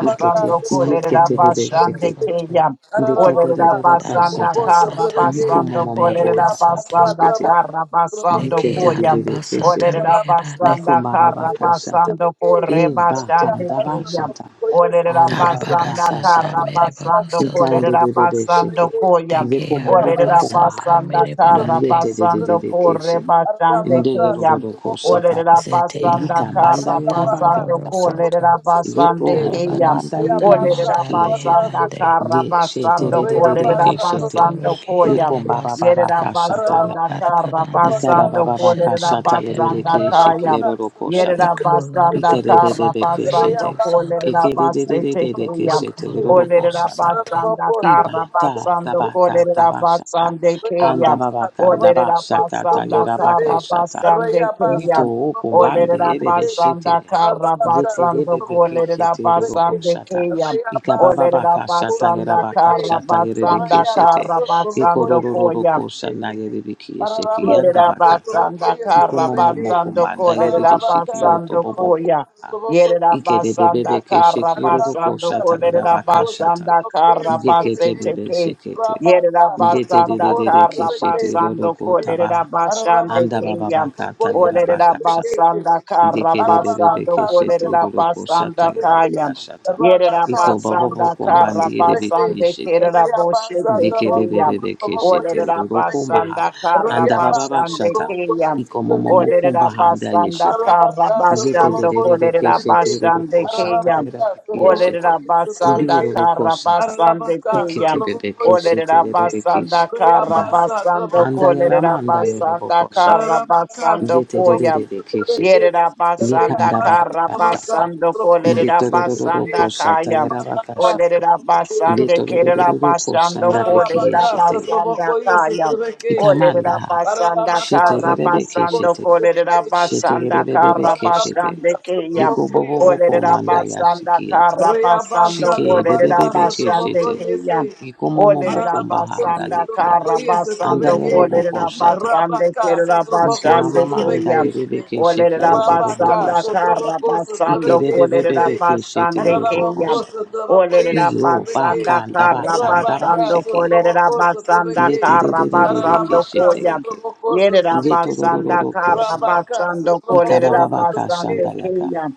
Speaker 1: Ikete,
Speaker 5: sata
Speaker 1: iyekete bebe
Speaker 5: mereboro
Speaker 4: Koderabashande
Speaker 1: shekete.
Speaker 5: soto.
Speaker 4: Kuyam.
Speaker 1: Ndeta da da
Speaker 2: Ararabaka,
Speaker 4: Olerera
Speaker 1: da da
Speaker 4: basanda
Speaker 2: Sotraboko,
Speaker 1: kashata.
Speaker 5: Darabara
Speaker 4: karra
Speaker 5: sata
Speaker 2: Sotrabeke,
Speaker 1: Yiko
Speaker 5: manda
Speaker 4: basando
Speaker 1: momo moko
Speaker 5: behero
Speaker 4: kolerera
Speaker 2: Reabasa,
Speaker 5: soto.
Speaker 4: basanda
Speaker 1: tabakashete.
Speaker 2: Traboko,
Speaker 4: karra
Speaker 2: Sotraboko,
Speaker 4: basando
Speaker 5: Deke
Speaker 1: Yikete
Speaker 2: Yese,
Speaker 1: de de
Speaker 4: koyam.
Speaker 1: de
Speaker 5: araba sata
Speaker 1: keshete.
Speaker 4: Olerera
Speaker 2: Ararabaka,
Speaker 5: reherade.
Speaker 1: Yiko
Speaker 4: basanda
Speaker 1: baba
Speaker 2: Sotraboko,
Speaker 4: karra
Speaker 2: Yese,
Speaker 1: bakashata.
Speaker 4: basando
Speaker 2: Sotrabeke,
Speaker 4: kore
Speaker 1: E
Speaker 4: basande
Speaker 1: bakanda
Speaker 2: Reabasa,
Speaker 4: kriyam.
Speaker 1: bashata.
Speaker 2: Traboko, Yese,
Speaker 4: Olerera
Speaker 1: Anda baba
Speaker 2: Sotrabeke,
Speaker 5: Darabara
Speaker 4: basanda
Speaker 1: baka
Speaker 5: sata
Speaker 1: shata.
Speaker 4: karra
Speaker 2: Ararabaka,
Speaker 5: mereboro
Speaker 4: basando
Speaker 2: Sotraboko,
Speaker 1: Ikande
Speaker 5: soto.
Speaker 4: kolerera
Speaker 2: Yese,
Speaker 1: bebebe sheke.
Speaker 4: basando
Speaker 2: Sotrabeke,
Speaker 4: koyam.
Speaker 5: Deke
Speaker 1: Yeko mabobo
Speaker 5: araba
Speaker 4: Olerera
Speaker 2: Reabasa,
Speaker 1: kombaha.
Speaker 5: sata
Speaker 2: Traboko,
Speaker 4: basanda karra
Speaker 2: Sotraboko,
Speaker 5: merebarande.
Speaker 1: Yete de de de
Speaker 4: basando
Speaker 1: de
Speaker 2: Sotrabeke,
Speaker 4: kore
Speaker 1: keshe.
Speaker 4: basande
Speaker 1: Nde
Speaker 2: Ararabaka,
Speaker 4: kriyam.
Speaker 1: yororo ko
Speaker 2: Sotraboko,
Speaker 1: shata.
Speaker 4: Olerera
Speaker 5: Zete
Speaker 4: basanda
Speaker 1: Yika
Speaker 5: arama
Speaker 1: banda
Speaker 4: karra
Speaker 2: Sotrabeke,
Speaker 1: yere
Speaker 5: sata
Speaker 1: baka
Speaker 2: Rabaka,
Speaker 4: basando
Speaker 5: bohoro
Speaker 1: shata.
Speaker 2: Sotroboko,
Speaker 5: soto.
Speaker 4: kolerera
Speaker 1: Yeto
Speaker 4: basande
Speaker 2: Sotrobeke,
Speaker 1: ho
Speaker 4: kriyam.
Speaker 5: Darabara
Speaker 1: kumbanda yiri
Speaker 5: sata
Speaker 2: Reabasa,
Speaker 4: Olerera
Speaker 5: manda
Speaker 1: bishikiyete.
Speaker 2: Trabaka,
Speaker 4: basanda
Speaker 5: beherande.
Speaker 2: Sotroboko,
Speaker 4: kara
Speaker 1: Ye shete
Speaker 4: basando
Speaker 1: de de de de
Speaker 4: kolerera
Speaker 1: ke
Speaker 5: Koloroboro
Speaker 2: Reabasa,
Speaker 1: shete.
Speaker 5: soto
Speaker 2: Traboko,
Speaker 4: basando
Speaker 5: reke
Speaker 1: Ye
Speaker 4: koya.
Speaker 2: Sotrobeke,
Speaker 1: kumba
Speaker 5: araba
Speaker 1: ba ba ba
Speaker 4: Yerera
Speaker 1: ka
Speaker 5: sata.
Speaker 1: shata
Speaker 4: basanda
Speaker 1: yaka.
Speaker 2: Ararabaka,
Speaker 4: kara
Speaker 5: Arabaranda
Speaker 2: Sotrobaka,
Speaker 1: Ikara ba
Speaker 4: basando
Speaker 5: doko
Speaker 1: ba ba ka
Speaker 2: Sotroboko,
Speaker 5: shete
Speaker 4: kolerera
Speaker 1: shata yere de
Speaker 4: basanda
Speaker 5: beherande.
Speaker 1: ke
Speaker 4: kaya.
Speaker 2: Ararabaka,
Speaker 1: shikiyero roko shata.
Speaker 4: Yerera
Speaker 2: Sotroboko,
Speaker 4: basanda
Speaker 2: Sotrobeke,
Speaker 1: Ikere de de
Speaker 4: kara
Speaker 1: de
Speaker 5: Ikolorabarasata
Speaker 1: ke
Speaker 4: basando
Speaker 1: shete.
Speaker 2: Reabasa,
Speaker 4: kolerera
Speaker 5: rehirosata.
Speaker 1: Ikere de
Speaker 2: Trabaka,
Speaker 1: de de
Speaker 4: basete
Speaker 1: de de ke
Speaker 2: Sotroboko,
Speaker 4: keya.
Speaker 1: shete yero roko
Speaker 4: Olerera
Speaker 1: shata.
Speaker 5: Nakolarabarasata.
Speaker 4: basanda
Speaker 2: Ararabako,
Speaker 4: kara
Speaker 1: Iba
Speaker 2: Sotrobaka,
Speaker 1: ta
Speaker 4: basando
Speaker 1: tabaka
Speaker 2: Sotroboko,
Speaker 4: kolerera
Speaker 1: tabashata.
Speaker 4: basande
Speaker 1: Anda
Speaker 4: keya.
Speaker 2: Reabasa,
Speaker 1: babaka
Speaker 2: Trabaka,
Speaker 1: ndaba
Speaker 4: Olerera
Speaker 1: shakata
Speaker 2: Sotroboko,
Speaker 4: basanda
Speaker 1: yarabaka
Speaker 4: kara
Speaker 2: sete.
Speaker 1: shata.
Speaker 4: basande
Speaker 2: Raya
Speaker 1: Nito
Speaker 4: keya.
Speaker 2: basa
Speaker 1: o
Speaker 2: trabako
Speaker 1: kumbandi
Speaker 4: Olerera
Speaker 1: yere
Speaker 2: sotreke.
Speaker 1: beshete.
Speaker 4: basanda karra
Speaker 2: Ararabaka
Speaker 4: basando
Speaker 2: sotrabako
Speaker 4: kolerera
Speaker 2: sotreke.
Speaker 4: basande
Speaker 1: Yeterebebekesheterorokoshata.
Speaker 4: keya.
Speaker 2: Raya basa
Speaker 4: Olerera
Speaker 2: trabako
Speaker 4: basanda
Speaker 2: sotreke.
Speaker 4: kara basanda
Speaker 2: Raya
Speaker 1: Ikabababakashatagerabakashatagerarekeshete.
Speaker 4: kara
Speaker 2: basa trabako
Speaker 4: basando koya.
Speaker 2: sotreke. Ararabaka
Speaker 4: Yerera
Speaker 1: Ikororororokoshanayeribikiyeshekiyandabakata.
Speaker 2: sotrabako
Speaker 4: basanda kara
Speaker 2: sotreke.
Speaker 4: basando kolerera
Speaker 2: Ararabaka
Speaker 4: basando koya.
Speaker 1: Ikomomomokomandayerebeshikiyotobobokonda.
Speaker 2: sotrabako
Speaker 4: Yerera
Speaker 2: sotreke
Speaker 4: basanda kara basando kolerera
Speaker 1: Ikerebebebekeshekirorokoshatagerabakoshata.
Speaker 4: basanda kara
Speaker 2: praise, Saturday.
Speaker 4: basete ke.
Speaker 1: Yeketebebeshekete.
Speaker 4: Yerera
Speaker 2: Rabaka,
Speaker 4: basanda
Speaker 2: Saturabako,
Speaker 4: kara
Speaker 2: Saturday,
Speaker 4: basando
Speaker 2: Saturday.
Speaker 1: Yeterererekesheterorokotabaha.
Speaker 4: kolerera basande
Speaker 2: Arabako,
Speaker 4: keya.
Speaker 2: Saturabako,
Speaker 4: Olerera
Speaker 1: Andabababakatagerabakoshata.
Speaker 4: basanda
Speaker 2: Saturday.
Speaker 4: kara basando
Speaker 2: Arabaka,
Speaker 4: kolerera
Speaker 2: Saturabako,
Speaker 4: basanda
Speaker 2: Saturday.
Speaker 4: kaya.
Speaker 1: Dikerererereke-shetereroko-shatagerabakashata.
Speaker 2: Rabaka,
Speaker 4: Yerera basanda
Speaker 2: Saturabako,
Speaker 4: kara
Speaker 2: Saturday.
Speaker 4: basande
Speaker 1: Iko-bababoko-mandierebeki-yeshekete.
Speaker 4: kerera
Speaker 2: Reabasa,
Speaker 4: boshete keya.
Speaker 2: Tabako, Saturabako,
Speaker 4: Olerera
Speaker 2: Saturday.
Speaker 1: Dikerererereke-shetereroko-mbaha.
Speaker 4: basanda kara
Speaker 2: Reabasa,
Speaker 4: basande
Speaker 1: Andabababashata.
Speaker 2: Tabako,
Speaker 4: keya. Olerera basanda
Speaker 2: Saturday.
Speaker 1: Iko-momomoko-mbaha-andayeshete.
Speaker 4: kara
Speaker 2: Rabacas,
Speaker 4: basando kolerera basande keya.
Speaker 2: Ararabacá, se
Speaker 1: Yeterererereke-shetereroko-shatagerabakiyeshete.
Speaker 2: trabocou
Speaker 4: Olerera
Speaker 2: isso,
Speaker 4: basanda
Speaker 2: trabequeixe.
Speaker 4: kara
Speaker 1: Ndiroroko-shata.
Speaker 4: basande
Speaker 2: Ararabacá,
Speaker 4: keya. Olerera basanda kara
Speaker 1: Iketererereke-sheterereke-shikiyandaha.
Speaker 4: basando kolerera basanda
Speaker 1: Andayaramandayoroboko-shata.
Speaker 4: kara basando koya.
Speaker 1: Yetererekeshete.
Speaker 4: Yerera basanda
Speaker 1: Yekanda baba
Speaker 4: kara
Speaker 1: kashata.
Speaker 4: basando kolerera
Speaker 1: Yetorororo
Speaker 4: basanda
Speaker 1: koshata
Speaker 4: kaya.
Speaker 1: yaraba kashata.
Speaker 4: Olerabasande
Speaker 1: Yetorororo
Speaker 4: kerabasando
Speaker 1: koshanda
Speaker 2: se
Speaker 1: bekiyeshete.
Speaker 2: trabocou,
Speaker 4: kolerabasanda
Speaker 2: se
Speaker 4: kaya.
Speaker 1: Ikamanda ha.
Speaker 4: Olerabasanda
Speaker 1: Shete gerebe
Speaker 4: karabasando
Speaker 1: keshete.
Speaker 2: trabequeixe.
Speaker 1: Shete
Speaker 4: kolerabasanda
Speaker 1: gerebe bebe
Speaker 2: Rabaka,
Speaker 1: keshete.
Speaker 4: karabasande
Speaker 2: so
Speaker 4: kaya.
Speaker 1: Yeko bobo boko manda ya
Speaker 4: Olerabasanda
Speaker 1: shikiyata.
Speaker 4: karabasando
Speaker 1: Shike bebe bebe
Speaker 4: kolerabasande
Speaker 1: keshete.
Speaker 4: kaya.
Speaker 1: Yeko momo moko mbahanda
Speaker 4: Olerabasanda
Speaker 1: yekiyaha. Anda
Speaker 4: karabasando
Speaker 1: yerobo koshata
Speaker 4: kolerabasande
Speaker 1: Ika
Speaker 4: kerabasande
Speaker 1: mama manda
Speaker 4: kaya.
Speaker 1: yerebe ke sheke yodobo
Speaker 2: Rabaka,
Speaker 1: boko
Speaker 4: Olerabasanda
Speaker 1: shata.
Speaker 2: Sotraboko,
Speaker 1: Ike
Speaker 4: karabasando
Speaker 1: rebe bebe beke shete
Speaker 4: kolerabasande
Speaker 1: yodobo ko
Speaker 4: kaya.
Speaker 1: shata.
Speaker 4: Olerera
Speaker 1: Iyo ba
Speaker 4: basanda
Speaker 1: kanda ba
Speaker 4: kara
Speaker 1: kanda ba
Speaker 4: basando
Speaker 1: sheke yet.
Speaker 4: kolerera basanda
Speaker 1: Yete de
Speaker 4: kara
Speaker 1: de de de de ke
Speaker 4: basando
Speaker 1: shete
Speaker 4: koya.
Speaker 1: yeke.
Speaker 4: Yerera
Speaker 1: Yeto do do
Speaker 2: Sotrabeke,
Speaker 1: do
Speaker 4: basanda
Speaker 1: do ko
Speaker 4: kara
Speaker 1: shata.
Speaker 2: Rabaka
Speaker 4: basando
Speaker 1: Ika
Speaker 2: Sutrabako
Speaker 4: kolerera
Speaker 1: baba baka shanda
Speaker 4: basande
Speaker 2: Sutrabakation.
Speaker 1: yaka.
Speaker 4: keya.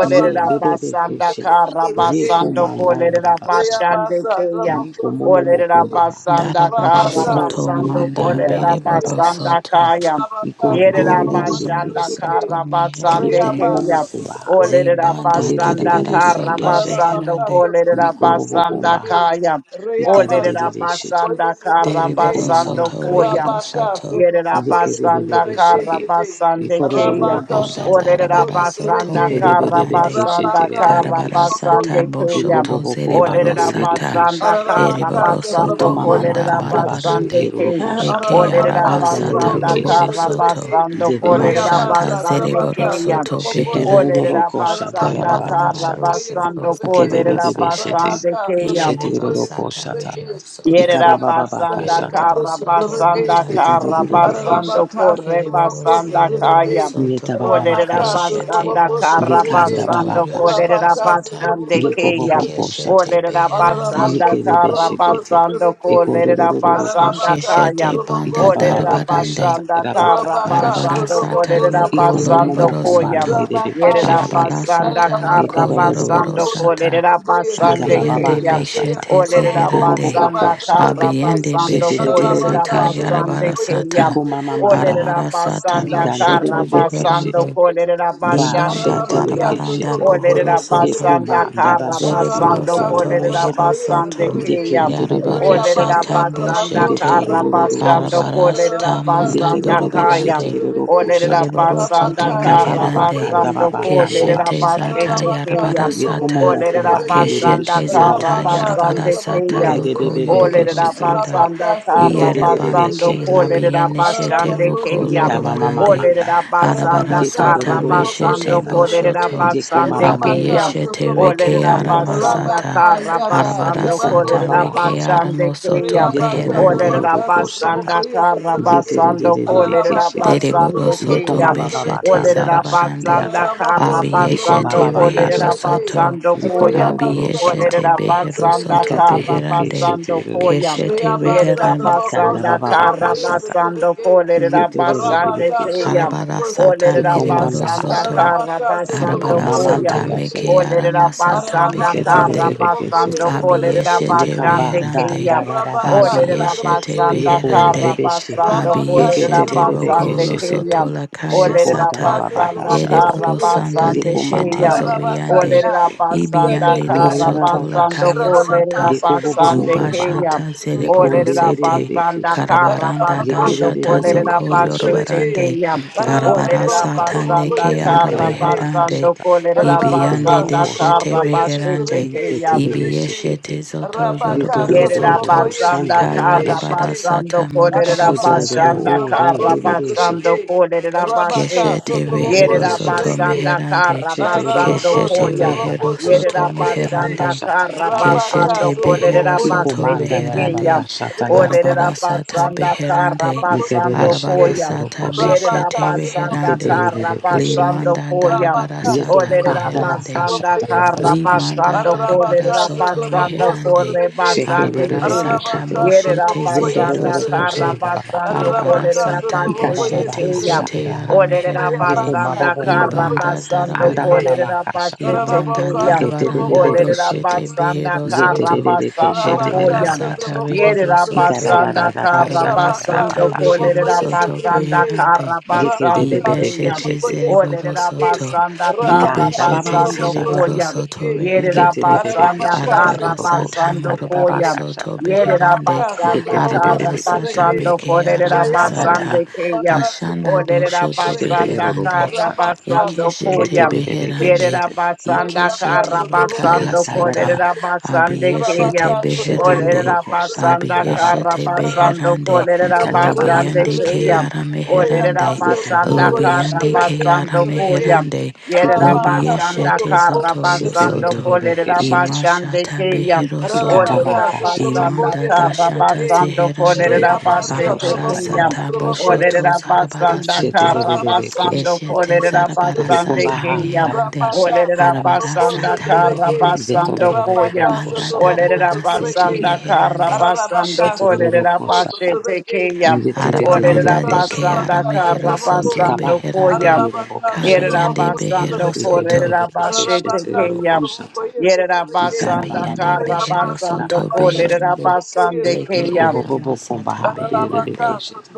Speaker 1: Ye bebebe
Speaker 4: basanda
Speaker 1: keshe.
Speaker 2: Sutrabako
Speaker 4: kara
Speaker 1: Ye
Speaker 2: Sutrabakation.
Speaker 4: basando
Speaker 1: komanda
Speaker 4: kolerera
Speaker 1: yarabashata.
Speaker 4: basande
Speaker 2: Reabasa
Speaker 4: keya.
Speaker 1: Ye
Speaker 2: Trabako
Speaker 1: komomomo
Speaker 4: Olerera
Speaker 2: Sutrabakation.
Speaker 1: komahas.
Speaker 4: basanda kara
Speaker 2: Rabaka
Speaker 1: Sheto
Speaker 5: Darabarasoto
Speaker 4: basando
Speaker 1: ri
Speaker 2: Sutrabako
Speaker 5: manda
Speaker 4: kolerera
Speaker 1: yandabaka
Speaker 2: Sutrabakation.
Speaker 4: basanda
Speaker 1: darashe.
Speaker 5: beriborosoto.
Speaker 4: kaya.
Speaker 2: Arabaka
Speaker 1: Iko
Speaker 4: Yerera
Speaker 2: Sutrabako
Speaker 1: bebebe
Speaker 4: basanda
Speaker 1: keshe.
Speaker 5: Akayarabarasoto
Speaker 2: Sutrabakation.
Speaker 4: kara
Speaker 1: Ye
Speaker 4: basande
Speaker 5: mihirande.
Speaker 1: komomomo
Speaker 2: Reabasa
Speaker 4: keya.
Speaker 1: komaha.
Speaker 2: Trabako
Speaker 4: Olerera
Speaker 5: Zibanda
Speaker 1: Ye
Speaker 2: Sutrabakation.
Speaker 4: basanda
Speaker 1: dededede
Speaker 4: kara
Speaker 5: darabarasoto
Speaker 1: kiyashete.
Speaker 4: basando
Speaker 5: behirande.
Speaker 2: Arabacasa,
Speaker 1: Ye
Speaker 4: kolerera
Speaker 2: Trabaco,
Speaker 1: komomo
Speaker 4: basanda
Speaker 2: Sutrabeque,
Speaker 1: komaha.
Speaker 4: kaya.
Speaker 1: Ika
Speaker 2: Reabasa,
Speaker 4: Olerera
Speaker 1: dededede shete.
Speaker 2: Trabaco,
Speaker 4: basanda kara
Speaker 1: Ye
Speaker 2: Sutrabeque,
Speaker 4: basando
Speaker 1: komamama
Speaker 5: Deriborosoto
Speaker 1: kata.
Speaker 4: koya.
Speaker 2: rabaka
Speaker 5: rehirosoto.
Speaker 4: Yerera
Speaker 1: Ye
Speaker 2: Trabaco,
Speaker 4: basanda
Speaker 1: kedebebebe
Speaker 2: Sutrabeque,
Speaker 4: kara
Speaker 1: sheke.
Speaker 2: Shitty,
Speaker 1: Ye
Speaker 4: basande keya.
Speaker 1: kororo
Speaker 2: rabaka
Speaker 5: Banda
Speaker 4: Olerera
Speaker 2: Trabaco,
Speaker 5: darabarasoto
Speaker 2: Sutrabeque,
Speaker 4: basanda kara
Speaker 5: miribarande.
Speaker 4: basanda
Speaker 2: Rabacasa,
Speaker 4: kara
Speaker 1: Ikerebebebekeshetererekeshete.
Speaker 2: Trabaco,
Speaker 4: basande
Speaker 5: Karabarasata
Speaker 2: Sutrabaco,
Speaker 4: keya.
Speaker 5: Boshoto
Speaker 1: Ikobobokomanda
Speaker 4: Olerera
Speaker 5: Zereborosata
Speaker 4: basanda
Speaker 1: yerebekeshikiyata.
Speaker 4: kara
Speaker 2: Ararabaka,
Speaker 4: basando
Speaker 5: Ereborosoto
Speaker 2: Sotrabokoi,
Speaker 5: Manda
Speaker 4: kolerera
Speaker 1: Ikomamamakanda
Speaker 2: Sotrabeke,
Speaker 4: basande
Speaker 5: Barabarande
Speaker 4: keya.
Speaker 1: bashikirorokoshata.
Speaker 5: Eke
Speaker 2: Ararabaka,
Speaker 4: Olerera
Speaker 1: Anda
Speaker 5: Arabasata
Speaker 2: Sotrabokoi,
Speaker 1: yerebekeshete.
Speaker 4: kara
Speaker 2: Sotrabeke,
Speaker 5: Rohorosoto
Speaker 4: basando kolerera
Speaker 1: Debebebeshete.
Speaker 5: Mashata
Speaker 2: Reabasa,
Speaker 4: basande
Speaker 2: Tarabaka,
Speaker 4: keya.
Speaker 5: Zereborosoto
Speaker 2: Sotrabokose,
Speaker 5: Beherande
Speaker 4: Olerera
Speaker 1: Shetorororokoshata
Speaker 2: Ararabaka,
Speaker 5: Karabaranda
Speaker 4: kara
Speaker 1: yerabakashata.
Speaker 2: Sotrabokoi,
Speaker 5: Dosoto
Speaker 4: basando
Speaker 2: Sotrabeke,
Speaker 4: kolerera
Speaker 5: Zarabarasata
Speaker 1: Ikerebebebeshete.
Speaker 4: basande
Speaker 2: Rabaka, Sotrabokoi,
Speaker 5: Erebasata
Speaker 1: Shetorororokoshata.
Speaker 2: Sotrabeke,
Speaker 5: Reherosoto
Speaker 2: Reabasa,
Speaker 4: Yerabasanda
Speaker 1: Ikabababakashata.
Speaker 2: Taraboko,
Speaker 5: Kereborosoto
Speaker 4: Karabasanda
Speaker 5: Manda
Speaker 2: Sotrabeke,
Speaker 5: Darabarande
Speaker 4: Karabasando
Speaker 1: Shetererekeshete.
Speaker 2: Ararabaka, Sotraboko,
Speaker 5: Kereborosi
Speaker 4: Korebasanda Kaya.
Speaker 2: Sotrabeke,
Speaker 5: Ereborosoto
Speaker 2: Rabaka,
Speaker 1: Nyetabababakashata.
Speaker 5: Eshete
Speaker 4: Olerabasanda
Speaker 2: Sotraboko,
Speaker 5: Bashata
Speaker 2: Sotrabeke,
Speaker 5: Zoto
Speaker 4: Karabasando
Speaker 1: Gekandababakashata.
Speaker 2: Rabaka,
Speaker 5: Yorobarasata
Speaker 4: Kolerabasande
Speaker 2: Sotrabokoi,
Speaker 4: Kaya.
Speaker 2: Sotrabeke,
Speaker 1: Gekobobokoshata.
Speaker 5: Ikeshete beherande.
Speaker 2: Ararabako
Speaker 4: Olerabasanda
Speaker 1: Yekerebe
Speaker 2: sotraboko
Speaker 1: shekete.
Speaker 4: Karabasando
Speaker 2: sotrabeki.
Speaker 1: Ekororororo
Speaker 4: Kolerabasanda
Speaker 1: koshata.
Speaker 2: Ararabaka
Speaker 4: Kaya.
Speaker 5: Ikeshete
Speaker 2: sotraboko
Speaker 5: banda
Speaker 1: Ikabababa
Speaker 2: sotrabeki.
Speaker 5: darabarande.
Speaker 1: kashata.
Speaker 4: Olerabasanda
Speaker 1: Erabaka
Speaker 2: Rabaka
Speaker 1: tabashata.
Speaker 4: Karabasando
Speaker 2: sotraboko
Speaker 5: Arabarasata roko
Speaker 1: Iko
Speaker 2: sotrabeki.
Speaker 1: momomo
Speaker 4: Kolerabasando Koya.
Speaker 1: komandi
Speaker 5: loroborosoto.
Speaker 1: yerebe
Speaker 2: Rabaka ya.
Speaker 1: keshete yeke.
Speaker 4: Yerabasanda
Speaker 5: Arabarasata
Speaker 2: Ararabaka
Speaker 5: loko
Speaker 1: Yekarorororo
Speaker 4: Karabasando
Speaker 2: sotraboko
Speaker 1: koshata.
Speaker 5: yoroborosata.
Speaker 2: sotraboko ye
Speaker 4: Kolerabasande
Speaker 1: Ikabababa
Speaker 2: sotrabeki.
Speaker 5: Abiende
Speaker 4: Kaya.
Speaker 2: Shite ya
Speaker 1: kashata.
Speaker 5: beshete
Speaker 4: Olerera
Speaker 1: Iko
Speaker 2: sotraboko.
Speaker 1: bobobo
Speaker 5: zeherande.
Speaker 2: Yaba
Speaker 4: basanda
Speaker 1: koshata.
Speaker 4: kara
Speaker 2: sotrabeki.
Speaker 5: Abiende
Speaker 4: basando
Speaker 1: Shete de de
Speaker 5: beshete
Speaker 1: de de
Speaker 4: kolerera
Speaker 2: Ararabaka
Speaker 5: zata
Speaker 1: keshete.
Speaker 4: basande
Speaker 2: sotraboko ye
Speaker 4: keya.
Speaker 1: Iko
Speaker 5: yarabarasata.
Speaker 1: mamamanda.
Speaker 4: Olerera
Speaker 5: Arabarasata
Speaker 4: basanda
Speaker 2: Rabaka,
Speaker 5: roshoto
Speaker 4: kara
Speaker 1: Vikandebebebe
Speaker 4: basando
Speaker 1: keshete.
Speaker 5: beherande.
Speaker 4: kolerera
Speaker 1: Ba
Speaker 4: basande
Speaker 5: Ibanda
Speaker 1: shete be
Speaker 4: keya.
Speaker 5: darabaranda
Speaker 1: keshete.
Speaker 4: Olerera
Speaker 5: bohorosoto.
Speaker 4: basanda
Speaker 1: Yekumba
Speaker 4: kara
Speaker 1: Dabashikio
Speaker 5: Zereboro
Speaker 4: basando
Speaker 5: soto
Speaker 4: kolerera
Speaker 1: Tobokosa.
Speaker 5: rehero
Speaker 4: basande
Speaker 5: soto.
Speaker 1: Deke
Speaker 4: keya.
Speaker 1: Debeke
Speaker 5: Yarabara
Speaker 4: Olerera
Speaker 1: Shete.
Speaker 5: sata
Speaker 4: basanda
Speaker 5: boshete.
Speaker 4: kara
Speaker 1: Getororo
Speaker 4: basando
Speaker 1: Kosata.
Speaker 5: Arabara
Speaker 4: kolerera
Speaker 5: sata manda
Speaker 4: basanda
Speaker 1: Yeterere
Speaker 4: kaya.
Speaker 1: Shete
Speaker 5: dorobarande.
Speaker 1: Roko
Speaker 4: Olerera
Speaker 1: Sata.
Speaker 5: Kiriboro
Speaker 4: basanda
Speaker 5: soto
Speaker 1: Nikamba
Speaker 4: kara
Speaker 1: Baba
Speaker 5: meherande.
Speaker 1: Kanda
Speaker 4: basando
Speaker 1: Baba Kanda
Speaker 4: kolerera
Speaker 5: Keshete
Speaker 1: Bashikiete.
Speaker 5: zata
Speaker 4: basete keya.
Speaker 5: yarabara sata.
Speaker 1: Yekumomo
Speaker 4: Olerera
Speaker 1: Kumba
Speaker 4: basanda
Speaker 5: Keshete
Speaker 1: Debeshiro
Speaker 4: kara
Speaker 5: zata
Speaker 1: Kosata.
Speaker 5: yarabara
Speaker 4: basande
Speaker 5: sata
Speaker 4: keya.
Speaker 1: Ika
Speaker 5: loko
Speaker 2: Rabaka,
Speaker 1: Debeke
Speaker 5: yoroboro
Speaker 4: Olerera
Speaker 1: Shete.
Speaker 5: sanda.
Speaker 4: basanda
Speaker 2: Rabaka
Speaker 4: kara
Speaker 2: Sotrobokoye
Speaker 1: Yeterere
Speaker 5: Ierebanda
Speaker 4: basando
Speaker 5: ke
Speaker 1: Shete
Speaker 2: Sotrobeke,
Speaker 4: kolerera
Speaker 5: labiene
Speaker 1: Rokosa.
Speaker 5: shete
Speaker 4: basande
Speaker 2: Ararabako
Speaker 5: roko
Speaker 4: keya.
Speaker 1: Nika Mama
Speaker 2: Sotrobokoye
Speaker 5: lorobarande.
Speaker 2: Se,
Speaker 4: Olerera
Speaker 1: Mandaha.
Speaker 5: Arabara
Speaker 4: basanda
Speaker 2: Ararabaka
Speaker 4: kara
Speaker 5: sata
Speaker 1: Getororo
Speaker 2: Sotrobokoye
Speaker 5: reshete
Speaker 4: basando
Speaker 1: Kosandaha.
Speaker 4: kolerera
Speaker 2: Sotrobeke,
Speaker 5: boshoto.
Speaker 1: Jekoma
Speaker 4: basande
Speaker 1: Mamandaha.
Speaker 4: keya.
Speaker 2: Rabaka
Speaker 5: Abiyeshete
Speaker 2: Sotroboko,
Speaker 5: reke
Speaker 4: Olerera
Speaker 1: Kanda baba baba.
Speaker 4: basanda
Speaker 5: aramasata.
Speaker 2: Rabaka
Speaker 4: kara
Speaker 2: Yaba,
Speaker 5: Arabara
Speaker 4: basando
Speaker 1: Yekoma
Speaker 2: Yabako
Speaker 5: sata
Speaker 1: baba
Speaker 4: kolerera
Speaker 5: reke
Speaker 1: bashata.
Speaker 2: Sotroboko,
Speaker 4: basande
Speaker 5: aramosoto
Speaker 4: keya.
Speaker 2: Reaba
Speaker 5: beherande.
Speaker 4: Olerera
Speaker 1: Yetorororororo
Speaker 2: Satrabaka
Speaker 1: koshanta.
Speaker 4: basanda
Speaker 2: Sotrobokoye
Speaker 4: kara
Speaker 2: Sotrobeke,
Speaker 4: basando
Speaker 1: Yeterererere
Speaker 4: kolerera
Speaker 2: Ararabaka
Speaker 1: keshete.
Speaker 5: Deriboro
Speaker 4: basande
Speaker 2: Sotrobokoye
Speaker 5: soto
Speaker 4: keya.
Speaker 1: Yekoma baba
Speaker 5: beshete
Speaker 2: Sotrobeke,
Speaker 1: bakanda
Speaker 4: Olerera
Speaker 5: zarabarande.
Speaker 4: basanda
Speaker 1: bashikiyata.
Speaker 4: karra
Speaker 2: Rabakos,
Speaker 1: Yekoma
Speaker 4: basando
Speaker 5: Abiyeshete
Speaker 1: baba
Speaker 2: Trabakos,
Speaker 5: rehero
Speaker 4: kolerera
Speaker 1: kashata.
Speaker 2: Trabake,
Speaker 5: soto.
Speaker 4: basando koyam.
Speaker 2: Rayabas,
Speaker 1: Yekororororo shata.
Speaker 5: Abiyeshete
Speaker 4: Olerera
Speaker 2: Trabakos,
Speaker 5: behero
Speaker 4: basanda
Speaker 5: soto
Speaker 2: Trabake,
Speaker 4: karra
Speaker 1: Ikatebe
Speaker 5: beherande.
Speaker 1: keshete
Speaker 4: basando
Speaker 1: roroko
Speaker 4: koyam.
Speaker 1: shata.
Speaker 5: Keshete
Speaker 4: Yerera
Speaker 2: Reabasa
Speaker 5: reherande.
Speaker 2: trabajo,
Speaker 1: Yikanda
Speaker 2: se
Speaker 4: basanda
Speaker 1: baba
Speaker 2: trabajo
Speaker 4: karra
Speaker 2: y se
Speaker 1: bakashata.
Speaker 4: basando
Speaker 2: trabeque.
Speaker 4: kolerera
Speaker 1: Yeterererere
Speaker 4: basande
Speaker 2: Rabaca se
Speaker 1: keshete.
Speaker 4: keyam.
Speaker 2: trabajo, se
Speaker 5: Arabarasata
Speaker 4: Olerera
Speaker 2: trabeque.
Speaker 5: mereboro
Speaker 1: Yekomanda
Speaker 4: basanda
Speaker 5: soto.
Speaker 1: hashata.
Speaker 4: karra
Speaker 2: Ararabaca se
Speaker 4: basando
Speaker 2: trabajo, se
Speaker 1: Yekomamanda
Speaker 5: Arabarasata
Speaker 4: koyam.
Speaker 2: trabeque.
Speaker 5: meke
Speaker 1: hashate.
Speaker 4: Olerera
Speaker 5: aramasata
Speaker 4: basanda
Speaker 2: Ararabaca se
Speaker 4: karra
Speaker 5: beherande.
Speaker 1: Iketerebebe
Speaker 2: trabajo y
Speaker 1: keshete.
Speaker 4: basando
Speaker 2: se
Speaker 4: kolerera
Speaker 5: Abiyeshete
Speaker 2: trabeque.
Speaker 1: Yekaba
Speaker 4: basande
Speaker 1: da
Speaker 5: beherande,
Speaker 4: keyam.
Speaker 1: daraba
Speaker 2: Rabaca se
Speaker 4: Olerera
Speaker 1: shata.
Speaker 5: abiyeshete
Speaker 2: trabeque, se
Speaker 4: basanda
Speaker 1: Yeko
Speaker 2: te.
Speaker 4: karra
Speaker 5: beherande,
Speaker 1: rebeshi.
Speaker 4: basando
Speaker 2: Rabaca se
Speaker 4: kolerera
Speaker 1: Yekete
Speaker 5: abiyeshete
Speaker 1: bebebe
Speaker 2: trabajo, se
Speaker 4: basande
Speaker 5: rokolo
Speaker 1: keshete.
Speaker 4: keyam.
Speaker 2: trabeque.
Speaker 5: sotola kaya
Speaker 1: Shiko
Speaker 4: Olerera
Speaker 5: sata,
Speaker 2: Rabaca
Speaker 1: tababa
Speaker 2: se
Speaker 1: baka
Speaker 4: basanda
Speaker 2: trabajo,
Speaker 1: shata.
Speaker 2: se
Speaker 4: kara
Speaker 5: ereboro sanda
Speaker 2: trabeque.
Speaker 4: basande
Speaker 1: Yeko mama
Speaker 5: deshete
Speaker 4: keya.
Speaker 1: da yerebe
Speaker 2: Ararabaca
Speaker 5: zobiande,
Speaker 4: Olerera
Speaker 1: kishiki.
Speaker 4: basanda
Speaker 5: ibiande
Speaker 2: ya.
Speaker 1: Anda
Speaker 4: kara
Speaker 1: yaraba
Speaker 5: dosotola
Speaker 4: basando
Speaker 1: kashata.
Speaker 5: kaya
Speaker 4: kolerera
Speaker 5: sata,
Speaker 1: Yeko bobo
Speaker 4: basande
Speaker 1: boko baha.
Speaker 4: keya.
Speaker 5: zubashata
Speaker 1: Yiko
Speaker 5: zereboro
Speaker 4: Olerera
Speaker 5: sete,
Speaker 1: ndegerere
Speaker 4: basanda
Speaker 1: keshete.
Speaker 4: kara
Speaker 5: karabaranda
Speaker 4: basando
Speaker 5: dashata
Speaker 1: Yekerere
Speaker 4: kolerera
Speaker 5: zoko
Speaker 1: kiyosoto.
Speaker 4: basete
Speaker 5: yorobarande,
Speaker 4: keya.
Speaker 1: Yikarababa
Speaker 4: Olerera
Speaker 1: shata.
Speaker 5: arabarasata
Speaker 4: basanda
Speaker 5: neke
Speaker 4: kara
Speaker 1: Yikarababa
Speaker 2: Yarabakos,
Speaker 5: arabeherande,
Speaker 4: basando
Speaker 1: kashata.
Speaker 4: kolerera
Speaker 2: Rabaka
Speaker 5: ibiande
Speaker 4: basanda
Speaker 2: sotroboko
Speaker 5: deshete
Speaker 4: kara
Speaker 2: yes
Speaker 4: basete
Speaker 5: beherande,
Speaker 2: trebeke
Speaker 1: Nikete
Speaker 4: keya.
Speaker 1: bebe
Speaker 2: setrebeke.
Speaker 1: shekete.
Speaker 5: Ibiyeshete zoto
Speaker 2: Rabaka
Speaker 5: yoroboro
Speaker 4: Yerera
Speaker 1: Vitorororo
Speaker 2: sotroboko
Speaker 5: soto
Speaker 2: yes
Speaker 1: kusanda
Speaker 4: basanda
Speaker 1: yeki
Speaker 2: trebeke
Speaker 4: kara
Speaker 1: yeshete.
Speaker 5: kayarabara
Speaker 2: shite.
Speaker 4: basando
Speaker 5: sata
Speaker 4: kolerera
Speaker 5: moroboro
Speaker 2: Rabaka
Speaker 1: Shetorororo
Speaker 5: sata
Speaker 4: basanda
Speaker 1: ora
Speaker 2: sotroboko
Speaker 4: kara
Speaker 1: lirire shete.
Speaker 4: basando
Speaker 2: sotrebeke.
Speaker 4: kolerera bashi.
Speaker 2: Rabaka
Speaker 5: keshete
Speaker 2: sotroboko
Speaker 5: rehero
Speaker 1: Ikararere
Speaker 4: Yerera
Speaker 1: shete.
Speaker 5: soto
Speaker 2: sotrebeke.
Speaker 4: basanda
Speaker 5: meherande
Speaker 4: kara
Speaker 1: Shetorororo
Speaker 4: basando
Speaker 2: Rabaka
Speaker 5: keshete
Speaker 1: kosata
Speaker 4: koya.
Speaker 2: sotroboko
Speaker 5: rehero
Speaker 1: yarabaka
Speaker 5: soto
Speaker 4: Yerera
Speaker 1: shata
Speaker 2: sotroboko yes.
Speaker 1: yarabaka
Speaker 4: basanda
Speaker 5: meherande
Speaker 1: shata
Speaker 4: kara
Speaker 1: yarabaka
Speaker 2: Rabaka
Speaker 1: shata.
Speaker 4: basando
Speaker 5: keshete behero
Speaker 4: kolerera
Speaker 2: sotroboko yes
Speaker 5: soto
Speaker 4: bashi
Speaker 1: Ikomanda
Speaker 2: trebeke.
Speaker 4: tekeya.
Speaker 1: yarabaka
Speaker 5: meherande
Speaker 1: shata yarabaka
Speaker 4: Olerera
Speaker 5: arabara
Speaker 2: Rayabasa
Speaker 1: shata.
Speaker 5: sata
Speaker 4: basanda kara
Speaker 5: beherande
Speaker 2: sotroboko sotroboko
Speaker 1: Nikerere
Speaker 4: basando
Speaker 1: shete
Speaker 5: arabara
Speaker 2: sotrebeke.
Speaker 4: koya.
Speaker 1: yoro
Speaker 5: sata
Speaker 1: kosata.
Speaker 4: Yerera
Speaker 2: Rabaka
Speaker 5: beshete
Speaker 4: basanda
Speaker 1: Nikete
Speaker 2: sotroboko
Speaker 5: reherande
Speaker 1: bebe
Speaker 4: kara
Speaker 1: beke
Speaker 2: sotrebeke.
Speaker 1: shete.
Speaker 4: basando
Speaker 5: limanda
Speaker 4: koya.
Speaker 5: darabara
Speaker 2: Rabaka
Speaker 1: Yeto
Speaker 5: sata
Speaker 4: Olerera
Speaker 2: sotroboko
Speaker 1: kanda baka
Speaker 5: beherande
Speaker 2: sotroboko
Speaker 4: basanda
Speaker 1: shata
Speaker 2: yesi.
Speaker 4: kara
Speaker 1: yarabaka shata.
Speaker 5: Limanda
Speaker 4: basando
Speaker 2: Ararabaka
Speaker 5: darabara
Speaker 4: kolerera
Speaker 5: soto
Speaker 2: sotroboko
Speaker 4: basando
Speaker 5: reherande,
Speaker 4: kore
Speaker 2: sotrobeke.
Speaker 4: basande
Speaker 5: arabara
Speaker 4: kin.
Speaker 5: sata
Speaker 2: Ararabaka
Speaker 1: Shekererereshete.
Speaker 4: Yerera
Speaker 5: boshete
Speaker 2: sotroboko yesi
Speaker 5: zehero
Speaker 4: basanda
Speaker 1: Yetororo
Speaker 2: sotrobeke.
Speaker 4: kara
Speaker 5: soto,
Speaker 1: koshanda
Speaker 4: basando
Speaker 1: babakata.
Speaker 5: arabara
Speaker 2: Ararabaka
Speaker 4: kolerera
Speaker 5: sata
Speaker 2: sotroboko
Speaker 4: basete
Speaker 2: yesi
Speaker 5: boshete
Speaker 4: kiyam.
Speaker 2: sotrobeke.
Speaker 5: zete ara
Speaker 1: Ikabababakasanda.
Speaker 4: Olerera
Speaker 1: Yeko
Speaker 5: meherande,
Speaker 2: Rayabasa
Speaker 4: basanda
Speaker 1: mababo
Speaker 4: kara
Speaker 2: sotroboko
Speaker 1: kumbaha.
Speaker 5: ibanda
Speaker 2: yesi
Speaker 4: basando
Speaker 1: Anda
Speaker 2: sotrobeke.
Speaker 5: darabarande,
Speaker 4: kolerera
Speaker 1: Ikabababakashanda. Yekumababokoma. Andabababakashata.
Speaker 4: basete
Speaker 5: ibanda
Speaker 2: Ararabaka
Speaker 4: kiyam.
Speaker 2: sotroboko
Speaker 5: darabaranda
Speaker 4: Olerera
Speaker 1: Iketererereshete.
Speaker 5: doshete
Speaker 2: sotroboko
Speaker 4: basanda
Speaker 5: behero
Speaker 4: kara
Speaker 5: soto,
Speaker 4: basando
Speaker 1: Yetererereshete
Speaker 5: arabara
Speaker 2: Rabaka
Speaker 4: koyam.
Speaker 2: se
Speaker 5: sata
Speaker 1: yererakashata.
Speaker 2: trabocó, se
Speaker 5: rehero
Speaker 4: Yerera
Speaker 2: trabeque.
Speaker 5: soto,
Speaker 4: basanda kara
Speaker 1: Ikarararakashata
Speaker 5: arabara
Speaker 2: Rabaka se
Speaker 4: basando
Speaker 5: sata
Speaker 2: trabocó
Speaker 1: yerabakashata
Speaker 5: rehero
Speaker 4: kolerera
Speaker 2: y se
Speaker 5: soto
Speaker 4: basanda
Speaker 1: yerabakashata.
Speaker 2: trabeque.
Speaker 5: beherande,
Speaker 4: kara basande
Speaker 2: Rabaka se
Speaker 4: kiyam.
Speaker 5: Ibeshete
Speaker 2: trabocó
Speaker 1: Yekererereshete
Speaker 2: y se
Speaker 5: zereboro
Speaker 1: yeroroko.
Speaker 4: Olerera
Speaker 2: trabeque.
Speaker 5: soto.
Speaker 4: basanda kara
Speaker 2: Rabaka se
Speaker 5: Ibeshete
Speaker 4: basando
Speaker 2: trabocó,
Speaker 1: Ikandabababakashata.
Speaker 2: se
Speaker 5: zereboro
Speaker 4: koyam.
Speaker 5: soto
Speaker 2: trabeque.
Speaker 4: Yerera
Speaker 5: beherande.
Speaker 4: basanda
Speaker 1: Iketererereshete
Speaker 2: Rabaka se
Speaker 4: kara
Speaker 5: Arabara
Speaker 2: trabocó
Speaker 5: sata
Speaker 1: yerorokoshata
Speaker 4: basando
Speaker 5: moroboro
Speaker 4: koyam.
Speaker 5: soto
Speaker 1: yerabakashata.
Speaker 4: Yerera
Speaker 2: Rabaka
Speaker 5: beherande.
Speaker 1: Shete
Speaker 4: basanda
Speaker 1: de
Speaker 2: Sotroboko
Speaker 1: de
Speaker 4: kara
Speaker 5: Arabara sata
Speaker 2: Sotrebeke,
Speaker 4: basando
Speaker 5: reke
Speaker 4: kolerera
Speaker 2: Rayabasa
Speaker 5: aramasata.
Speaker 4: basande keya.
Speaker 2: Trabaka
Speaker 5: Ashanda
Speaker 2: Sotroboko
Speaker 4: Olerera
Speaker 5: doshoto
Speaker 2: Sotrebeke,
Speaker 4: basanda
Speaker 5: beherande.
Speaker 4: kara
Speaker 2: Rabaka
Speaker 4: basando
Speaker 5: Ekeshete
Speaker 2: Sotroboko
Speaker 4: koya.
Speaker 1: de
Speaker 2: Sotrebeke,
Speaker 5: beherande,
Speaker 4: Yerera basanda
Speaker 2: Rabaka
Speaker 5: ikeshete
Speaker 4: kara
Speaker 2: Sotroboko
Speaker 5: rakaya
Speaker 4: basando
Speaker 5: sata,
Speaker 4: kolerera
Speaker 2: Sotrebeke,
Speaker 4: basande keya.
Speaker 2: Rabaka
Speaker 5: abiyeshete
Speaker 2: Sotroboko
Speaker 5: beherande,
Speaker 4: Olerera
Speaker 2: Sotrebeke,
Speaker 4: basanda kara
Speaker 5: abiyeshete
Speaker 4: basando
Speaker 2: Rabaka
Speaker 5: beherande,
Speaker 4: kolerera
Speaker 2: Sotroboko
Speaker 4: basande
Speaker 5: lobiyande
Speaker 2: Sotrebeke,
Speaker 4: keya.
Speaker 5: keara
Speaker 4: Olerera
Speaker 5: meherande,
Speaker 2: Rayabasa
Speaker 4: basanda
Speaker 2: Traboko
Speaker 4: kara
Speaker 5: lobiyande
Speaker 2: Sotrebeke
Speaker 5: keara
Speaker 4: basando
Speaker 2: Sotrebeke,
Speaker 4: koya.
Speaker 5: meherande,
Speaker 4: Yerera
Speaker 2: Rabaka
Speaker 4: basanda
Speaker 5: lobiyeshete
Speaker 2: Sotroboko
Speaker 4: kara
Speaker 5: zoto
Speaker 2: Sotrebeke,
Speaker 4: basando
Speaker 5: yosoto,
Speaker 4: kolerera
Speaker 2: Shiki.
Speaker 4: basande
Speaker 5: imashata
Speaker 4: keya.
Speaker 5: behero soto,
Speaker 2: Ararabaka,
Speaker 4: Olerera basanda
Speaker 2: Sotrobokoye,
Speaker 5: imanda
Speaker 4: kara
Speaker 2: Sotrobeke,
Speaker 5: dashata
Speaker 4: basando
Speaker 5: zeherande,
Speaker 4: kolerera
Speaker 2: Reabasa,
Speaker 4: basete
Speaker 2: Traboko,
Speaker 4: keya.
Speaker 5: arabarasata
Speaker 2: Sotrobokoye,
Speaker 5: boshoto
Speaker 4: Olerera
Speaker 2: Sotrobeke,
Speaker 4: basanda
Speaker 5: zarabarasete,
Speaker 4: kara
Speaker 1: de
Speaker 2: Ararabaka,
Speaker 1: ke
Speaker 4: basando
Speaker 1: shete.
Speaker 5: Eshete
Speaker 2: Sotrobokoye,
Speaker 4: kolerera
Speaker 2: Sotrobeke,
Speaker 4: basande
Speaker 5: zarabarasata
Speaker 1: Yekombaha
Speaker 4: keya.
Speaker 5: meherande
Speaker 1: ndabakasha
Speaker 2: Rabaka,
Speaker 4: Olerera
Speaker 2: Sotroboko,
Speaker 4: basanda
Speaker 5: arabarasata
Speaker 4: kara
Speaker 2: Sotrobeke,
Speaker 4: basando
Speaker 5: ruhorosoto
Speaker 1: Getororo
Speaker 2: Rabaka,
Speaker 4: koya.
Speaker 5: banda
Speaker 1: koshanda
Speaker 2: Sotroboko,
Speaker 4: Olerera
Speaker 2: Sotrobeke,
Speaker 5: darabarasete
Speaker 4: basanda
Speaker 1: kichikia
Speaker 4: kara
Speaker 5: reherande
Speaker 2: Ararabaka,
Speaker 4: basando
Speaker 1: shetororo
Speaker 4: kolerera
Speaker 2: Sotroboko,
Speaker 1: koshata
Speaker 4: basete
Speaker 2: Sotrobeke,
Speaker 4: keya.
Speaker 1: ngete de de de de
Speaker 4: Olerera
Speaker 5: arabaranda
Speaker 2: Reabasa,
Speaker 5: de ke
Speaker 1: keshete
Speaker 5: ara
Speaker 4: basanda
Speaker 2: Trabaka,
Speaker 4: kara
Speaker 2: Sotroboko,
Speaker 5: meherosoto
Speaker 4: basando
Speaker 1: ngikabata
Speaker 5: beherande
Speaker 4: koya.
Speaker 1: birobo
Speaker 2: Ararabaka,
Speaker 1: koshata
Speaker 4: Yerera
Speaker 5: kabiyende
Speaker 2: Sotroboko,
Speaker 4: basando
Speaker 2: Sotrobeke,
Speaker 1: ikebe
Speaker 5: beherosoto
Speaker 1: de de
Speaker 4: kolerera
Speaker 1: de
Speaker 4: bashete
Speaker 1: keshete
Speaker 2: Ararabaka,
Speaker 1: roro
Speaker 4: keya.
Speaker 2: Sotroboko,
Speaker 1: koshata
Speaker 4: Yerera
Speaker 1: ngitara
Speaker 2: Sotrobeke,
Speaker 4: basanda
Speaker 1: baba
Speaker 5: kabiyende
Speaker 4: kara
Speaker 1: bakasha
Speaker 2: Arabacas,
Speaker 4: basando
Speaker 5: beherosoto
Speaker 1: rabakasha
Speaker 4: kolerera
Speaker 5: beherande
Speaker 4: basande
Speaker 5: leke
Speaker 1: ngiko
Speaker 4: keya.
Speaker 5: ara
Speaker 1: bobo boko
Speaker 5: masata
Speaker 1: bahande de de
Speaker 5: beherande
Speaker 1: keshete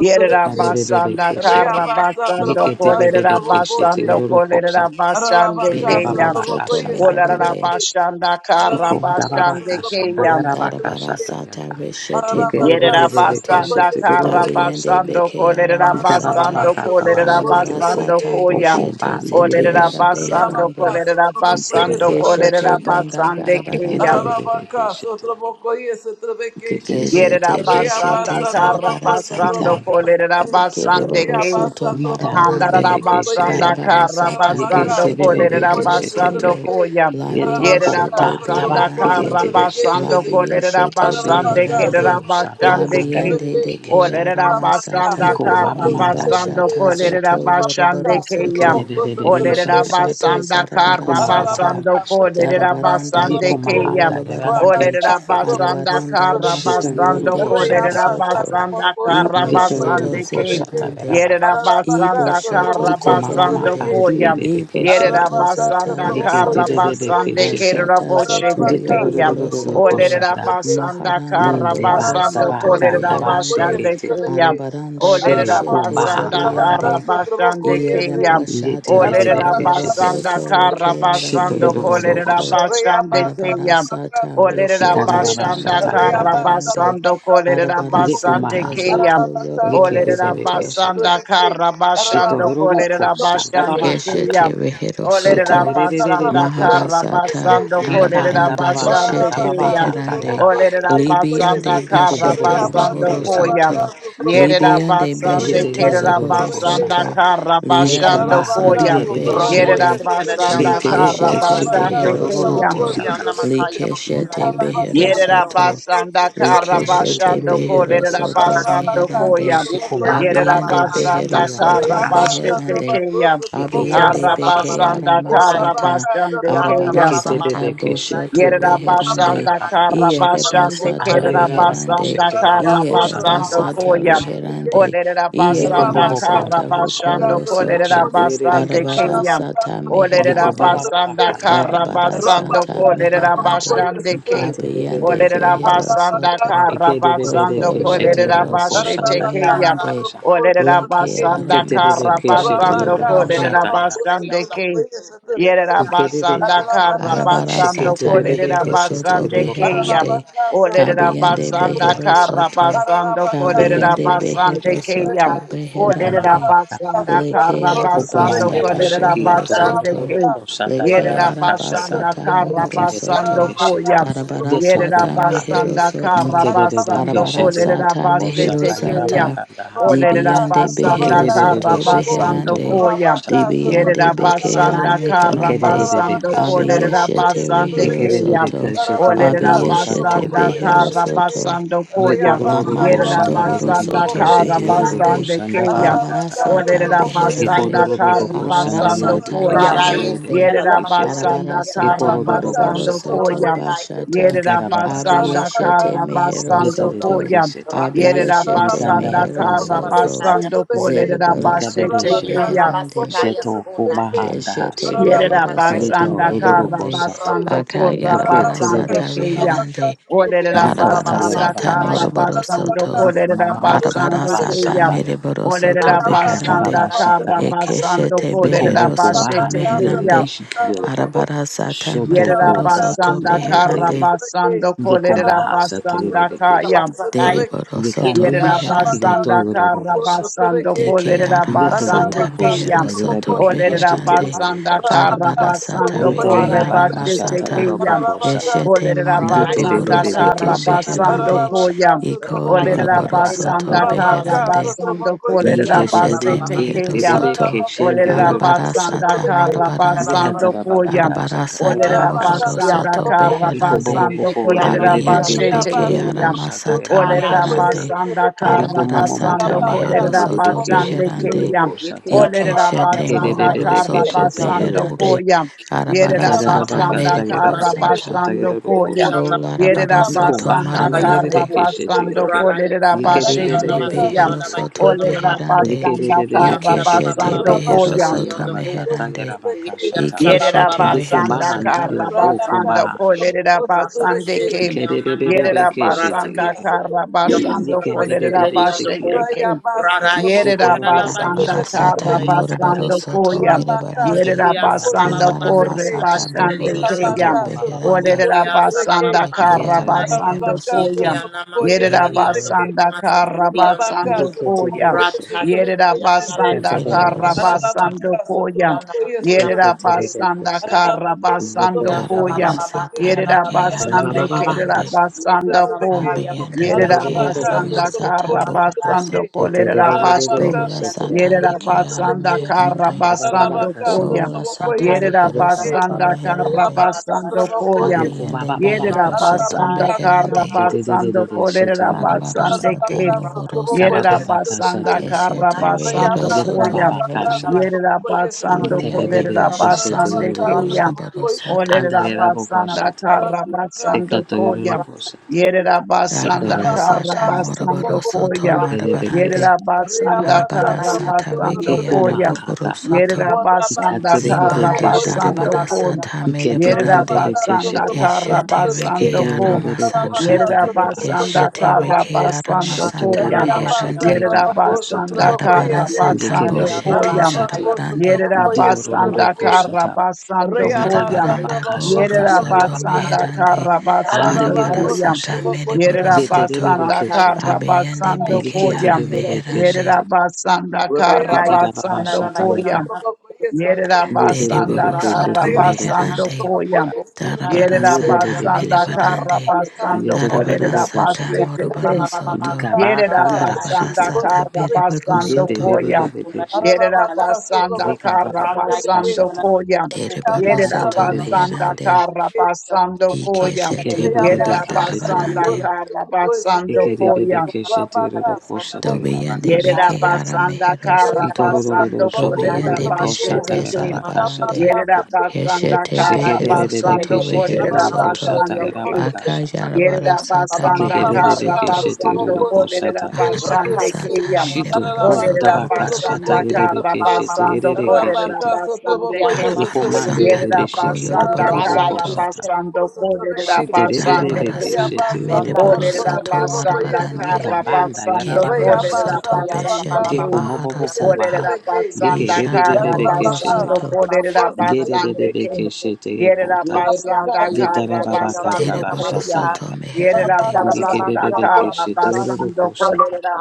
Speaker 4: Yerera
Speaker 1: ngare de de de
Speaker 4: basanda
Speaker 1: keshete
Speaker 4: kara basando
Speaker 1: ngikete de de de
Speaker 4: kolerera
Speaker 1: keshete
Speaker 4: basando
Speaker 1: roro
Speaker 4: kolerera
Speaker 1: koshata
Speaker 4: basande
Speaker 1: Ikababa
Speaker 4: keya.
Speaker 2: outro bocoí,
Speaker 5: beriborosoto
Speaker 1: kashata
Speaker 4: Olerera
Speaker 5: meherande
Speaker 4: basanda kara
Speaker 1: Iko
Speaker 4: basande
Speaker 1: dababakasha
Speaker 4: keya.
Speaker 1: dayarabakashata
Speaker 5: Darabarasata
Speaker 1: yaka
Speaker 5: Reshete
Speaker 4: Yerera
Speaker 5: Bohorosoto
Speaker 4: basanda
Speaker 1: yekerebebebekeshete
Speaker 4: kara
Speaker 5: Dabiende
Speaker 1: gororokosata
Speaker 4: basando Yerabasanda
Speaker 5: Beke
Speaker 4: Karabasando
Speaker 5: Aramasata
Speaker 4: Kolerabasando
Speaker 1: ikabababakatabashikiyoto
Speaker 4: Kolerabasando
Speaker 5: Arabarasata
Speaker 4: Koya.
Speaker 1: okomba
Speaker 5: Boshete Zete
Speaker 1: ndirebeshikiyata
Speaker 4: Olerabasando
Speaker 5: Arabeherande
Speaker 2: outro
Speaker 4: Kolerabasando
Speaker 1: ikarababakasha
Speaker 5: Keshete
Speaker 2: bequim.
Speaker 5: Banda
Speaker 4: Kolerabasande Kaya.
Speaker 5: Darabarande
Speaker 2: Ararabaka,
Speaker 1: iketebebebekeshete
Speaker 2: Sotraboko, yes, Sotrabacation,
Speaker 5: Keshete
Speaker 1: iketebebebekeshete
Speaker 5: Beshete
Speaker 4: Yerabasanda
Speaker 2: Reabasa, Trabako,
Speaker 4: Karabasando
Speaker 5: Zarabarasata
Speaker 2: Sotrabaka,
Speaker 1: ikandababashata yaka
Speaker 4: Kolerabasande
Speaker 5: Kereboro
Speaker 4: Kaya.
Speaker 5: soto
Speaker 2: Reabasa, Trabako,
Speaker 5: marabarande.
Speaker 2: Sotraboko,
Speaker 1: litandebebekeshete
Speaker 2: yes,
Speaker 4: Handarabasanda
Speaker 5: Karabara sata
Speaker 2: Ararabaka,
Speaker 4: Karabasando
Speaker 5: boshoto
Speaker 2: Sotraboko,
Speaker 5: behero
Speaker 2: yes,
Speaker 1: yeketebebebekeshete
Speaker 4: Kolerabasando
Speaker 5: soto.
Speaker 1: yeke
Speaker 2: Sotrabake,
Speaker 4: Koya.
Speaker 5: Labi
Speaker 1: yetoko
Speaker 2: Ararabaka,
Speaker 5: yeshete
Speaker 1: ta
Speaker 4: Yerabasanda
Speaker 2: Sotraboko,
Speaker 5: beherande.
Speaker 1: tabakiyetebeshete
Speaker 4: Karabasando
Speaker 5: Labi
Speaker 2: Sotrabacation,
Speaker 5: yeshete
Speaker 1: Shee ro
Speaker 4: Kolerabasande
Speaker 1: ro
Speaker 2: Ararabaka,
Speaker 1: ro ro ro
Speaker 5: beherande.
Speaker 2: Sotraboko,
Speaker 1: shata
Speaker 2: yes,
Speaker 5: Labi
Speaker 4: Kerabasande
Speaker 1: anda
Speaker 4: K.
Speaker 1: yere
Speaker 5: yende de
Speaker 2: Sotrabake,
Speaker 5: keara
Speaker 2: Rabacá,
Speaker 4: Olerabasanda
Speaker 2: seu
Speaker 5: masata.
Speaker 1: Iko mama
Speaker 2: trabocô, seu
Speaker 1: manda yara
Speaker 4: Karabasando
Speaker 2: trabequei.
Speaker 5: Ibashata
Speaker 1: bakashata.
Speaker 5: zoto
Speaker 4: Kolerabasande
Speaker 5: yoroboro
Speaker 2: Rabacá, seu
Speaker 1: Ike
Speaker 4: Kaya.
Speaker 1: de
Speaker 5: soto.
Speaker 1: de
Speaker 2: trabocô, seu
Speaker 1: bebe
Speaker 2: trabequei,
Speaker 1: keshete.
Speaker 5: Ibashata
Speaker 2: cheguei.
Speaker 4: Olerabasanda
Speaker 1: Iko
Speaker 5: zarabara
Speaker 1: mama
Speaker 5: sata.
Speaker 4: Karabasando
Speaker 2: Ararabacá, seu
Speaker 1: bakashata.
Speaker 2: trabacá, seu
Speaker 5: Darabaranda
Speaker 4: Kolerabasande
Speaker 1: Yeko
Speaker 5: boko
Speaker 2: trabocô.
Speaker 4: Kaya.
Speaker 1: mahanda yara
Speaker 5: lorobarande.
Speaker 2: Rabacá, seu
Speaker 1: bakeshekete.
Speaker 2: trabocô,
Speaker 4: Olerabasanda
Speaker 2: seu
Speaker 5: Arabaranda
Speaker 1: Shete
Speaker 2: trabequei.
Speaker 5: mashande
Speaker 1: yoro
Speaker 4: Karabasando
Speaker 5: dehero
Speaker 1: koshata
Speaker 2: Reiabá,
Speaker 1: yara
Speaker 2: seu
Speaker 5: soto.
Speaker 1: baka.
Speaker 4: Kolerabasanda
Speaker 2: trabocô, seu
Speaker 5: Ibo
Speaker 1: Geto
Speaker 2: trabocoia,
Speaker 1: yoro
Speaker 5: shoto
Speaker 2: seu
Speaker 4: Karabasande K.
Speaker 1: koshata
Speaker 2: trabequei.
Speaker 1: yara
Speaker 5: zeherande,
Speaker 4: Yerera
Speaker 1: bakashata.
Speaker 5: Ibo
Speaker 2: Ararabacá,
Speaker 4: basanda
Speaker 2: seu
Speaker 5: shoto
Speaker 4: kara
Speaker 1: Iko
Speaker 2: trabocô, seu
Speaker 1: mama
Speaker 4: basando
Speaker 5: zeherande,
Speaker 2: trabequei,
Speaker 1: makandi
Speaker 4: Koyam
Speaker 2: cheguei.
Speaker 1: yere
Speaker 5: Ibo
Speaker 1: bekeshete.
Speaker 4: Yerera
Speaker 5: shoto
Speaker 2: Ararabacá, seu
Speaker 5: zata
Speaker 4: basanda
Speaker 1: Yekete
Speaker 4: kara
Speaker 2: trabocoia,
Speaker 1: bebe
Speaker 2: seu
Speaker 5: yasata,
Speaker 4: basande
Speaker 2: trabequei.
Speaker 1: bekeshete.
Speaker 4: kerera
Speaker 5: Ashata
Speaker 4: boşe
Speaker 5: zoto
Speaker 1: Geto
Speaker 2: Ararabacá,
Speaker 4: tepeya.
Speaker 2: seu
Speaker 5: yoroboro
Speaker 1: yoro
Speaker 2: trabocô,
Speaker 5: soto,
Speaker 2: seu
Speaker 4: Olerera
Speaker 1: koshata.
Speaker 2: trabequei,
Speaker 4: basanda
Speaker 2: cheguei.
Speaker 5: Maharanda
Speaker 4: kara
Speaker 1: Deba
Speaker 5: dohoro
Speaker 4: basando
Speaker 1: daba
Speaker 5: soto
Speaker 2: Aranabacoso,
Speaker 4: kolerera
Speaker 1: kanda ba
Speaker 2: trabajo y
Speaker 5: beherande,
Speaker 2: ese
Speaker 4: basande
Speaker 1: shekete.
Speaker 4: keya.
Speaker 2: trabeque.
Speaker 5: Arabaranda de
Speaker 1: She
Speaker 4: Olerera
Speaker 5: shete
Speaker 2: Aranabacoso,
Speaker 1: kumbaha
Speaker 4: basanda kara
Speaker 5: zobiande,
Speaker 2: trabacaso,
Speaker 1: kanda
Speaker 2: trabajo
Speaker 4: basande
Speaker 2: y ese.
Speaker 4: keya.
Speaker 5: Yerebashata
Speaker 4: Olerera
Speaker 2: Aranabacaso,
Speaker 5: Zoroboro
Speaker 1: Yeterebekeshete.
Speaker 4: basanda
Speaker 5: Soto
Speaker 2: trabajo y
Speaker 4: kara
Speaker 5: Reke
Speaker 4: basando
Speaker 5: Aramehero
Speaker 4: kolerera
Speaker 1: Shetorororokosha.
Speaker 5: Soto
Speaker 4: basande
Speaker 2: Reabasa,
Speaker 5: Arabara
Speaker 4: keya.
Speaker 5: Sata
Speaker 2: trabacaso,
Speaker 4: Olerera
Speaker 2: trabajo
Speaker 5: Reshete
Speaker 1: Ikarababasha
Speaker 4: basanda
Speaker 5: Banda
Speaker 4: kara
Speaker 2: Reabasa,
Speaker 1: tayarabakasha.
Speaker 5: Darabarande
Speaker 4: basando
Speaker 2: trabacaso,
Speaker 4: kolerera
Speaker 5: Arabara
Speaker 2: trabajo se.
Speaker 4: basande
Speaker 5: Sata
Speaker 1: Yekomahanda.
Speaker 4: keya.
Speaker 5: Zoto
Speaker 2: Aranabacaso,
Speaker 5: Yoroboro
Speaker 4: Olerera
Speaker 2: trabajo y
Speaker 5: Soto
Speaker 2: ese
Speaker 1: Yekebebekeshete.
Speaker 4: basanda
Speaker 2: trabeque.
Speaker 4: kara basando
Speaker 2: Aranabacaso,
Speaker 4: kolerera
Speaker 1: Shetorororokosha
Speaker 4: basande
Speaker 1: dababakata.
Speaker 4: keya.
Speaker 5: Keshete Rehero
Speaker 4: Olerera
Speaker 5: Soto
Speaker 2: Arabacas,
Speaker 4: basanda kara
Speaker 1: Sheterererekeshete.
Speaker 5: Maharasata
Speaker 4: basando kolerera
Speaker 1: Yikanda
Speaker 5: Arabaranda
Speaker 1: babasha
Speaker 4: basande
Speaker 5: Doshete
Speaker 4: keya.
Speaker 1: dababakata
Speaker 5: Beherande
Speaker 1: yarabasha.
Speaker 4: Olerera
Speaker 5: Libia de
Speaker 4: basanda kara
Speaker 5: Beshete
Speaker 1: Ikobobokosha
Speaker 4: basando koya.
Speaker 5: Bohorosoto
Speaker 1: tayarabakasha.
Speaker 4: Yerera
Speaker 5: Libiande
Speaker 4: basande
Speaker 5: Beshete
Speaker 4: kerera basanda
Speaker 1: Yetegerorokosanda.
Speaker 5: Zohorosoto
Speaker 4: kara
Speaker 5: Liara
Speaker 4: basando
Speaker 1: Yekuba
Speaker 4: koya.
Speaker 5: Masata
Speaker 6: Ronda
Speaker 1: dierebeshe.
Speaker 4: Yerera
Speaker 5: Beherande
Speaker 6: yese kadari
Speaker 4: basanda
Speaker 6: onda masaku
Speaker 4: kara
Speaker 1: Shetereke
Speaker 5: Likeshete
Speaker 1: sheke
Speaker 6: namasaki.
Speaker 4: basande keya.
Speaker 5: Beherosoto
Speaker 6: Yeki
Speaker 1: dororokosata.
Speaker 6: onda makaya bakona
Speaker 5: Likeshete
Speaker 6: yese kadari
Speaker 1: Yetamanduro.
Speaker 6: onda hu.
Speaker 5: Beherosoto
Speaker 4: Yerabasanda
Speaker 6: Ronda yese
Speaker 5: Likeshete
Speaker 4: Karabashando Ko
Speaker 1: Yeketerebebeke
Speaker 6: makaya
Speaker 1: shete.
Speaker 5: Beherosoto
Speaker 6: namasaki.
Speaker 4: Lerabasando
Speaker 5: Meherande
Speaker 4: Koya.
Speaker 6: Yeki asa
Speaker 1: Shikombaka
Speaker 6: baba
Speaker 5: Abiende
Speaker 6: baba suku
Speaker 1: tabasata
Speaker 4: Yerabasanda
Speaker 6: namasaki
Speaker 5: Beherosoto
Speaker 6: kiri
Speaker 1: yarabakasata.
Speaker 6: osuku.
Speaker 4: Karabashete
Speaker 5: Beherande
Speaker 4: Keya.
Speaker 6: Yeki
Speaker 2: Arabacas,
Speaker 5: Abiende
Speaker 6: asa
Speaker 1: Iketebebe
Speaker 6: baba
Speaker 5: beke
Speaker 6: baba
Speaker 1: shekete.
Speaker 4: Arabasanda
Speaker 6: suku nai.
Speaker 5: aramasata
Speaker 2: Rabakasa,
Speaker 6: Yeki asa
Speaker 4: Karabashande
Speaker 6: baba
Speaker 2: Trabacosa
Speaker 6: baba
Speaker 5: arabarasata
Speaker 6: suku
Speaker 1: Iketebebeke
Speaker 6: nai.
Speaker 2: Trabacation,
Speaker 5: boshoto
Speaker 6: Yeki
Speaker 1: shekirokosata
Speaker 5: beherande
Speaker 6: onda
Speaker 4: Yerabasanda
Speaker 2: Rabakasa,
Speaker 6: masaki
Speaker 1: yarabakasata.
Speaker 6: kadari onda
Speaker 2: Trabacosa
Speaker 6: hu
Speaker 4: Karabasande
Speaker 5: ierebasata
Speaker 1: Anda
Speaker 2: Trabacation,
Speaker 6: namasaki.
Speaker 5: reherande
Speaker 4: Kerabasanda
Speaker 1: yarabakashete
Speaker 6: Yeki asa
Speaker 2: Arabacosa
Speaker 6: baba
Speaker 1: yerokosata
Speaker 6: baba
Speaker 4: Karabasando
Speaker 5: ierebasata
Speaker 6: suku
Speaker 2: Trabacoyes
Speaker 4: Koya.
Speaker 1: yarabakasata.
Speaker 6: nai.
Speaker 5: reherande
Speaker 2: Trabacation,
Speaker 1: Yeko
Speaker 4: Olerabasanda
Speaker 1: bobo
Speaker 2: Rabakasa,
Speaker 1: konda
Speaker 5: ieremasata
Speaker 1: bashata
Speaker 4: Karabasando
Speaker 5: rokolo
Speaker 2: Trabacasa
Speaker 1: rekie
Speaker 6: Yeki
Speaker 5: soto
Speaker 1: shete
Speaker 2: Trabacoye,
Speaker 1: yerere
Speaker 4: Kolerabasande
Speaker 1: keshe.
Speaker 4: Kaya.
Speaker 5: arabarasata
Speaker 2: Arabacasa
Speaker 1: Yeko
Speaker 2: Trabacosa
Speaker 1: baba
Speaker 5: meherande
Speaker 1: baba
Speaker 4: Olerabasanda
Speaker 1: kanda
Speaker 2: Trabacation,
Speaker 1: bashata to
Speaker 4: Karabasando
Speaker 5: arabarasata
Speaker 6: asa
Speaker 1: okoba.
Speaker 6: baba baba
Speaker 5: meherande
Speaker 4: Kolerabasande Kaya.
Speaker 1: Ikete
Speaker 5: abiende
Speaker 1: bebebe sekete.
Speaker 5: behero
Speaker 4: Olerabasanda
Speaker 5: soto
Speaker 6: suku
Speaker 1: Ikete bebebe
Speaker 4: Karabasando
Speaker 1: keshe
Speaker 5: okoloroboro
Speaker 1: tiruru
Speaker 5: soto
Speaker 4: Kolerabashete
Speaker 1: koshanda
Speaker 2: Rabakasa,
Speaker 6: Thank
Speaker 4: Kaya.
Speaker 5: reherande
Speaker 1: yarabakasha.
Speaker 2: Rabacas,
Speaker 5: leke
Speaker 4: Olerabasanda
Speaker 1: Ikete bebe
Speaker 5: aramasata
Speaker 1: keshe
Speaker 4: Karabasando
Speaker 2: Rabaka,
Speaker 1: tiruru
Speaker 5: berebarande
Speaker 1: koshata
Speaker 4: Kolerabasande
Speaker 1: yarabakata.
Speaker 4: Kaya.
Speaker 1: Ike bebe
Speaker 4: Yerabasanda
Speaker 1: shete.
Speaker 5: Arabara
Speaker 4: Karabasando
Speaker 1: Shekete
Speaker 5: sata
Speaker 1: bebebe
Speaker 5: mehero
Speaker 1: keshe
Speaker 5: soto
Speaker 4: Kolerabasande
Speaker 1: tiruru
Speaker 4: Kayam.
Speaker 5: beherande.
Speaker 1: koshanda.
Speaker 5: Kabiende
Speaker 1: Ikete
Speaker 4: Olerabasanda
Speaker 5: behero
Speaker 1: babasha.
Speaker 5: soto.
Speaker 4: Karabasando
Speaker 1: Yekete
Speaker 5: Kabiende
Speaker 1: bebe
Speaker 4: Kolerabasande
Speaker 5: behero
Speaker 1: keshe
Speaker 4: Kayam.
Speaker 5: soto
Speaker 1: Ikaba
Speaker 5: beherande.
Speaker 1: baba kashata.
Speaker 4: Olerabasanda
Speaker 5: Leke
Speaker 4: Karabasando
Speaker 1: Okumanda
Speaker 5: arabasata
Speaker 1: bashikia
Speaker 5: bohoro
Speaker 1: to
Speaker 4: Kolerabasande
Speaker 5: soto.
Speaker 1: shanda
Speaker 4: Kayam.
Speaker 1: koshanda
Speaker 5: Leke
Speaker 1: yarabakashata.
Speaker 4: Yerabasanda
Speaker 5: arabasata mohoro
Speaker 1: Ikebebebe
Speaker 4: Karabasando
Speaker 5: soto.
Speaker 1: keshete.
Speaker 4: Koyam.
Speaker 5: Arabarasata
Speaker 1: Yetokombaha.
Speaker 5: mehero
Speaker 4: Yerabasanda
Speaker 5: soto.
Speaker 1: Ikebebebe
Speaker 4: Karabasando
Speaker 1: keshete.
Speaker 5: Arabarasata
Speaker 1: Boko
Speaker 5: mehero
Speaker 1: shata
Speaker 4: Kolerabasete Kayam.
Speaker 5: sata.
Speaker 1: yarabaka daha.
Speaker 5: Dibiande
Speaker 4: Olerabasanda
Speaker 5: behero
Speaker 1: Ikebebebe
Speaker 5: soto
Speaker 1: shekiyoto
Speaker 4: Karabasando
Speaker 5: beherande.
Speaker 1: boboko
Speaker 4: Koyam.
Speaker 1: shata.
Speaker 5: Dibiande
Speaker 4: Yerera
Speaker 5: beke ara
Speaker 4: basanda kara
Speaker 5: meherande.
Speaker 1: Ikebebebe
Speaker 4: Yerabasanda Karabasando
Speaker 1: keshete.
Speaker 5: Abiyeshete
Speaker 4: Kolerabasande
Speaker 5: behero
Speaker 2: Rabaka,
Speaker 4: basanda
Speaker 1: Ikebebebe
Speaker 5: soto.
Speaker 1: keshete
Speaker 2: Ararabaka,
Speaker 1: roroko shanda
Speaker 5: Abiyeshete
Speaker 4: Olerabasanda
Speaker 2: Sotrobokoye,
Speaker 1: yarabaka
Speaker 5: behero
Speaker 1: shata.
Speaker 2: Sotrobeke,
Speaker 5: soto.
Speaker 4: Karabasando Koya.
Speaker 5: La
Speaker 2: Reabasa,
Speaker 1: Yekororoko
Speaker 5: manda
Speaker 1: shanda
Speaker 2: Trabaka,
Speaker 5: dohoro
Speaker 1: yerebiki
Speaker 4: Yerabasanda
Speaker 5: soto
Speaker 2: Sotroboko,
Speaker 1: yeshete
Speaker 2: Sotrobeke,
Speaker 1: roroko
Speaker 5: beherande,
Speaker 4: Karabasande
Speaker 1: shanda
Speaker 4: basanda
Speaker 1: babaka
Speaker 5: arabara
Speaker 2: Ararabaka,
Speaker 1: tayaka.
Speaker 5: sata
Speaker 2: Sotrobokoye,
Speaker 5: beherande,
Speaker 4: Olerabasanda
Speaker 2: Sotrobeke,
Speaker 6: you.
Speaker 1: Yekororoko
Speaker 5: arabara
Speaker 1: shanda
Speaker 4: Karabasando
Speaker 2: Ararabaka,
Speaker 5: sata
Speaker 1: yerebiki
Speaker 4: Koya.
Speaker 6: Rara
Speaker 1: shete
Speaker 6: yese
Speaker 2: Sotrobokoye,
Speaker 5: merebarande,
Speaker 1: yerere
Speaker 6: kala la
Speaker 1: keshete.
Speaker 6: bakia
Speaker 2: Sotrobeke,
Speaker 5: arabara
Speaker 4: Yerabasanda
Speaker 6: yerna
Speaker 5: sata
Speaker 2: Rabaka,
Speaker 1: Yekororoko
Speaker 5: moroboro
Speaker 6: yondo
Speaker 4: Karabasando
Speaker 1: shata
Speaker 6: kuna
Speaker 1: yaka.
Speaker 5: soto
Speaker 2: Sotrobokoye,
Speaker 4: Koya.
Speaker 6: masakai
Speaker 2: Sotrobeke,
Speaker 5: bashata,
Speaker 6: kia
Speaker 1: Ikarababaka
Speaker 6: masakai
Speaker 4: Yerabasanda
Speaker 1: shata.
Speaker 2: Ararabaka,
Speaker 5: abiyeshete
Speaker 6: yerna
Speaker 5: mehero
Speaker 2: Sotrobokoye,
Speaker 4: Karabasando
Speaker 6: yondo
Speaker 1: Yeterere
Speaker 5: soto,
Speaker 4: Koya.
Speaker 2: Sotrobeke,
Speaker 1: keshete.
Speaker 6: rachashi
Speaker 5: abiyeshete
Speaker 1: Yikanda
Speaker 4: Yerabasanda
Speaker 2: Arabacas,
Speaker 6: yondo
Speaker 5: mehero
Speaker 1: bakanda
Speaker 2: outro
Speaker 6: kuna
Speaker 2: boco
Speaker 1: yerero
Speaker 5: soto,
Speaker 2: isso,
Speaker 1: shata.
Speaker 6: masakaya
Speaker 4: Karabasando
Speaker 2: tudo aqui.
Speaker 5: zeriboro
Speaker 4: Kolerabashe
Speaker 5: soto
Speaker 6: eri
Speaker 1: Yikabebeshe.
Speaker 2: Arabacas,
Speaker 6: yanda
Speaker 4: Kaya.
Speaker 2: outro
Speaker 5: beherande.
Speaker 2: boco
Speaker 6: masakaya
Speaker 2: isso,
Speaker 1: Sheto
Speaker 2: tudo
Speaker 6: bukuna
Speaker 1: kumahanda hashe.
Speaker 5: Keshete
Speaker 6: shiki yanda
Speaker 4: Yerera
Speaker 5: behero
Speaker 2: Ararabacasa, Trabocoíça,
Speaker 6: makaya
Speaker 5: soto
Speaker 1: Yeto
Speaker 4: basanda
Speaker 6: buku
Speaker 4: kara
Speaker 1: rororoko
Speaker 5: meherande,
Speaker 1: shata.
Speaker 2: Trabequei.
Speaker 6: ronda
Speaker 4: basando
Speaker 6: yese
Speaker 2: Ararabacasa, Trabocoíça, Trabequei.
Speaker 4: korra
Speaker 6: kala la
Speaker 1: Yike
Speaker 5: akayarabara
Speaker 6: bakia yanda
Speaker 1: tebebe
Speaker 4: basande
Speaker 5: sata
Speaker 2: Ararabacasa,
Speaker 6: makuna
Speaker 4: keya.
Speaker 1: shekete.
Speaker 5: beherande,
Speaker 6: shiki
Speaker 4: Olerera
Speaker 6: yasa
Speaker 1: Yiko
Speaker 2: Trabocoíça,
Speaker 6: baba
Speaker 5: arabara
Speaker 6: baba
Speaker 1: tayara
Speaker 4: basanda
Speaker 2: Trabequei.
Speaker 5: sata
Speaker 1: baka
Speaker 6: sakai
Speaker 4: kara
Speaker 1: shata.
Speaker 5: moroboro
Speaker 2: Ararabacasa,
Speaker 4: basando
Speaker 6: shiki
Speaker 5: soto,
Speaker 6: yanda
Speaker 2: Trabacasa,
Speaker 1: Yiko
Speaker 4: kolerera
Speaker 1: mama
Speaker 6: makana
Speaker 2: Trabocoíça, Trabequei. Ararabacasa, tudo
Speaker 6: makia
Speaker 5: Arabara
Speaker 1: makata
Speaker 4: basande
Speaker 1: ba
Speaker 5: sata
Speaker 4: keya.
Speaker 1: shata
Speaker 5: mere
Speaker 2: Trabequei.
Speaker 1: yaka.
Speaker 5: borosoto
Speaker 4: Olerera
Speaker 6: bakaya
Speaker 1: Ikata
Speaker 2: Reabasa
Speaker 5: beherande.
Speaker 4: basanda
Speaker 1: baba
Speaker 6: bukuna
Speaker 2: trabaca se
Speaker 1: shata
Speaker 4: kara
Speaker 1: yaka.
Speaker 2: trabajo
Speaker 4: basando
Speaker 5: Ekeshete
Speaker 2: ese.
Speaker 6: shiki
Speaker 1: Ikombo
Speaker 4: kolerera
Speaker 6: yanda
Speaker 5: beherosoto
Speaker 4: basete
Speaker 2: Rabaca
Speaker 1: kumbahandu
Speaker 2: se
Speaker 4: keya.
Speaker 1: yerebe
Speaker 5: meherande.
Speaker 2: trabaca se
Speaker 1: shikiyoto.
Speaker 2: trabajo
Speaker 5: Arabara
Speaker 2: ye.
Speaker 5: sata mere
Speaker 1: Shoto
Speaker 4: Yerera
Speaker 1: konda
Speaker 2: Rabaca se
Speaker 5: borosoto
Speaker 4: basanda
Speaker 2: trabajo se
Speaker 4: kara
Speaker 1: bashikiyetere.
Speaker 5: beherande.
Speaker 2: trabeque.
Speaker 4: basando
Speaker 1: Yekomba
Speaker 4: kolerera
Speaker 2: Rabaca
Speaker 1: hasata
Speaker 2: se
Speaker 4: basanda
Speaker 2: trabajo ye
Speaker 4: kaya
Speaker 1: yerebekeshete.
Speaker 2: se
Speaker 5: Dere
Speaker 6: Yamasakai,
Speaker 5: borosoto
Speaker 1: Yikande
Speaker 4: basanda
Speaker 6: Yekiata,
Speaker 5: meherande.
Speaker 1: bishikiyoto
Speaker 4: basanda basanda kara kara
Speaker 1: yorororo shata.
Speaker 4: basando
Speaker 6: Yondokunamasai,
Speaker 5: Deke
Speaker 4: basando
Speaker 1: Yetagororo
Speaker 5: aramasata
Speaker 4: basande
Speaker 6: Rata,
Speaker 4: keya
Speaker 1: koshanda
Speaker 5: beherosoto
Speaker 1: yerabeki
Speaker 4: Olerera
Speaker 5: beherande.
Speaker 1: yeshetegororo
Speaker 4: basanda
Speaker 6: Yondokunamasai,
Speaker 1: koshata.
Speaker 4: kara
Speaker 5: Arabara sata
Speaker 4: basando
Speaker 5: reke
Speaker 4: korre
Speaker 6: Rara is
Speaker 1: Yetegerabaka
Speaker 6: the
Speaker 4: basete
Speaker 6: Kalala
Speaker 5: aramasata.
Speaker 1: shatagerabo
Speaker 4: keya
Speaker 6: Makiyanamako,
Speaker 1: koshata.
Speaker 2: Ararabacas,
Speaker 5: Eshete
Speaker 2: otro
Speaker 4: Olerera
Speaker 2: boco y
Speaker 5: manda
Speaker 6: Rana
Speaker 2: es
Speaker 6: is the
Speaker 2: otro
Speaker 4: basanda
Speaker 1: Yetererere
Speaker 6: Kalala
Speaker 2: beque.
Speaker 5: bohorosoto
Speaker 4: kara
Speaker 1: keshetegororo
Speaker 4: basando
Speaker 5: beherande.
Speaker 6: Makiyanamako,
Speaker 1: koshata.
Speaker 4: koya.
Speaker 2: Ararabacas,
Speaker 5: Iko
Speaker 2: otro
Speaker 6: Rana
Speaker 2: boco y
Speaker 6: is
Speaker 4: Olerera
Speaker 6: the
Speaker 1: Ikabababaka
Speaker 6: Kalala
Speaker 2: es.
Speaker 5: loroborosoto
Speaker 4: basanda
Speaker 1: tababaka
Speaker 4: kara
Speaker 6: Makiyanamako,
Speaker 2: Rabacas,
Speaker 5: beherande.
Speaker 1: shata.
Speaker 2: otro
Speaker 4: basando
Speaker 2: boco y es
Speaker 4: kolerera
Speaker 2: otro
Speaker 6: Yekiasa
Speaker 1: Yetererere
Speaker 6: Baba
Speaker 5: Ikeshete
Speaker 2: beque.
Speaker 6: Baba
Speaker 1: ke
Speaker 4: basete
Speaker 5: mehero
Speaker 6: Sukuna is
Speaker 1: terebe
Speaker 5: soto
Speaker 6: the
Speaker 2: Ararabacos,
Speaker 6: Kalala
Speaker 2: otro
Speaker 1: keshenderoro
Speaker 2: boco y es
Speaker 1: koshata.
Speaker 4: Yerabasanda
Speaker 2: otro
Speaker 5: arabarasata
Speaker 6: Rana is
Speaker 2: beque.
Speaker 6: the
Speaker 5: marabarande
Speaker 6: Kalala
Speaker 4: Karabasando Kolerabasande Keyam. Olerabasanda Karabasando Korebashete Keyam. Olerabasanda Karabasando
Speaker 6: Makiyanamako,
Speaker 1: Yekatabababaka
Speaker 4: Koyam.
Speaker 1: shata
Speaker 5: arabarasata
Speaker 1: yerabaka
Speaker 5: mohoro
Speaker 1: shata.
Speaker 2: Ararabacas, otro
Speaker 4: Olerabasanda
Speaker 6: Shikiata
Speaker 5: soto
Speaker 2: boco y
Speaker 6: Baka,
Speaker 2: es otro
Speaker 5: beherande
Speaker 2: beque.
Speaker 4: Karabasando
Speaker 1: Ikoboboboko de sata
Speaker 6: Shikiana
Speaker 1: yerebe
Speaker 5: abiyende
Speaker 4: Kolerabasete Keyam. Olerabasanda Karabasando Koyam. Olerabasanda Karabasando basete
Speaker 5: beke
Speaker 2: Reabas,
Speaker 1: keshekiroro
Speaker 6: Makiyanamako,
Speaker 4: keya
Speaker 2: otro
Speaker 1: koshata
Speaker 2: boco,
Speaker 5: aramasata
Speaker 2: otro
Speaker 1: yerabaka
Speaker 6: Rara
Speaker 4: Olerera
Speaker 2: boco y
Speaker 6: is
Speaker 1: shata.
Speaker 2: es
Speaker 5: meherande
Speaker 6: the
Speaker 4: basanda karra
Speaker 1: Ikomomomoko
Speaker 5: arabarasata
Speaker 4: basando
Speaker 1: bahandi
Speaker 5: mehero
Speaker 2: Rabacas,
Speaker 4: kolerera
Speaker 6: Kalala
Speaker 2: otro
Speaker 1: yerebe
Speaker 5: soto
Speaker 2: boco
Speaker 4: basande
Speaker 6: Makiyanamako,
Speaker 1: keshekiroro
Speaker 5: beherande
Speaker 4: keyam.
Speaker 6: Yeke
Speaker 1: koshata.
Speaker 6: yata
Speaker 4: Olerera
Speaker 6: bakaya
Speaker 5: ikeshete
Speaker 2: Rabacas,
Speaker 6: bakona
Speaker 4: basanda
Speaker 2: otro
Speaker 5: mohoro
Speaker 6: ete
Speaker 1: Gerebebeke
Speaker 4: karra
Speaker 2: boco y
Speaker 6: kere
Speaker 5: soto
Speaker 2: es
Speaker 6: yanda
Speaker 2: otro
Speaker 1: shetegero
Speaker 6: ko.
Speaker 4: basando
Speaker 5: beherande
Speaker 1: koshata
Speaker 4: koyam. Yerera
Speaker 6: Yanda baba
Speaker 5: arabarasata
Speaker 6: baba
Speaker 4: basanda
Speaker 1: Gerebebebekeşetirokosata.
Speaker 6: sikina
Speaker 5: mereboro
Speaker 4: karra
Speaker 6: masiki.
Speaker 5: sata
Speaker 4: basando
Speaker 6: Yeke
Speaker 4: koyam.
Speaker 1: Garababakatagerabakaşatagerokosata.
Speaker 6: yanda maki yanda
Speaker 4: Yerera
Speaker 6: kona
Speaker 5: kolarabarasata
Speaker 2: Rabaka,
Speaker 1: Nikomba
Speaker 4: basanda
Speaker 6: masaka ya
Speaker 5: marabarande
Speaker 4: karra
Speaker 6: bako.
Speaker 2: sotrobokoye
Speaker 4: basando
Speaker 2: sotrobeke.
Speaker 1: handirebekeşetireke.
Speaker 6: Rara
Speaker 4: kolerera
Speaker 6: yese kere
Speaker 4: basete
Speaker 6: yanda
Speaker 5: Abiende
Speaker 2: Rabaka
Speaker 6: masika
Speaker 4: keyam.
Speaker 5: Behero
Speaker 6: lala baki
Speaker 1: Yekerebebebekeşetireke.
Speaker 5: Soto
Speaker 6: yanda
Speaker 2: sotrobokoye
Speaker 4: Olerera
Speaker 6: mako.
Speaker 5: Beherande,
Speaker 2: sotrobeke.
Speaker 4: basanda
Speaker 6: Shiki
Speaker 4: karra
Speaker 6: yasa baba baba
Speaker 5: Ikeshete
Speaker 4: basando
Speaker 6: baba
Speaker 5: Behero
Speaker 2: Rabaka
Speaker 4: koyam.
Speaker 6: sikere
Speaker 5: Soto
Speaker 6: yanda ko.
Speaker 2: sotroboko
Speaker 5: Meherande,
Speaker 6: Yini
Speaker 1: Yekerebebebekeşetirokosatagerabakatagerabakaşata.
Speaker 2: sotrobeke.
Speaker 6: yasa baba
Speaker 4: Yerera
Speaker 5: Ikeshete
Speaker 6: baba
Speaker 5: Behero
Speaker 1: Gekomba
Speaker 4: basanda
Speaker 6: sikuna
Speaker 5: Soto,
Speaker 1: handiyo
Speaker 4: kara
Speaker 1: o komba
Speaker 6: yese
Speaker 2: Rabaka
Speaker 4: basanda
Speaker 1: kombaha.
Speaker 4: kolerera
Speaker 2: sotroboko
Speaker 6: Rata
Speaker 4: basande
Speaker 2: sotrobeke.
Speaker 6: shiri
Speaker 4: ke.
Speaker 6: on my mama
Speaker 4: Yerera
Speaker 2: Rabaka,
Speaker 4: basanda
Speaker 6: sukurasaki.
Speaker 1: Kerebebebebekeşetireke.
Speaker 4: kara
Speaker 2: Sotomokoye,
Speaker 6: Yondo
Speaker 4: basando
Speaker 6: kuna
Speaker 2: Sotomeke,
Speaker 4: kolerera
Speaker 1: Yekendebebebe
Speaker 6: masukaledi on the
Speaker 4: basete
Speaker 6: ko.
Speaker 1: şekiyanda.
Speaker 4: ke.
Speaker 2: Rayabasa,
Speaker 6: Rara is
Speaker 2: Tomoko,
Speaker 4: Yerera
Speaker 6: kalalabaki on
Speaker 2: Sotomokoye,
Speaker 4: basanda
Speaker 6: the
Speaker 1: Şetorokosata.
Speaker 4: kara
Speaker 5: Darabarasata
Speaker 2: Sotomeke,
Speaker 6: makula is
Speaker 5: Moroboro
Speaker 6: kaledi
Speaker 4: basando
Speaker 6: on the
Speaker 5: Soto
Speaker 1: Yakandabakaşata.
Speaker 6: ko.
Speaker 4: koya.
Speaker 2: Rabaka,
Speaker 5: Merebarande,
Speaker 4: Yerera
Speaker 1: Ngikumba
Speaker 6: Shikiasa
Speaker 2: Sotomokoye,
Speaker 6: baba
Speaker 1: manda
Speaker 4: basanda
Speaker 6: baba
Speaker 5: Keara
Speaker 1: kada
Speaker 4: korre
Speaker 2: Sotomeke,
Speaker 6: sukuna
Speaker 5: Masata
Speaker 1: bakashata.
Speaker 4: basande
Speaker 5: Boboro
Speaker 6: masukaledi on the ko.
Speaker 5: Soto
Speaker 2: Rabaka,
Speaker 4: keya.
Speaker 1: Ngikumba
Speaker 2: Sotomoko,
Speaker 5: Beherande,
Speaker 4: Olerera
Speaker 1: babakashata.
Speaker 6: Yekiasa
Speaker 2: Sotomeke,
Speaker 6: baba
Speaker 4: basanda
Speaker 6: baba
Speaker 4: kara
Speaker 1: Ngeta
Speaker 5: Ekeara
Speaker 6: sukuna.
Speaker 1: gorodo
Speaker 5: Mehero
Speaker 4: basando
Speaker 2: Arabaka,
Speaker 1: koshata.
Speaker 4: koya.
Speaker 5: Soto,
Speaker 6: Yekiana
Speaker 2: Sotomokoye,
Speaker 4: Yerera
Speaker 6: masukaledi
Speaker 1: Ikamanda
Speaker 6: on the
Speaker 1: yada
Speaker 2: Sotomeke,
Speaker 6: kuna
Speaker 4: basanda
Speaker 1: bashata.
Speaker 4: kara
Speaker 6: masukaledi on the
Speaker 2: Rabaka,
Speaker 6: ko.
Speaker 4: basando
Speaker 1: Ngekete
Speaker 4: koya.
Speaker 1: bebe
Speaker 2: Sotomokoye,
Speaker 1: shete.
Speaker 6: Rata
Speaker 2: Sotomeke,
Speaker 4: Yerera
Speaker 6: shiri on the
Speaker 2: Sete,
Speaker 1: Ikata
Speaker 4: basanda
Speaker 1: baba
Speaker 6: masukaledi
Speaker 4: kara
Speaker 6: on
Speaker 5: Ereboro
Speaker 6: the ko.
Speaker 1: bashata.
Speaker 5: Soto,
Speaker 2: Arabaka,
Speaker 4: basando koya.
Speaker 6: Yekiana
Speaker 2: Sotomokoye,
Speaker 6: makuna
Speaker 4: Yerera
Speaker 1: Shekete
Speaker 2: Sotomeke,
Speaker 1: bebe
Speaker 6: masukaledi on the
Speaker 4: basanda
Speaker 6: ko.
Speaker 1: keshete.
Speaker 4: kara
Speaker 2: Arabako,
Speaker 4: basando
Speaker 6: Yes,
Speaker 1: Ngekorodo
Speaker 2: Sotomoko,
Speaker 6: Baba
Speaker 4: koya.
Speaker 1: koshata.
Speaker 6: Baba,
Speaker 5: Darabarasata
Speaker 4: Yerera
Speaker 6: Kanala
Speaker 1: Kada
Speaker 5: Mekeara
Speaker 1: baba
Speaker 4: basande
Speaker 6: Bayon,
Speaker 1: baba
Speaker 4: kerera
Speaker 5: Beherande,
Speaker 2: Sotomeke,
Speaker 1: kashata.
Speaker 6: Ikia
Speaker 4: basanda
Speaker 2: Sotrobeke,
Speaker 6: Namakaya
Speaker 5: Abiende
Speaker 1: Ikada
Speaker 6: Bakunda,
Speaker 4: Yerera
Speaker 1: bebe bebe
Speaker 2: Ararabaka,
Speaker 5: Bekeara
Speaker 6: Ikilion,
Speaker 4: basanda
Speaker 1: keshete.
Speaker 2: Sotroboko,
Speaker 5: Masata
Speaker 4: kara
Speaker 5: Boboro
Speaker 6: Namakai,
Speaker 2: Sotrobeke,
Speaker 4: basando
Speaker 5: Soto,
Speaker 1: Shete
Speaker 4: kolerera
Speaker 1: dede
Speaker 6: Rada
Speaker 1: dede
Speaker 2: Ararabaka,
Speaker 4: basen.
Speaker 5: Ola
Speaker 6: Ikilan,
Speaker 1: keshete
Speaker 5: sata
Speaker 2: Sotroboko,
Speaker 1: yaka.
Speaker 4: Yerera
Speaker 5: leke ara
Speaker 4: basanda
Speaker 2: Sotrobeke,
Speaker 4: kara
Speaker 1: Ikamba
Speaker 5: meherande.
Speaker 1: baba
Speaker 4: basando
Speaker 2: Ararabaka,
Speaker 1: bakashata.
Speaker 4: koyam.
Speaker 5: Ola
Speaker 2: Sotroboko,
Speaker 5: sata
Speaker 6: Rada
Speaker 4: Yerera
Speaker 6: Ikilan,
Speaker 5: lehero
Speaker 2: Sotrobeke,
Speaker 1: Ngekumba
Speaker 6: Kanala
Speaker 5: soto
Speaker 1: baba
Speaker 4: basanda kara
Speaker 1: kashata.
Speaker 5: meherande.
Speaker 2: Reabasa,
Speaker 4: basando
Speaker 6: Bayon,
Speaker 2: Sotroboko,
Speaker 4: koyam.
Speaker 1: Ngekumba
Speaker 5: Kabiende
Speaker 1: baba
Speaker 4: Yerera
Speaker 5: behero
Speaker 6: Rata,
Speaker 1: bakashata.
Speaker 5: soto
Speaker 4: basanda
Speaker 2: Ararabaka,
Speaker 6: Shikia
Speaker 4: kara
Speaker 5: beherande.
Speaker 2: Sotroboko,
Speaker 1: Ikete dede
Speaker 4: basando
Speaker 6: Namakana,
Speaker 1: dede
Speaker 2: Sotrobeke,
Speaker 1: shete
Speaker 4: kolerera
Speaker 6: Kilion,
Speaker 1: gorodo
Speaker 5: Arabara
Speaker 1: koshata.
Speaker 4: basande
Speaker 5: sata
Speaker 2: Ararabaka,
Speaker 4: ke.
Speaker 6: Rada
Speaker 5: mohoro
Speaker 2: Sotroboko,
Speaker 4: Yerera
Speaker 6: Ikilan,
Speaker 5: soto.
Speaker 2: Sotrobeke,
Speaker 4: basanda
Speaker 1: Kabababakashata.
Speaker 6: Kaya
Speaker 4: kara
Speaker 5: Keshete
Speaker 6: Bakunda,
Speaker 5: rehero
Speaker 4: basando
Speaker 2: Reabasa,
Speaker 6: Rada
Speaker 5: soto
Speaker 4: koyam.
Speaker 2: Sotrobaka,
Speaker 6: Ikilan, Bayon,
Speaker 5: meherande.
Speaker 1: Gekumbabakashata.
Speaker 4: Yerera
Speaker 2: Sotroboko, Sotrobeke,
Speaker 6: Namas
Speaker 4: basando
Speaker 5: Ibiande
Speaker 4: kolerera
Speaker 6: Kilion,
Speaker 5: bashata
Speaker 4: basande
Speaker 2: Ararabaka,
Speaker 5: zoto
Speaker 6: Rada
Speaker 4: keyam.
Speaker 1: Ikebebebekeshetelelokosata.
Speaker 2: Sotroboko,
Speaker 5: yorobaro
Speaker 6: Ikilan,
Speaker 5: sata.
Speaker 4: Olerera
Speaker 2: Sotrobeke,
Speaker 6: Kaya
Speaker 4: basanda
Speaker 1: Andalerabokosata.
Speaker 4: kara
Speaker 6: Bakunda,
Speaker 4: basando koyam.
Speaker 6: Rata
Speaker 1: Sekatelelokosata.
Speaker 4: Yerera basanda
Speaker 5: Darabara
Speaker 4: karra
Speaker 5: sata
Speaker 1: Gekerabokosata.
Speaker 5: morobaro
Speaker 4: basando
Speaker 5: soto
Speaker 4: koya.
Speaker 1: Gerebekes.
Speaker 5: marabarande.
Speaker 4: Yerera basanda
Speaker 5: Arabara
Speaker 4: karra
Speaker 5: sata
Speaker 4: basando
Speaker 5: reke
Speaker 2: Rabaka,
Speaker 5: ara
Speaker 4: koya.
Speaker 5: bohoro
Speaker 1: Ekomakata.
Speaker 5: soto.
Speaker 4: Yerera
Speaker 2: Borabaka,
Speaker 4: basanda karra
Speaker 5: Zibanda
Speaker 2: Sotroboko,
Speaker 1: Ikatebebebekeshete.
Speaker 4: basando
Speaker 5: darabara
Speaker 2: Sotrebeke,
Speaker 4: kon.
Speaker 5: sata mere
Speaker 4: Yerera
Speaker 5: barande.
Speaker 2: Rabaka,
Speaker 4: basanda
Speaker 1: Iketebebebekeshete.
Speaker 2: Sotroboko,
Speaker 4: karra
Speaker 5: Yeshete
Speaker 2: Sotrebeke,
Speaker 5: reke
Speaker 4: basando kon.
Speaker 2: Rabaka,
Speaker 5: aramasata.
Speaker 1: Etolororokosata
Speaker 4: Yerera
Speaker 2: Sotroboko,
Speaker 4: basanda
Speaker 2: yes,
Speaker 1: yerabakashata.
Speaker 5: Yeshete
Speaker 4: karra
Speaker 5: reke
Speaker 2: Sotrebeke,
Speaker 4: basando
Speaker 5: aramasata
Speaker 4: koya.
Speaker 2: Riabasa,
Speaker 1: Shetelelokosata
Speaker 5: beherande.
Speaker 4: Yerera
Speaker 2: Trabako,
Speaker 1: yerabakashata.
Speaker 4: basanda
Speaker 2: Sotroboko,
Speaker 5: Arabara
Speaker 4: karra
Speaker 2: yes,
Speaker 5: sata
Speaker 4: basando
Speaker 5: boshete
Speaker 4: koya.
Speaker 1: Gekebebebekeshete.
Speaker 2: Rabako,
Speaker 5: zarabarande.
Speaker 4: Yerera
Speaker 2: Sotroboko, yes,
Speaker 4: basanda
Speaker 2: Sotrebeke,
Speaker 4: karra
Speaker 1: Digororokosata.
Speaker 4: basando
Speaker 1: Zika
Speaker 2: Riabasa,
Speaker 4: koyam.
Speaker 1: baba
Speaker 5: Arabaranda
Speaker 1: baka
Speaker 2: Trabako,
Speaker 5: bohoro
Speaker 1: shata
Speaker 4: Yerera
Speaker 2: Sotroboko,
Speaker 5: soto
Speaker 1: yaraba
Speaker 2: yes,
Speaker 4: basanda
Speaker 1: kata ya.
Speaker 5: meherande.
Speaker 4: karra
Speaker 1: Anda
Speaker 4: basando
Speaker 2: Rabako,
Speaker 5: Arabara
Speaker 1: yerabo
Speaker 4: koyam.
Speaker 1: kosha.
Speaker 5: sata
Speaker 2: Sotroboko,
Speaker 5: mere
Speaker 2: yes,
Speaker 5: meriboro
Speaker 4: Yerera
Speaker 1: Yetere
Speaker 5: soto.
Speaker 1: bebe
Speaker 4: basanda
Speaker 1: keshete.
Speaker 4: karra
Speaker 5: Abiyande
Speaker 2: Rabaka,
Speaker 4: basando koyam.
Speaker 5: beke
Speaker 6: Thank
Speaker 1: Yikete
Speaker 5: ara
Speaker 2: Sotroboko,
Speaker 1: bebe be
Speaker 5: meherande.
Speaker 4: Yerera
Speaker 1: keshete.
Speaker 4: basanda karra
Speaker 1: Ikara
Speaker 2: Rabaka,
Speaker 1: baba
Speaker 4: basando
Speaker 1: shata yaka.
Speaker 4: koyam. Yerera
Speaker 1: Yetere bebe
Speaker 4: basanda
Speaker 5: Deriboro
Speaker 4: karra
Speaker 1: keshete
Speaker 5: soto
Speaker 1: yerabo
Speaker 4: basando
Speaker 1: kosha ta
Speaker 5: meherande.
Speaker 1: yaka.
Speaker 4: koyam.
Speaker 5: Darabara
Speaker 4: Yerera
Speaker 1: Yebe
Speaker 5: sata
Speaker 1: bebe
Speaker 4: basanda
Speaker 1: keshete.
Speaker 4: karra
Speaker 5: meribarande.
Speaker 4: basando
Speaker 1: Yetere bebe
Speaker 4: kolerera
Speaker 1: kosha
Speaker 5: Darabarasata
Speaker 4: basete
Speaker 5: moroborosoto,
Speaker 4: Yerera
Speaker 1: kanda
Speaker 4: basanda
Speaker 1: shekete.
Speaker 5: darabarasata
Speaker 4: kara basando
Speaker 1: Yetere
Speaker 5: beriborosoto,
Speaker 1: bebe
Speaker 4: Koya.
Speaker 1: bebe keshete.
Speaker 4: Yerera basanda
Speaker 1: Yikata
Speaker 4: kara
Speaker 1: baba baka
Speaker 4: basando
Speaker 1: shata.
Speaker 4: Koya. Yerera
Speaker 1: Ikate
Speaker 5: deriborosoto
Speaker 1: bebe bebe
Speaker 4: basanda
Speaker 1: sheke.
Speaker 5: meherande,
Speaker 4: kara basando Koya.
Speaker 1: Ikere
Speaker 5: ikeshete
Speaker 1: bebe bebe
Speaker 5: banda
Speaker 4: Yerera
Speaker 2: Reabassa,
Speaker 1: keshete.
Speaker 4: basanda
Speaker 2: trabalhou,
Speaker 5: darabarande,
Speaker 2: se
Speaker 4: kara
Speaker 2: trabalhou, se
Speaker 4: basando
Speaker 2: tem.
Speaker 1: Ikerebe
Speaker 4: Koya.
Speaker 1: keshetegero
Speaker 2: Rabacá, se trabalhou,
Speaker 1: koshategera
Speaker 2: se
Speaker 5: dobiyande
Speaker 4: Yerera
Speaker 2: trabalhou.
Speaker 5: bekeara
Speaker 1: bakashatagaka.
Speaker 4: basanda Yerabasanda
Speaker 5: meherosoto,
Speaker 2: Reabassa,
Speaker 1: Ikorororo
Speaker 4: Karabasando
Speaker 2: trabalhou, se
Speaker 5: dobiyande
Speaker 1: shotegero
Speaker 2: trabalhou.
Speaker 5: beshete
Speaker 1: koshategera
Speaker 4: Koya.
Speaker 5: sarabarande,
Speaker 6: you.
Speaker 2: Rabacá,
Speaker 1: bakashatagaka.
Speaker 2: se trabalhou,
Speaker 4: Yerabasanda
Speaker 2: se
Speaker 5: keshete
Speaker 6: is
Speaker 2: trabalhou.
Speaker 1: Shekerebebe
Speaker 5: beherosoto
Speaker 4: basanda Koya. Yerabasanda
Speaker 1: keshetegero
Speaker 2: Rabaka
Speaker 5: reherosoto,
Speaker 4: Karabasando
Speaker 1: koshategera
Speaker 4: Koya.
Speaker 2: sotrobokoye
Speaker 1: bakashata.
Speaker 6: is
Speaker 2: sotrobeke.
Speaker 4: Yerera
Speaker 5: akayarabarasata
Speaker 6: Baba,
Speaker 4: basanda
Speaker 6: Mamas
Speaker 1: Ikerebebe
Speaker 4: karra
Speaker 2: Rabaka
Speaker 6: Mamas
Speaker 5: meherosoto,
Speaker 4: basando
Speaker 1: keshetegero
Speaker 2: sotroboko
Speaker 6: Canadian
Speaker 4: kolerera
Speaker 2: sotrobeke
Speaker 1: koshatagaka.
Speaker 6: Raka
Speaker 4: basande
Speaker 2: sotrobeke.
Speaker 5: arabarasata
Speaker 6: Syria
Speaker 4: keyam.
Speaker 1: Shito
Speaker 6: Mamas
Speaker 1: ko
Speaker 2: Rabaka
Speaker 5: meriborosoto
Speaker 4: Olerera
Speaker 2: sotroboko
Speaker 4: basanda
Speaker 5: barabarande,
Speaker 6: Yekia
Speaker 1: tabakashatagerebe
Speaker 4: karra
Speaker 2: sotrobeke.
Speaker 6: Baba, Mamas
Speaker 4: basando
Speaker 1: keshetegerere
Speaker 6: Kuda
Speaker 4: kolerera
Speaker 2: Rabaka
Speaker 1: keshete.
Speaker 4: basande
Speaker 6: Yekia
Speaker 2: sotrobokoye
Speaker 4: keyam.
Speaker 6: Namas
Speaker 5: Arabara
Speaker 2: sotrobeke.
Speaker 6: Canadian
Speaker 5: sanda
Speaker 4: Yerera
Speaker 1: Ikomandegerebe
Speaker 5: doko
Speaker 1: shikiyo
Speaker 4: basanda
Speaker 5: yoroboro
Speaker 1: tobobo
Speaker 6: Raga
Speaker 2: Rabaka
Speaker 4: karra
Speaker 6: is
Speaker 5: soto.
Speaker 1: koshata.
Speaker 2: sotroboko
Speaker 4: basando
Speaker 6: Canadian
Speaker 4: kolerera
Speaker 2: sotrobeke.
Speaker 6: Mamas
Speaker 4: basande
Speaker 1: Shiterebebe
Speaker 5: Darabara
Speaker 6: Canadian
Speaker 4: keyam.
Speaker 5: sata
Speaker 2: Reabasa
Speaker 1: keshetegero
Speaker 6: Randa is
Speaker 5: mereboro
Speaker 2: traboko
Speaker 4: Orera
Speaker 1: kosata.
Speaker 5: soto
Speaker 6: Canadian
Speaker 2: sotrobokoye
Speaker 4: basanda
Speaker 6: Mamas
Speaker 5: marabarande.
Speaker 4: kara
Speaker 2: sotrobeke.
Speaker 1: Nikambanda
Speaker 6: Canadian
Speaker 4: basando
Speaker 5: Kereboro
Speaker 1: yarabakashata.
Speaker 4: orera
Speaker 2: Reabasa
Speaker 5: soto
Speaker 6: Yekia
Speaker 2: trabaka
Speaker 4: basande
Speaker 6: Baba,
Speaker 1: Ge
Speaker 5: beshete
Speaker 4: ke.
Speaker 6: Mamas
Speaker 1: kumbo bo
Speaker 5: bahara
Speaker 1: bo
Speaker 6: Kuda
Speaker 2: sotrobokoye
Speaker 1: kumba ha.
Speaker 5: sata.
Speaker 4: Orera
Speaker 2: sotrobeke.
Speaker 1: Ye ke
Speaker 4: basanda
Speaker 1: re be be
Speaker 5: Ishata
Speaker 1: be
Speaker 4: kara
Speaker 1: be ke
Speaker 6: Yekia
Speaker 5: bohoro
Speaker 2: Rabaka
Speaker 1: shete.
Speaker 4: basando
Speaker 5: soto.
Speaker 6: Baba,
Speaker 2: sotroboko
Speaker 4: orera
Speaker 1: Ye re be be
Speaker 4: basande
Speaker 2: sotrobeke.
Speaker 1: be
Speaker 4: ke.
Speaker 1: ke
Speaker 6: Rada
Speaker 1: shete ye
Speaker 4: Yerera
Speaker 1: kota.
Speaker 6: Rata
Speaker 2: Rabaka,
Speaker 4: basanda
Speaker 1: Ge tara
Speaker 4: kara
Speaker 1: ba
Speaker 2: sotroboko
Speaker 1: ba ka ta
Speaker 4: basando
Speaker 1: ba
Speaker 5: Tereboro
Speaker 2: sotrobeke.
Speaker 1: shata
Speaker 4: koya.
Speaker 1: ya
Speaker 5: soto
Speaker 1: ka.
Speaker 4: Yerera
Speaker 5: meherande.
Speaker 1: Ge
Speaker 2: Rabaka,
Speaker 1: ke be
Speaker 4: basanda
Speaker 1: be be
Speaker 2: sotroboko
Speaker 1: ke
Speaker 4: kara
Speaker 1: shete yo ro
Speaker 2: sotrobeke.
Speaker 1: ro
Speaker 4: basando
Speaker 1: ko shata.
Speaker 4: orera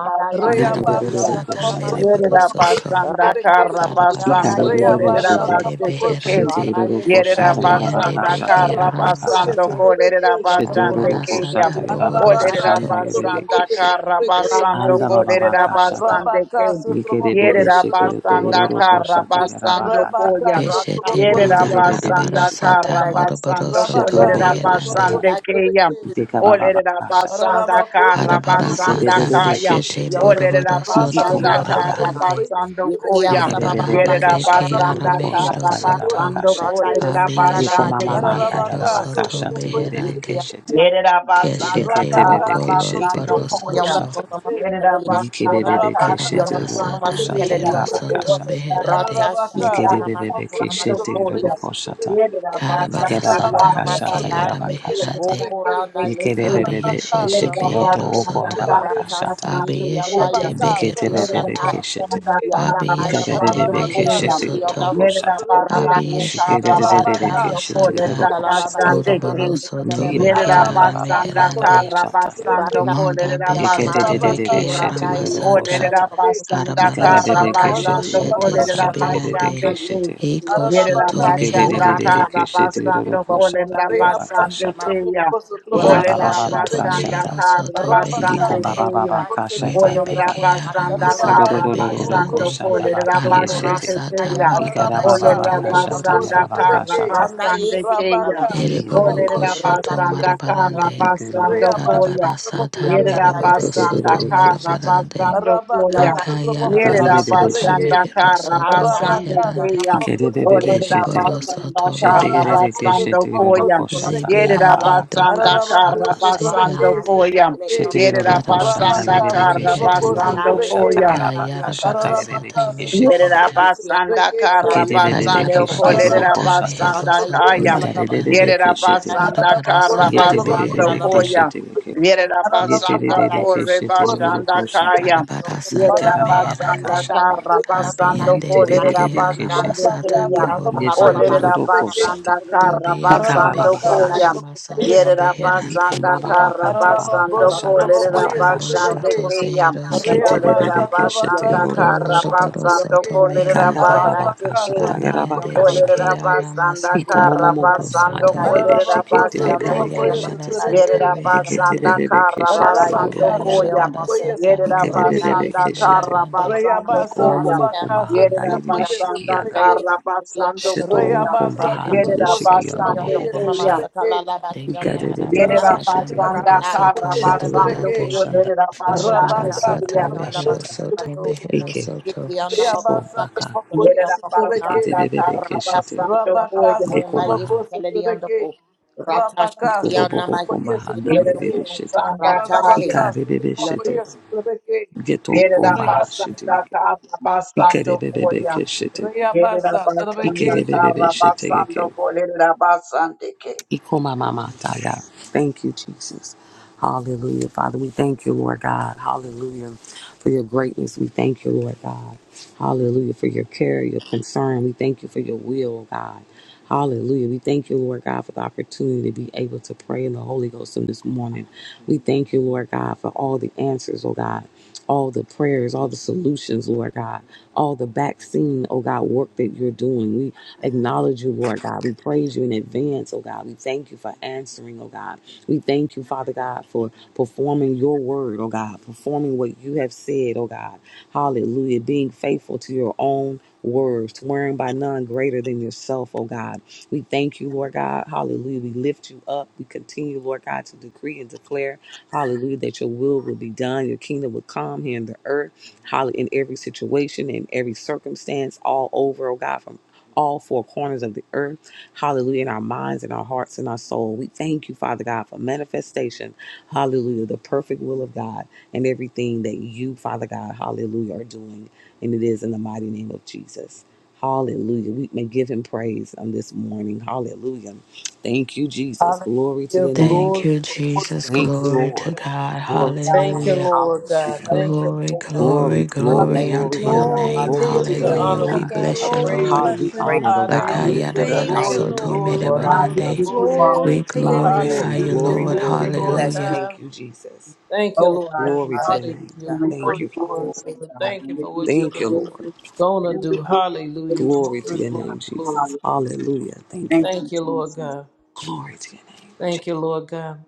Speaker 1: Ye
Speaker 4: basande
Speaker 1: ro
Speaker 4: ke
Speaker 1: ro
Speaker 5: Darabara
Speaker 2: Reabasa
Speaker 4: ya.
Speaker 5: sata
Speaker 2: sotroboko
Speaker 5: mereboro
Speaker 4: Yerera
Speaker 2: sotroboko
Speaker 5: soto.
Speaker 4: basanda
Speaker 2: sotrobeke.
Speaker 4: kara
Speaker 1: I
Speaker 5: Darabara
Speaker 1: ka
Speaker 4: basando
Speaker 1: be be
Speaker 5: sata
Speaker 1: be
Speaker 4: orera
Speaker 2: Reabasa
Speaker 1: shete.
Speaker 5: boshete
Speaker 2: sotroboko
Speaker 4: basete ke.
Speaker 1: Shete yo
Speaker 5: beherande.
Speaker 1: ro
Speaker 2: sotrobeke.
Speaker 1: ro ko
Speaker 4: Yerera
Speaker 1: shata ye
Speaker 5: Abeyande
Speaker 4: basanda
Speaker 2: Rabaka,
Speaker 1: shata
Speaker 5: beke
Speaker 1: ye
Speaker 4: kara
Speaker 1: ra
Speaker 2: sotroboko
Speaker 4: basando
Speaker 1: shata.
Speaker 5: aramasata.
Speaker 4: orera
Speaker 2: sotrobeke.
Speaker 1: Shete yo ro
Speaker 4: basande
Speaker 1: ro
Speaker 5: Darabara
Speaker 1: ko
Speaker 4: ke
Speaker 5: sata
Speaker 1: shata ye ra
Speaker 5: bohoro
Speaker 2: Rabaka,
Speaker 4: Olerera
Speaker 5: soto.
Speaker 1: shanda ye re be
Speaker 2: sotroboko
Speaker 4: basanda
Speaker 1: ke she.
Speaker 4: kara
Speaker 2: sotrobeke.
Speaker 4: basando
Speaker 1: Anda ba ba
Speaker 4: kolerera
Speaker 1: shata.
Speaker 4: basande
Speaker 2: Rabaka
Speaker 4: ke.
Speaker 1: Ge ke re be
Speaker 2: sotroboko
Speaker 1: be
Speaker 4: Yerera
Speaker 1: sheke yo to
Speaker 2: sotrobeke.
Speaker 1: ro ro
Speaker 4: basanda
Speaker 1: ro ko
Speaker 4: kara
Speaker 1: shata
Speaker 4: basando
Speaker 1: ta.
Speaker 2: Rabaka
Speaker 4: koya.
Speaker 5: Beshete
Speaker 2: sotroboko sotrobeke.
Speaker 4: Yerera
Speaker 5: banda
Speaker 1: Debebebe
Speaker 5: darabara
Speaker 4: basanda
Speaker 1: shiki.
Speaker 5: sata
Speaker 4: kara
Speaker 5: moroboro
Speaker 4: basando
Speaker 5: soto
Speaker 6: Yanda
Speaker 2: Rabaka
Speaker 4: kolerera
Speaker 6: kaya
Speaker 1: Shetoroko
Speaker 2: sotroboko
Speaker 5: beherande.
Speaker 1: shata.
Speaker 6: bakata,
Speaker 4: basande keya.
Speaker 2: sotrobeke.
Speaker 6: yanda
Speaker 1: Dekababa
Speaker 4: Olerera
Speaker 1: kashata.
Speaker 6: rata,
Speaker 4: basanda
Speaker 6: yanda
Speaker 2: Ararabacoso,
Speaker 4: kara
Speaker 5: Arabara
Speaker 6: karnama,
Speaker 2: trabacoso,
Speaker 4: basanda
Speaker 5: sata
Speaker 1: Gikerebebe
Speaker 4: kaya.
Speaker 2: trabequei.
Speaker 5: meshete
Speaker 1: keshete.
Speaker 6: Yondo kona
Speaker 4: Olerera
Speaker 5: boroboro soto
Speaker 6: masikeleli
Speaker 4: basanda
Speaker 6: yondo
Speaker 2: Rabacaço,
Speaker 1: Gikumamanda.
Speaker 4: kara
Speaker 6: kona.
Speaker 5: marabarande.
Speaker 2: trabacoíço,
Speaker 4: basando
Speaker 6: Yeti
Speaker 2: trabequei.
Speaker 4: koya.
Speaker 6: asa baba baba
Speaker 1: Gikerebebe
Speaker 5: Arabaranda
Speaker 4: Yerera
Speaker 6: kona
Speaker 5: deke
Speaker 1: keshete.
Speaker 5: ara
Speaker 4: basanda
Speaker 1: Roroko
Speaker 6: masikeleli
Speaker 2: Ararabacoso,
Speaker 6: yondo
Speaker 5: mehero
Speaker 4: kara
Speaker 1: shata
Speaker 6: kona.
Speaker 2: trabacoso,
Speaker 5: soto.
Speaker 1: yarabaka
Speaker 4: basando
Speaker 6: Ronda
Speaker 1: shata.
Speaker 2: trabequei.
Speaker 6: yesi
Speaker 4: kolerera
Speaker 6: kara la baki
Speaker 4: basande
Speaker 5: Abiyeshete
Speaker 6: yondo
Speaker 1: Gikumamamanda
Speaker 4: keya.
Speaker 5: mehero
Speaker 6: masikoro
Speaker 1: yarabaka
Speaker 2: Ararabacaço,
Speaker 6: asake.
Speaker 5: soto
Speaker 1: shata yerere
Speaker 2: trabacoíço,
Speaker 6: Yeti
Speaker 5: beherande.
Speaker 6: asa
Speaker 1: keshete.
Speaker 2: trabequei.
Speaker 6: baki
Speaker 4: Yerera
Speaker 6: yondo kona.
Speaker 4: basanda
Speaker 5: Keshete
Speaker 1: Giketebebe
Speaker 4: kabra
Speaker 5: roko
Speaker 6: Rata
Speaker 2: Rabacaço,
Speaker 6: shi.
Speaker 1: keshete.
Speaker 4: basando
Speaker 5: loroboro
Speaker 2: trabacoso,
Speaker 1: Roroko
Speaker 4: koya.
Speaker 6: Yondo
Speaker 5: soto.
Speaker 1: shata.
Speaker 6: kona
Speaker 2: trabequei.
Speaker 4: Yerera
Speaker 6: masikeleli yondo kona.
Speaker 4: basanda
Speaker 1: Gikerebebe
Speaker 2: Rabaka,
Speaker 6: Yondo
Speaker 1: keshete.
Speaker 4: kabra
Speaker 5: Darabara
Speaker 6: kona
Speaker 4: basando
Speaker 1: Roroko
Speaker 2: Sotoboko,
Speaker 5: sata
Speaker 1: shata
Speaker 6: masikeleli
Speaker 4: koya.
Speaker 5: mehero
Speaker 2: Sotoboko,
Speaker 6: yondo
Speaker 2: Ye.
Speaker 1: yarabaka
Speaker 6: kona.
Speaker 5: soto
Speaker 4: Yerera
Speaker 1: shata.
Speaker 6: Rata
Speaker 5: beherande.
Speaker 4: basanda
Speaker 6: shi
Speaker 2: Rabaka,
Speaker 6: yondo
Speaker 4: kabra
Speaker 1: Gikerebebe
Speaker 2: Sotoboko,
Speaker 6: masikona
Speaker 4: basando
Speaker 1: keshete.
Speaker 2: Sotoboko,
Speaker 6: masikeleli
Speaker 4: koya.
Speaker 2: Ye,
Speaker 6: yondo
Speaker 1: Roroko
Speaker 6: kona.
Speaker 1: shata.
Speaker 2: Sotobeke.
Speaker 4: Yerera
Speaker 6: Rata
Speaker 5: Karabara
Speaker 6: shi
Speaker 4: basanda
Speaker 1: Gikerababa
Speaker 6: yondo
Speaker 5: sata
Speaker 2: Rabaka,
Speaker 4: kabra
Speaker 1: kashata
Speaker 5: reke
Speaker 6: masaka.
Speaker 5: ara
Speaker 2: Sotoboko,
Speaker 4: basando
Speaker 1: yarabaka
Speaker 2: Ye,
Speaker 1: shata.
Speaker 5: meherande.
Speaker 6: Boko
Speaker 2: Sotobeke.
Speaker 6: randa yese
Speaker 4: koya.
Speaker 6: kara la
Speaker 1: Yekerebebebe
Speaker 2: Rabaka,
Speaker 6: baki
Speaker 5: Abiyeshete
Speaker 4: Yere da
Speaker 6: yondo
Speaker 1: eshekiyoto
Speaker 2: Sotoboko,
Speaker 6: kona.
Speaker 5: behero
Speaker 2: Ye,
Speaker 1: oko
Speaker 4: basanda
Speaker 5: soto.
Speaker 4: karra
Speaker 1: ndabaka
Speaker 2: Sotobeke.
Speaker 1: shata.
Speaker 6: Ratashi
Speaker 4: basando
Speaker 6: yonda
Speaker 5: Abiyeshete
Speaker 4: koya.
Speaker 2: Rabaka,
Speaker 6: yisikali
Speaker 5: behero
Speaker 4: Yere
Speaker 6: yonda
Speaker 1: Yiketebebebe
Speaker 2: Sotoboko,
Speaker 4: da
Speaker 5: soto.
Speaker 6: kai
Speaker 1: keshete.
Speaker 4: basanda
Speaker 2: Sotobeke.
Speaker 6: yonda
Speaker 4: karra
Speaker 6: kaya
Speaker 5: Abiyeshete
Speaker 6: bakuna
Speaker 4: basando
Speaker 1: Yikerebebebe
Speaker 2: Rabaka,
Speaker 5: behero
Speaker 4: koya.
Speaker 1: keshete
Speaker 6: yisikali
Speaker 5: soto.
Speaker 6: yonda
Speaker 2: Sotoboko,
Speaker 1: iroroko
Speaker 4: Yere
Speaker 1: shata.
Speaker 2: Sotobeke.
Speaker 6: randa
Speaker 4: basanda
Speaker 5: Abiyeshete
Speaker 6: yisikara
Speaker 4: karra
Speaker 5: zata
Speaker 1: Shikeredededede
Speaker 6: bakuna
Speaker 2: Rabaka,
Speaker 4: basando
Speaker 1: keshete
Speaker 4: kole
Speaker 2: Sotoboko,
Speaker 4: da
Speaker 5: yasata.
Speaker 2: Ye,
Speaker 1: iroroko
Speaker 6: Salala
Speaker 1: shata.
Speaker 4: basande
Speaker 6: Bakio
Speaker 2: Sotobeke.
Speaker 6: Nama
Speaker 5: Oroboro
Speaker 4: ke.
Speaker 5: soto
Speaker 6: Sekele
Speaker 4: Yere
Speaker 6: Bakuna
Speaker 5: reke
Speaker 2: Ararabaka,
Speaker 1: Yimakanda
Speaker 5: ara
Speaker 4: basanda
Speaker 6: Sekelium the
Speaker 1: babakanda
Speaker 5: meherande.
Speaker 6: Hu
Speaker 2: Sotroboko,
Speaker 4: karra
Speaker 1: bashata yaka.
Speaker 2: Sotrobeke,
Speaker 4: basando
Speaker 6: Rata
Speaker 4: kole
Speaker 5: Manda
Speaker 4: da
Speaker 6: Sikya Nama
Speaker 5: beshete
Speaker 4: basande
Speaker 2: Rabaka,
Speaker 1: Yekedededede
Speaker 5: reke
Speaker 4: keya.
Speaker 5: ara
Speaker 1: shete
Speaker 6: Uranda
Speaker 2: Sotroboko,
Speaker 1: iroroko
Speaker 4: Ole
Speaker 5: masata.
Speaker 6: Yisikele
Speaker 1: shata.
Speaker 2: Sotrobeke,
Speaker 6: Bakuna
Speaker 4: basanda
Speaker 5: Arabara
Speaker 4: karra
Speaker 1: Yikerebebe
Speaker 6: Randa
Speaker 5: sata
Speaker 2: Ararabaka,
Speaker 1: keshete
Speaker 4: basando
Speaker 5: boshete
Speaker 6: Yisikele
Speaker 2: Sotrobaka,
Speaker 4: kole
Speaker 1: iroroko
Speaker 4: da
Speaker 1: shata
Speaker 6: Yama
Speaker 2: Sotroboko,
Speaker 1: yerebe
Speaker 5: zabiyande.
Speaker 6: Bakuna
Speaker 4: basande ke.
Speaker 1: keshete.
Speaker 6: Yisikelium
Speaker 5: Iko
Speaker 6: the
Speaker 4: Yere
Speaker 6: Hu
Speaker 2: Ararabaka,
Speaker 5: shoto
Speaker 4: basanda
Speaker 2: Sotroboko,
Speaker 1: Yikedededede
Speaker 5: meherande.
Speaker 6: Urata
Speaker 4: karra
Speaker 6: Sikya
Speaker 1: keshete
Speaker 2: Sotrobeke,
Speaker 4: basando
Speaker 1: iroroko
Speaker 4: kole
Speaker 1: shata
Speaker 6: Bakuna
Speaker 4: da
Speaker 2: Reaba,
Speaker 1: yarabaka
Speaker 4: basande
Speaker 6: Yisikele
Speaker 1: shata.
Speaker 6: Masi
Speaker 4: keya.
Speaker 2: Sotroboko,
Speaker 4: Ole
Speaker 2: Sotroboko,
Speaker 5: Iko
Speaker 6: Uranda
Speaker 5: shoto
Speaker 1: Yikababababaka
Speaker 2: Sotrobeke,
Speaker 4: rabasanda
Speaker 6: Yisikele
Speaker 1: shata.
Speaker 5: mehero
Speaker 4: kara
Speaker 6: Bakuna
Speaker 5: soto
Speaker 2: Rabaka,
Speaker 6: Yisikele
Speaker 4: basande
Speaker 5: beherande.
Speaker 4: keya.
Speaker 6: Bakuna
Speaker 2: Sotroboko,
Speaker 1: Yikombabababaka shata
Speaker 4: Ole
Speaker 6: Yom
Speaker 2: Sotrobeke,
Speaker 6: the
Speaker 1: yaka.
Speaker 5: Rebebeke
Speaker 6: Kuna
Speaker 4: rabasanda
Speaker 6: Masakala
Speaker 2: Reaba,
Speaker 5: aramasata
Speaker 4: kara
Speaker 6: Bakio
Speaker 2: Sotroboko,
Speaker 1: Ikodododododoko
Speaker 4: basando
Speaker 5: beherande
Speaker 4: kole
Speaker 2: Sotrobeke,
Speaker 1: shandabaki
Speaker 4: rabaste
Speaker 1: eshete.
Speaker 6: Dokurasa
Speaker 5: arabarasata
Speaker 6: Kaya
Speaker 4: tekeya.
Speaker 6: Bakuna
Speaker 2: Ararabaka,
Speaker 4: Ole
Speaker 5: marabarasoto
Speaker 6: Yisikele Yom
Speaker 1: Ikarababakashata
Speaker 2: Sotraboko,
Speaker 6: the Hu
Speaker 4: rabasanda
Speaker 5: soto
Speaker 4: kara
Speaker 2: Sotrabeke,
Speaker 1: yarabakashata.
Speaker 6: Randa
Speaker 4: basande keya.
Speaker 2: Rabaka,
Speaker 6: Yisikele
Speaker 4: Ole
Speaker 2: Sotraboko,
Speaker 5: dereboroko
Speaker 1: Iyerebekeshe.
Speaker 6: Ronda
Speaker 5: shoto
Speaker 2: Sotrabeke,
Speaker 4: rabasanda
Speaker 6: yanda
Speaker 4: kara
Speaker 5: marabarande
Speaker 6: kuka
Speaker 4: basando
Speaker 6: masiki.
Speaker 2: Reabasa,
Speaker 1: Ikarababakasha.
Speaker 4: koya.
Speaker 2: Sotraboko,
Speaker 6: Wiki
Speaker 5: arabarasata
Speaker 4: Yere
Speaker 6: yata kaya
Speaker 2: Sotrabeke,
Speaker 6: bukuka.
Speaker 4: rabasanda
Speaker 5: mereborosoto
Speaker 4: kara
Speaker 1: Ikerebebekeshete.
Speaker 5: marabarande
Speaker 4: basando
Speaker 2: Rabaka
Speaker 4: koya.
Speaker 6: Yanda
Speaker 2: sotraboko
Speaker 6: kala
Speaker 4: Yere
Speaker 6: laba yanda
Speaker 5: akayarabarasata
Speaker 2: yesotrabeke.
Speaker 1: Ikerebebebeshete.
Speaker 6: ku.
Speaker 4: rabasanda
Speaker 5: mehero
Speaker 4: kara
Speaker 5: soto
Speaker 6: Racha
Speaker 4: basande
Speaker 2: Rabaka
Speaker 6: shiki yanda
Speaker 5: beherande
Speaker 4: keya.
Speaker 6: masu
Speaker 2: sotraboko
Speaker 6: kuka
Speaker 4: Ole
Speaker 6: masiki
Speaker 2: sotrabeke.
Speaker 6: di
Speaker 1: Ikerebebebeshete.
Speaker 5: kereboro
Speaker 6: yanda.
Speaker 4: rabasanda
Speaker 5: soto
Speaker 4: kara
Speaker 6: Racha
Speaker 2: Rabako
Speaker 6: shiki
Speaker 5: beherande
Speaker 4: basando
Speaker 1: Shetegererekeshete
Speaker 2: sotraboko
Speaker 6: yanda
Speaker 4: koya.
Speaker 1: irodoko
Speaker 6: kuna
Speaker 1: shata
Speaker 2: sotrabeke.
Speaker 6: kala
Speaker 5: zibiande
Speaker 6: laba.
Speaker 1: yarababakata
Speaker 4: Yerabasanda
Speaker 5: doko
Speaker 2: Rabako
Speaker 5: shoto
Speaker 1: yarabakashata.
Speaker 6: Racha
Speaker 2: sotrabeke
Speaker 4: Karabasando
Speaker 6: mahi
Speaker 5: zeherande
Speaker 4: Koya.
Speaker 6: kele di
Speaker 2: sotrabeke.
Speaker 6: yanda ku.
Speaker 1: Shetegereroko
Speaker 4: Yerabasanda
Speaker 2: Rabaka
Speaker 5: karabarasata
Speaker 1: shandagererekeshete
Speaker 2: sotraboko
Speaker 5: meherande
Speaker 6: Yanda
Speaker 1: irodoko
Speaker 4: Karabasando
Speaker 6: hese
Speaker 2: sotrabeke.
Speaker 1: shata
Speaker 6: kala
Speaker 4: Koya.
Speaker 6: laba di yanda
Speaker 1: yarabakashata
Speaker 5: Kayarabara
Speaker 6: matir.
Speaker 2: Rabaka
Speaker 5: sata
Speaker 2: sotraboko
Speaker 5: meherande.
Speaker 1: yarerekiyeshekiyata.
Speaker 6: Wiki yanda
Speaker 4: Yerabasanda
Speaker 2: yesotrabeke
Speaker 6: mukunda
Speaker 2: sotrabeke.
Speaker 6: hese kele
Speaker 4: Karabasando
Speaker 1: Ikerebebebekeshe
Speaker 5: Kayarabara
Speaker 6: mukunda.
Speaker 1: irodoko
Speaker 5: sata
Speaker 1: shata.
Speaker 5: mehero
Speaker 4: Koderabasanda
Speaker 6: Ronda yanda
Speaker 5: soto
Speaker 4: Kaya.
Speaker 6: kala laba di
Speaker 5: beherande.
Speaker 6: yanda
Speaker 1: Itarebebeke Shete
Speaker 6: mukunda.
Speaker 4: Yerabasanda
Speaker 5: Arabara
Speaker 2: Arabacas,
Speaker 6: Ronda
Speaker 5: sata
Speaker 6: yanda
Speaker 2: otro poco
Speaker 6: kala
Speaker 4: Karabasando
Speaker 6: laba
Speaker 5: beherande.
Speaker 6: di
Speaker 4: Koya.
Speaker 6: yanda
Speaker 1: Yeterererekeshete.
Speaker 6: mukunda.
Speaker 4: Yerabasanda Korebashanda
Speaker 1: Yeterererekeshetererorokoshata.
Speaker 4: Kaya.
Speaker 5: Arabara sata
Speaker 4: Yerabasanda
Speaker 5: meherande.
Speaker 1: Yiterabababakashata.
Speaker 4: Karabasando
Speaker 5: Abiyande beke
Speaker 1: Yiterererekeshete.
Speaker 4: Koderabasando
Speaker 5: aramasata
Speaker 4: Kaya.
Speaker 5: bohoro soto.
Speaker 1: Yeterororokoshata.
Speaker 4: Olerabasanda
Speaker 5: Dobiyande
Speaker 4: Karabasando
Speaker 5: beke
Speaker 4: Koya.
Speaker 1: Ikabababakasha.
Speaker 5: aramasata beherande.
Speaker 4: Yerabasanda
Speaker 6: yonder,
Speaker 4: Karabasando
Speaker 1: Ikomababakatababakashata.
Speaker 5: Arabara
Speaker 2: y
Speaker 5: sata
Speaker 2: eso, otro
Speaker 1: Yarabakashata.
Speaker 4: Koderabasande
Speaker 5: boshoto
Speaker 4: Kaya.
Speaker 5: zehero soto.
Speaker 4: Olerera basanda
Speaker 5: Iko
Speaker 4: kara
Speaker 1: Iketerererekeshetererorokoshata.
Speaker 5: loroboro
Speaker 4: basando
Speaker 5: soto
Speaker 4: kolerera
Speaker 5: meherande.
Speaker 4: basiteke.
Speaker 1: Ikandabababakashata.
Speaker 5: Abiyande
Speaker 1: Yarabakashata.
Speaker 5: beke
Speaker 2: de
Speaker 4: Olerera
Speaker 5: ara
Speaker 2: aquí.
Speaker 4: basanda
Speaker 5: masata
Speaker 6: Yamna
Speaker 4: kara
Speaker 6: Masyana
Speaker 5: bohoro
Speaker 4: basando
Speaker 5: soto.
Speaker 6: Makonai,
Speaker 4: kolerera
Speaker 2: Ararabacô, se
Speaker 6: Yamna
Speaker 5: Daka
Speaker 4: basiteke.
Speaker 2: trabalhou
Speaker 6: Masyana
Speaker 2: se
Speaker 5: yarabara
Speaker 1: Ikomomomokumbahandireresheketererekeshete.
Speaker 6: Makonai,
Speaker 5: sata
Speaker 2: trabequei.
Speaker 4: Yerera basanda
Speaker 5: reherande.
Speaker 4: kara
Speaker 6: Rara Yesi
Speaker 5: Daka
Speaker 4: basando
Speaker 2: Ararabacá, se
Speaker 1: Yeketererekeshetererorokoshata.
Speaker 4: koya.
Speaker 6: Kadaleon
Speaker 5: yarabara
Speaker 6: Mako,
Speaker 2: trabalhou se
Speaker 5: sata
Speaker 4: Yerera
Speaker 5: mohoro
Speaker 6: Rana
Speaker 2: trabequei.
Speaker 1: Ikerebe
Speaker 6: Yesi
Speaker 5: soto
Speaker 4: basanda
Speaker 6: Kadaleon
Speaker 1: keshete.
Speaker 4: kara
Speaker 5: beherande.
Speaker 6: Mako,
Speaker 4: basando
Speaker 2: Reiabassa,
Speaker 4: koya.
Speaker 1: Nikomomo
Speaker 6: Rasaka,
Speaker 2: trabacá, se
Speaker 1: kombahanda
Speaker 4: Yerera
Speaker 2: trabalhou
Speaker 6: Yamna
Speaker 2: se
Speaker 1: yiribishiki
Speaker 4: basanda
Speaker 6: Makunda
Speaker 1: yanda.
Speaker 2: trabequei.
Speaker 6: Yesi
Speaker 4: kara
Speaker 6: Kadaleon
Speaker 4: basando
Speaker 6: Mako,
Speaker 1: Sheto
Speaker 4: koya.
Speaker 2: Reiabassa,
Speaker 6: Rata
Speaker 5: Dere
Speaker 1: kombahandi
Speaker 4: Yerera
Speaker 5: boro
Speaker 2: trabacô, se
Speaker 1: yeshiki
Speaker 5: soto
Speaker 1: yanda
Speaker 4: basande
Speaker 6: Yamna
Speaker 1: bobo
Speaker 2: trabalhou se
Speaker 6: Kuna
Speaker 1: kosha.
Speaker 4: keya.
Speaker 5: meherande.
Speaker 6: Masakala
Speaker 2: trabequei.
Speaker 6: Lada Yamna
Speaker 5: Deke araba
Speaker 1: Ikerebe
Speaker 6: Masyana,
Speaker 4: Yerera
Speaker 5: sata
Speaker 1: keshete.
Speaker 2: Ararabacá,
Speaker 4: basanda
Speaker 5: mohoro
Speaker 6: Rana
Speaker 5: soto
Speaker 6: Yesi
Speaker 4: kara
Speaker 1: Sheto
Speaker 6: Kadaleon
Speaker 1: roro
Speaker 4: basando
Speaker 6: Makuna,
Speaker 5: marabarande.
Speaker 1: koshanda
Speaker 4: kolerera
Speaker 1: baka
Speaker 4: basande
Speaker 5: Arabara
Speaker 6: Rata
Speaker 1: shanda
Speaker 4: keya.
Speaker 5: sata
Speaker 1: baka
Speaker 6: Yamna
Speaker 5: rehero
Speaker 1: shata.
Speaker 5: soto
Speaker 6: Makuna
Speaker 5: behero
Speaker 1: Ike
Speaker 5: soto.
Speaker 6: Kitiana
Speaker 1: sheko
Speaker 6: Makuna,
Speaker 1: baka.
Speaker 6: Mesicalian Makuna,
Speaker 4: Yerabasanda
Speaker 1: Ikerebe
Speaker 6: Rata
Speaker 1: keshete.
Speaker 4: Karabasando
Speaker 6: Kitiana
Speaker 2: Rabaka
Speaker 4: Koya,
Speaker 6: Makuna,
Speaker 2: Sotoboko
Speaker 1: Gekombaha.
Speaker 6: Yesicalian
Speaker 2: Sotobeke,
Speaker 6: Dopo, Rata
Speaker 2: Rabaka
Speaker 1: Iko bobo
Speaker 6: Shiriana
Speaker 2: Sotoboko
Speaker 1: kombahanda
Speaker 6: Makilian
Speaker 2: Sotobeke,
Speaker 1: yirebe
Speaker 6: Dopo,
Speaker 1: shete.
Speaker 4: Yerabasanda
Speaker 6: Rata Shi,
Speaker 4: Kaya,
Speaker 2: Rabaka
Speaker 1: Ikarebe
Speaker 6: Yanda.
Speaker 1: shete.
Speaker 2: Sotoboko Sotobeke,
Speaker 1: Geto kombaha shete.
Speaker 4: Yerabasanda
Speaker 2: Rayabasa,
Speaker 4: Karabasando
Speaker 1: Ikerebe
Speaker 4: Koya,
Speaker 1: keshete.
Speaker 2: Rayabasa,
Speaker 4: Yerabasanda
Speaker 1: Ikerebe
Speaker 2: Tarabeke,
Speaker 1: shete.
Speaker 4: Karabasando Koya, Yerabasande Ke.
Speaker 1: Ikomamamataya. Thank you, Jesus. Hallelujah. Father, we thank you, Lord God. Hallelujah. For your greatness. We thank you, Lord God. Hallelujah. For your care, your concern. We thank you for your will, God. Hallelujah. We thank you, Lord God, for the opportunity to be able to pray in the Holy Ghost on this morning. We thank you, Lord God, for all the answers, oh God, all the prayers, all the solutions, Lord God, all the vaccine, oh God, work that you're doing. We acknowledge you, Lord God. We praise you in advance, oh God. We thank you for answering, oh God. We thank you, Father God, for performing your word, oh God, performing what you have said, oh God. Hallelujah. Being faithful to your own word, swearing by none greater than yourself, oh God. We thank you, Lord God. Hallelujah. We lift you up. We continue, Lord God, to decree and declare, hallelujah, that your will will be done, your kingdom will come here in the earth, hallelujah, in every situation, in every circumstance, all over, oh God, from all four corners of the earth. Hallelujah. In our minds, in our hearts, in our soul. We thank you, Father God, for manifestation. Hallelujah. The perfect will of God and everything that you, Father God, hallelujah, are doing. And it is in the mighty name of Jesus. Hallelujah. We may give him praise on this morning. Hallelujah. Thank you, Jesus. Glory to
Speaker 2: Hallelujah,
Speaker 1: your name.
Speaker 5: Thank
Speaker 2: glory,
Speaker 5: you,
Speaker 2: glory,
Speaker 5: Jesus.
Speaker 1: Thank you,
Speaker 5: Glory
Speaker 2: glory.
Speaker 1: Lord.
Speaker 5: to God.
Speaker 1: Glory to your
Speaker 2: Thank you,
Speaker 1: name.
Speaker 5: Hallelujah.
Speaker 2: Lord
Speaker 4: We
Speaker 2: God.
Speaker 1: Hallelujah.
Speaker 4: thank
Speaker 2: Thank you,
Speaker 4: you,
Speaker 5: Glory,
Speaker 2: Lord
Speaker 4: Lord God,
Speaker 2: God.
Speaker 1: Glory,
Speaker 4: we
Speaker 5: glory,
Speaker 4: praise
Speaker 2: Father,
Speaker 1: glory,
Speaker 2: we
Speaker 5: glory
Speaker 6: Thank
Speaker 4: you this
Speaker 6: you,
Speaker 2: give
Speaker 1: glory,
Speaker 5: unto
Speaker 2: you the
Speaker 5: your
Speaker 4: morning,
Speaker 6: Father.
Speaker 1: glory,
Speaker 2: glory,
Speaker 5: name.
Speaker 4: God.
Speaker 2: we
Speaker 1: glory
Speaker 2: give
Speaker 1: to
Speaker 2: you
Speaker 1: your
Speaker 2: the
Speaker 6: Hallelujah.
Speaker 3: name,
Speaker 4: We
Speaker 1: name,
Speaker 5: Hallelujah.
Speaker 2: honor, we
Speaker 5: We
Speaker 4: thank
Speaker 3: Lord
Speaker 1: God.
Speaker 2: give
Speaker 4: you
Speaker 3: God.
Speaker 2: you
Speaker 4: for
Speaker 2: the
Speaker 5: bless
Speaker 6: God,
Speaker 5: you,
Speaker 4: what
Speaker 3: Oh, we
Speaker 4: you're
Speaker 5: Lord.
Speaker 6: we
Speaker 2: praise.
Speaker 6: give
Speaker 1: How
Speaker 6: you
Speaker 3: bless
Speaker 1: be
Speaker 3: your
Speaker 6: praise
Speaker 4: God,
Speaker 1: honored,
Speaker 4: and
Speaker 1: oh
Speaker 3: name,
Speaker 4: what you're
Speaker 1: God, be
Speaker 6: and
Speaker 3: God.
Speaker 6: honor
Speaker 3: We
Speaker 6: to
Speaker 2: Hallelujah.
Speaker 1: lifted up.
Speaker 6: your
Speaker 5: Lakayadabada
Speaker 3: thank you,
Speaker 6: name.
Speaker 2: Glory,
Speaker 5: soto
Speaker 3: Lord
Speaker 1: Hallelujah. In
Speaker 3: God.
Speaker 1: the
Speaker 2: glory,
Speaker 6: O
Speaker 4: God,
Speaker 1: name
Speaker 4: we
Speaker 2: glory,
Speaker 6: Rata
Speaker 1: of
Speaker 6: Shi.
Speaker 5: medebarande.
Speaker 4: give you
Speaker 1: Jesus.
Speaker 2: glory.
Speaker 6: Thank
Speaker 4: all
Speaker 3: Glory
Speaker 5: We
Speaker 4: the
Speaker 6: you,
Speaker 3: to
Speaker 4: glory.
Speaker 3: your
Speaker 6: Father.
Speaker 4: God.
Speaker 3: name,
Speaker 5: glorify
Speaker 1: Glory,
Speaker 3: God.
Speaker 5: you,
Speaker 4: There is
Speaker 2: Hallelujah.
Speaker 1: glory,
Speaker 5: Lord.
Speaker 4: no
Speaker 2: Thank
Speaker 1: glory,
Speaker 2: you,
Speaker 4: king
Speaker 2: Lord
Speaker 4: like
Speaker 1: glory.
Speaker 6: Bless
Speaker 5: Hallelujah.
Speaker 6: your
Speaker 4: you.
Speaker 1: Thank
Speaker 2: God.
Speaker 1: you,
Speaker 6: name.
Speaker 1: Jesus.
Speaker 2: Thank you,
Speaker 6: Yes,
Speaker 4: Oh
Speaker 2: Lord
Speaker 4: God,
Speaker 6: Lord.
Speaker 2: God.
Speaker 1: Glory
Speaker 4: you
Speaker 1: to
Speaker 4: are
Speaker 1: your name.
Speaker 4: just
Speaker 2: Hallelujah.
Speaker 6: Hallelujah.
Speaker 4: doing great
Speaker 1: Thank
Speaker 2: Glory,
Speaker 1: you, Father.
Speaker 2: glory,
Speaker 4: things, oh
Speaker 6: Glory to
Speaker 2: glory.
Speaker 4: God.
Speaker 6: God.
Speaker 2: Thank you
Speaker 4: And we
Speaker 2: for
Speaker 4: give
Speaker 2: what you're
Speaker 4: you
Speaker 1: Thank you,
Speaker 2: doing.
Speaker 4: glory
Speaker 1: Lord.
Speaker 4: and
Speaker 6: Thank
Speaker 2: Gonna
Speaker 4: we
Speaker 6: you,
Speaker 4: give
Speaker 2: do.
Speaker 6: Father.
Speaker 4: you
Speaker 2: Hallelujah.
Speaker 4: praise to
Speaker 1: Glory to
Speaker 2: Glory,
Speaker 1: your
Speaker 2: glory,
Speaker 1: name,
Speaker 4: God.
Speaker 2: glory.
Speaker 1: Jesus.
Speaker 4: Hallelujah.
Speaker 1: Hallelujah. Thank you.
Speaker 4: Thank
Speaker 2: Thank
Speaker 4: you,
Speaker 2: you, Lord
Speaker 4: Jesus.
Speaker 2: God.
Speaker 1: Glory to your name.
Speaker 2: Thank
Speaker 1: Jesus.
Speaker 2: you, Lord God.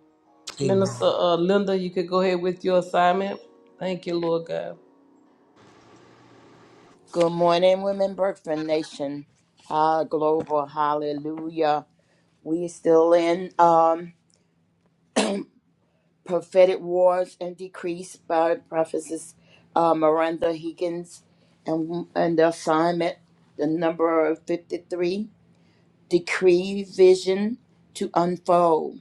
Speaker 2: Minister
Speaker 1: Amen.
Speaker 2: uh, Linda, you could go ahead with your assignment. Thank you, Lord God.
Speaker 6: Good morning, Women Birthing Nation. Ah, global. Hallelujah. We are still in um, prophetic wars and decrees by prophetess uh, Miranda Higgins, and and the assignment, the number fifty-three, decree vision to unfold,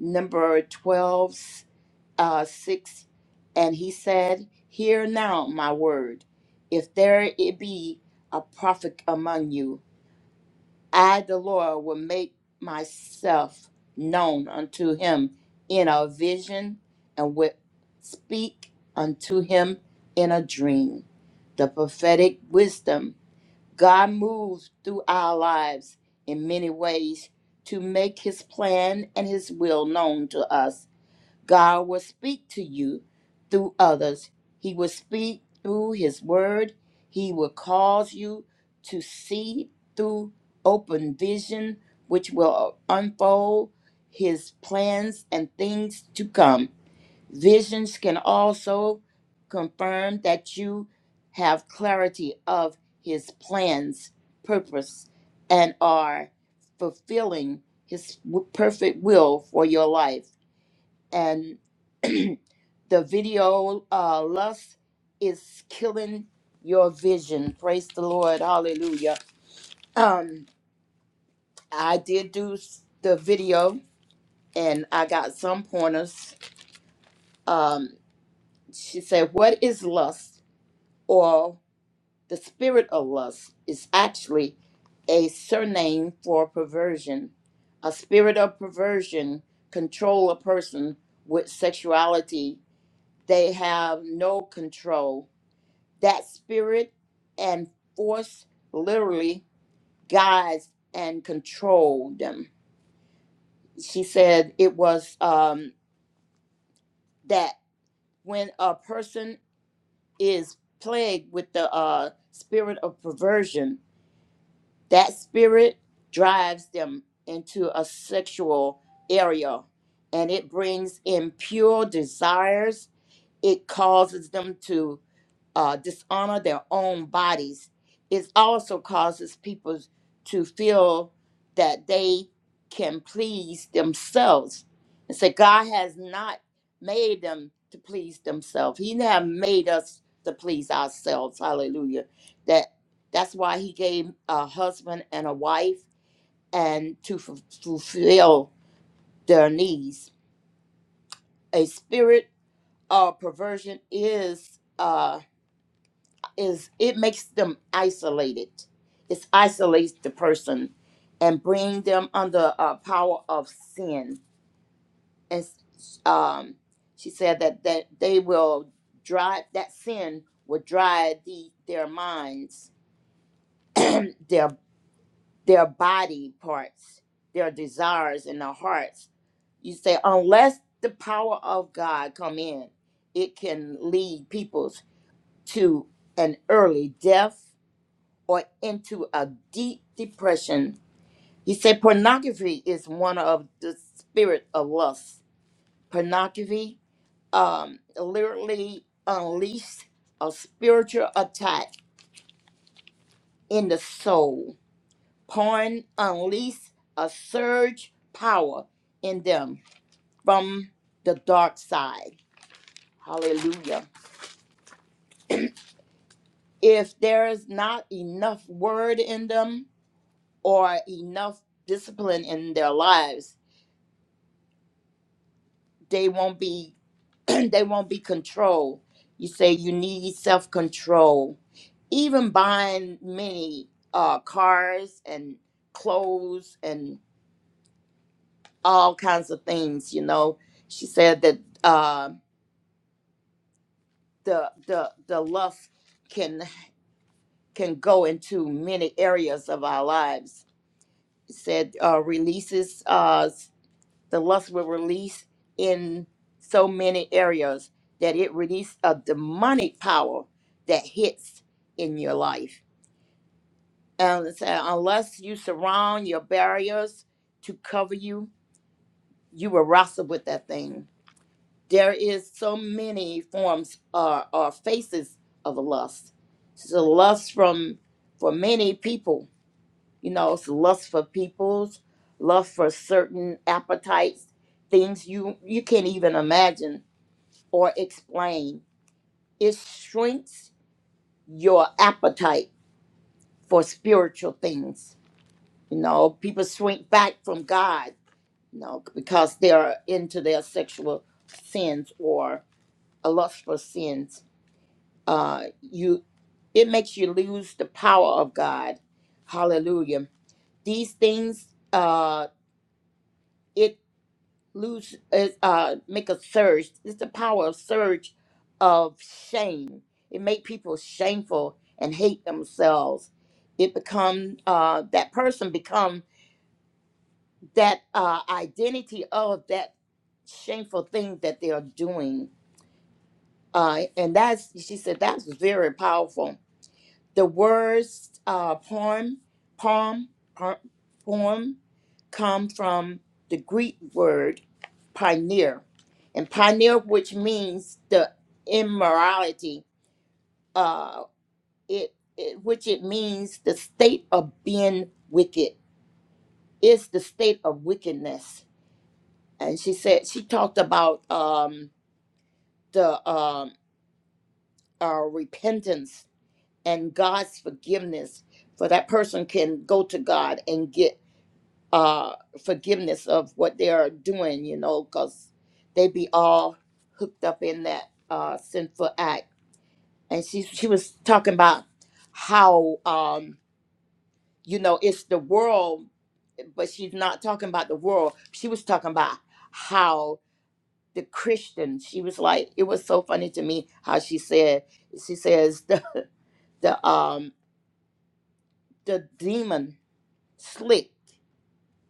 Speaker 6: number twelve, uh, six, and he said, "Hear now my word. If there it be a prophet among you, I, the Lord, will make myself known unto him in a vision and will speak unto him in a dream. The prophetic wisdom God moves through our lives in many ways to make his plan and his will known to us God will speak to you through others. He will speak through His word. He will cause you to see through open vision, which will unfold His plans and things to come. Visions can also confirm that you have clarity of His plans, purpose, and are fulfilling His w- perfect will for your life and the video uh, lust is killing your vision. Praise the Lord, Hallelujah. Um, I did do s- the video, and I got some pointers. Um, she said, "What is lust, or the spirit of lust, is actually a surname for perversion. A spirit of perversion control a person with sexuality. They have no control." That spirit and force literally guides and control them. She said it was um, that when a person is plagued with the uh, spirit of perversion, that spirit drives them into a sexual area and it brings impure desires. It causes them to uh, dishonor their own bodies, it also causes people to feel that they can please themselves. And say, God has not made them to please themselves. He have made us to please ourselves. Hallelujah. That that's why he gave a husband and a wife and to fu- fulfill their needs. A spirit of perversion is uh, is it makes them isolated. It isolates the person and bring them under uh, power of sin. And um, she said that that they will drive that sin will drive the their minds, their their body parts, their desires, and their hearts. You say unless the power of God come in, it can lead peoples to an early death or into a deep depression. He said pornography is one of the spirit of lust. Pornography um, literally unleashed a spiritual attack in the soul. Porn unleashed a surge power in them from the dark side. Hallelujah. If there is not enough word in them or enough discipline in their lives, they won't be they won't be controlled. You say you need self control. Even buying many uh, cars and clothes and all kinds of things, you know. She said that uh, the the the lust can can go into many areas of our lives. Said uh, releases. Uh, the lust will release in so many areas that it releases a demonic power that hits in your life. And it said, unless you surround your barriers to cover you, you will wrestle with that thing. There is so many forms or, or faces of lust. So lust from for many people you know, it's lust for peoples, lust for certain appetites, things you you can't even imagine or explain. It shrinks your appetite for spiritual things. You know, people shrink back from God, you know, because they're into their sexual sins or a lust for sins. Uh, you, it makes you lose the power of God. Hallelujah. These things, uh, it lose uh, uh make a surge it's the power of surge of shame it make people shameful and hate themselves it become uh that person become that uh identity of that shameful thing that they are doing uh and that's she said that's very powerful the words uh, poem, poem, uh, poem come from the Greek word pioneer, and pioneer, which means the immorality, uh, it, it which it means the state of being wicked. It's the state of wickedness. And she said she talked about um, the um, uh, repentance and God's forgiveness, for that person can go to God and get uh forgiveness of what they are doing you know because they be all hooked up in that uh sinful act and she she was talking about how um you know it's the world but she's not talking about the world she was talking about how the christian she was like it was so funny to me how she said she says the the um the demon slick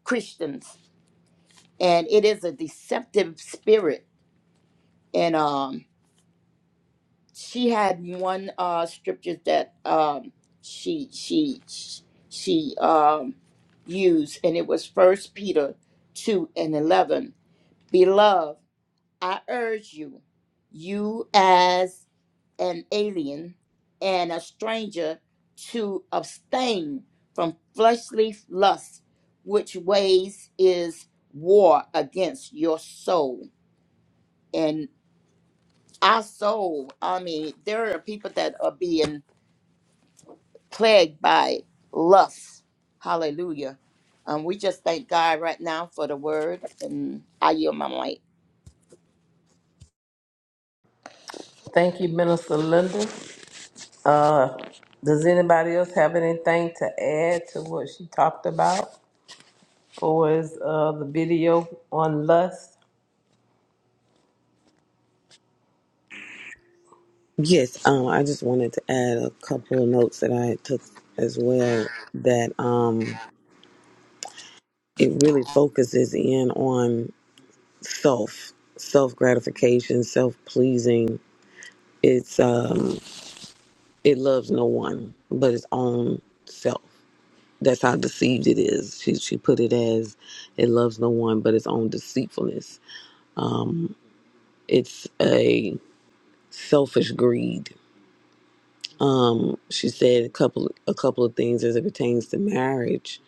Speaker 6: christians and it is a deceptive spirit and um she had one uh scripture that um she she she um used and it was first peter 2 and 11 beloved i urge you you as an alien and a stranger to abstain from fleshly lust which ways is war against your soul our soul. I mean, there are people that are being plagued by lust. Hallelujah. Um, we just thank God right now for the word, and I yield my mic.
Speaker 2: Thank you, Minister Linda. Uh, does anybody else have anything to add to what she talked about? Or is uh, the video on lust?
Speaker 1: Yes, um, I just wanted to add a couple of notes that I took as well that um, it really focuses in on self, self gratification, self pleasing. It's um, It loves no one but its own self. That's how deceived it is. She she put it as it loves no one but its own deceitfulness. It's a selfish greed. She said a couple a couple of things as it pertains to marriage.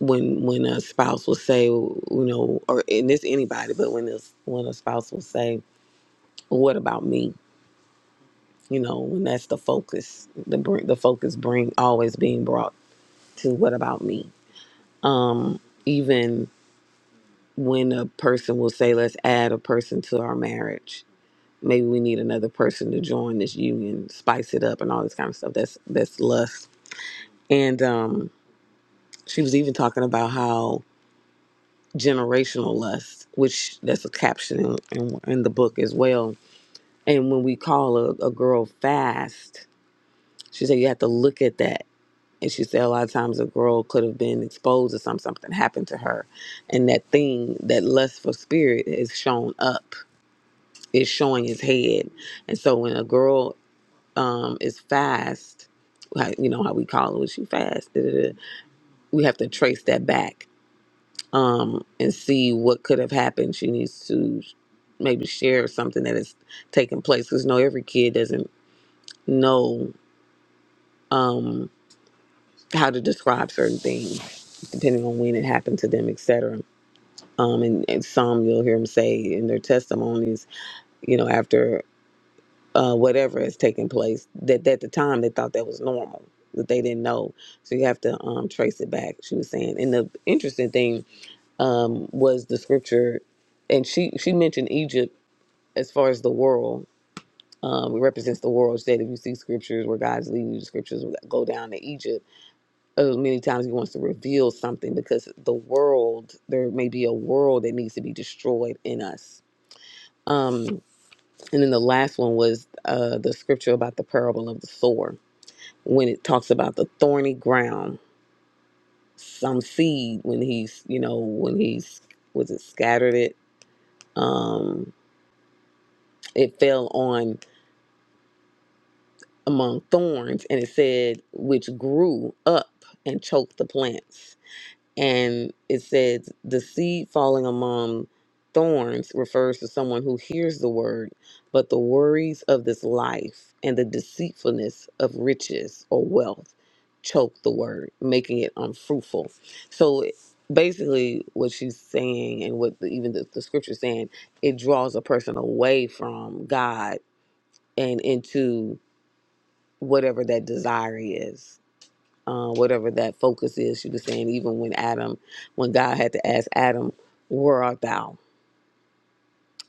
Speaker 1: When when a spouse will say, you know, or and this anybody, but when this when a spouse will say, well, "What about me?" You know, when that's the focus, the br- the focus bring always being brought to "What about me?" Even when a person will say, let's add a person to our marriage. Maybe we need another person to join this union, spice it up and all this kind of stuff. That's that's lust. And um, she was even talking about how generational lust, which that's a caption in, in, in the book as well. And when we call a, a girl fast, she said you have to look at that. And she said a lot of times a girl could have been exposed to something, something happened to her. And that thing, that lust for spirit is shown up is showing his head. And so when a girl um, is fast, like you know how we call it, was she fast? Da, da, da. We have to trace that back um, and see what could have happened. She needs to maybe share something that has taken place because no, every kid doesn't know how to describe certain things depending on when it happened to them, etc. Um, and, and some you'll hear them say in their testimonies, you know, after uh, whatever has taken place that at the time they thought that was normal that they didn't know so you have to um, trace it back she was saying and the interesting thing um, was the scripture and she she mentioned egypt as far as the world um, it represents the world she said if you see scriptures where god's leading you to scriptures go down to egypt as many times he wants to reveal something because the world there may be a world that needs to be destroyed in us and then the last one was uh, the scripture about the parable of the sower when it talks about the thorny ground, some seed when he's, you know, when he's was it scattered it, um, it fell on among thorns and it said which grew up and choked the plants. and it says the seed falling among thorns refers to someone who hears the word but the worries of this life and the deceitfulness of riches or wealth choke the word making it unfruitful so basically what she's saying and what the, even the, the scripture is saying it draws a person away from god and into whatever that desire is uh, whatever that focus is. She was saying even when Adam, when God had to ask Adam, "Where art thou?"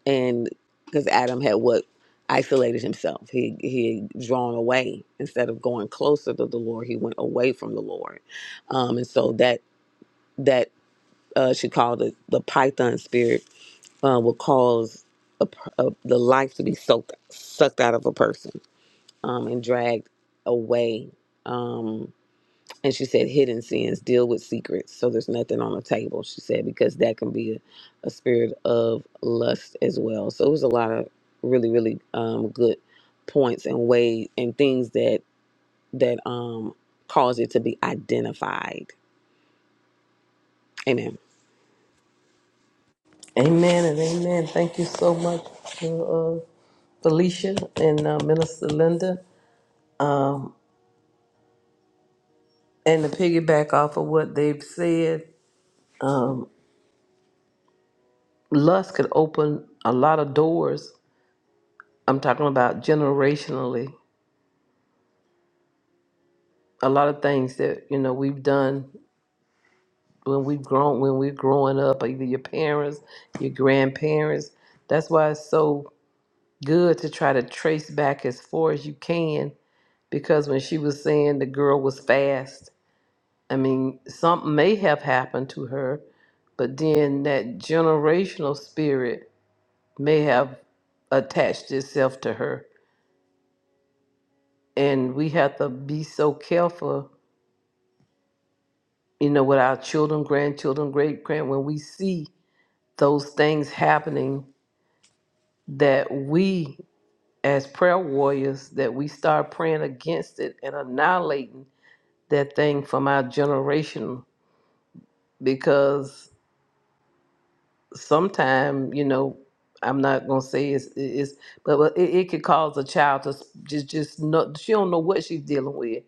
Speaker 1: and because Adam had what isolated himself, he he had drawn away instead of going closer to the Lord, he went away from the Lord, um, and so that that uh, she called it the Python spirit uh, will cause a, per- a, the life to be soaked sucked out of a person um, and dragged away. Um, And she said, hidden sins deal with secrets. So there's nothing on the table, she said, because that can be a, a spirit of lust as well. So it was a lot of really, really um, good points and ways and things that that um, cause it to be identified. Amen.
Speaker 2: Amen and amen. Thank you so much, uh, uh, Felicia and uh, Minister Linda. Um, and to piggyback off of what they've said, um, lust could open a lot of doors. I'm talking about generationally, a lot of things that you know we've done when we grown when we're growing up, either your parents, your grandparents. That's why it's so good to try to trace back as far as you can. Because when she was saying the girl was fast, I mean, something may have happened to her, but then that generational spirit may have attached itself to her. And we have to be so careful, you know, with our children, grandchildren, great grand when we see those things happening that we as prayer warriors that we start praying against it and annihilating that thing from our generation because sometime you know i'm not going to say it's, it's but but it, it could cause a child to s- just just not she don't know what she's dealing with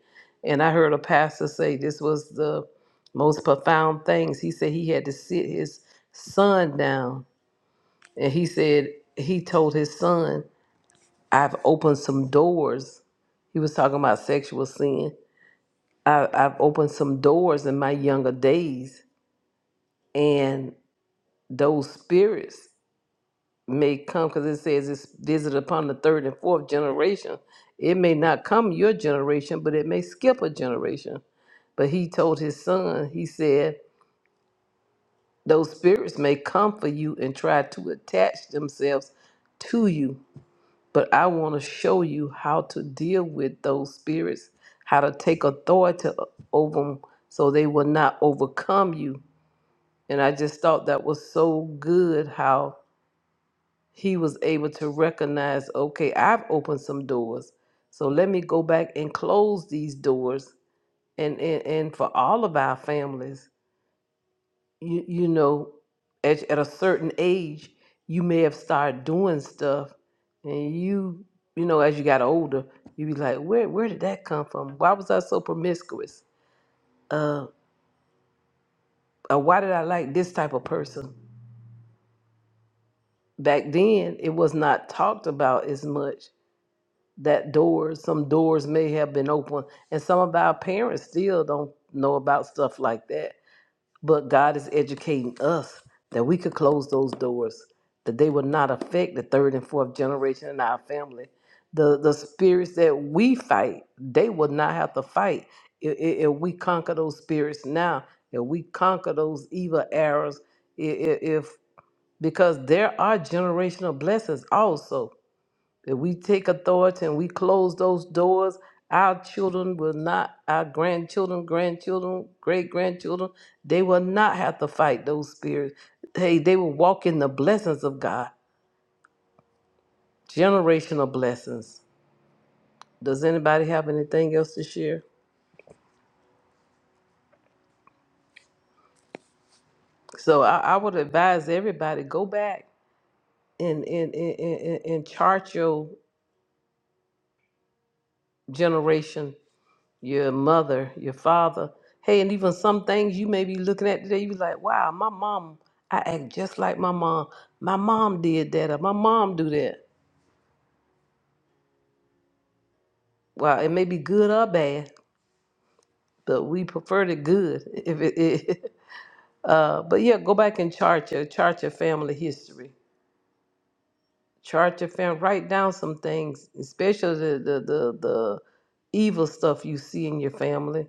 Speaker 2: and i heard a pastor say this was the most profound things he said he had to sit his son down and he said he told his son I've opened some doors. He was talking about sexual sin. I, I've opened some doors in my younger days, and those spirits may come because it says it's visited upon the third and fourth generation. It may not come your generation, but it may skip a generation. But he told his son, he said, Those spirits may come for you and try to attach themselves to you but I want to show you how to deal with those spirits, how to take authority over them so they will not overcome you. And I just thought that was so good how he was able to recognize okay, I've opened some doors. So let me go back and close these doors and, and, and for all of our families you, you know, at, at a certain age, you may have started doing stuff, and you, you know, as you got older, you be like, where, where did that come from? Why was I so promiscuous? Uh, or why did I like this type of person? Back then, it was not talked about as much. That doors, some doors may have been open, and some of our parents still don't know about stuff like that But God is educating us that we could close those doors, that they will not affect the third and fourth generation in our family. The the spirits that we fight, they will not have to fight if, if we conquer those spirits now. If we conquer those evil arrows, i- i- if because there are generational blessings also if we take authority and we close those doors, our children will not, our grandchildren, grandchildren, great grandchildren, they will not have to fight those spirits. Hey, they will walk in the blessings of God, generational blessings. Does anybody have anything else to share? So I, I would advise everybody go back and, and, and, and, and chart your generation your mother, your father. Hey, and even some things you may be looking at today, you be like, wow, my mom, I act just like my mom. My mom did that, or my mom do that. Well, it may be good or bad, but we prefer the good. If it, it uh, but yeah, go back and chart your chart your family history. Chart your family. Write down some things, especially the the the, the evil stuff you see in your family.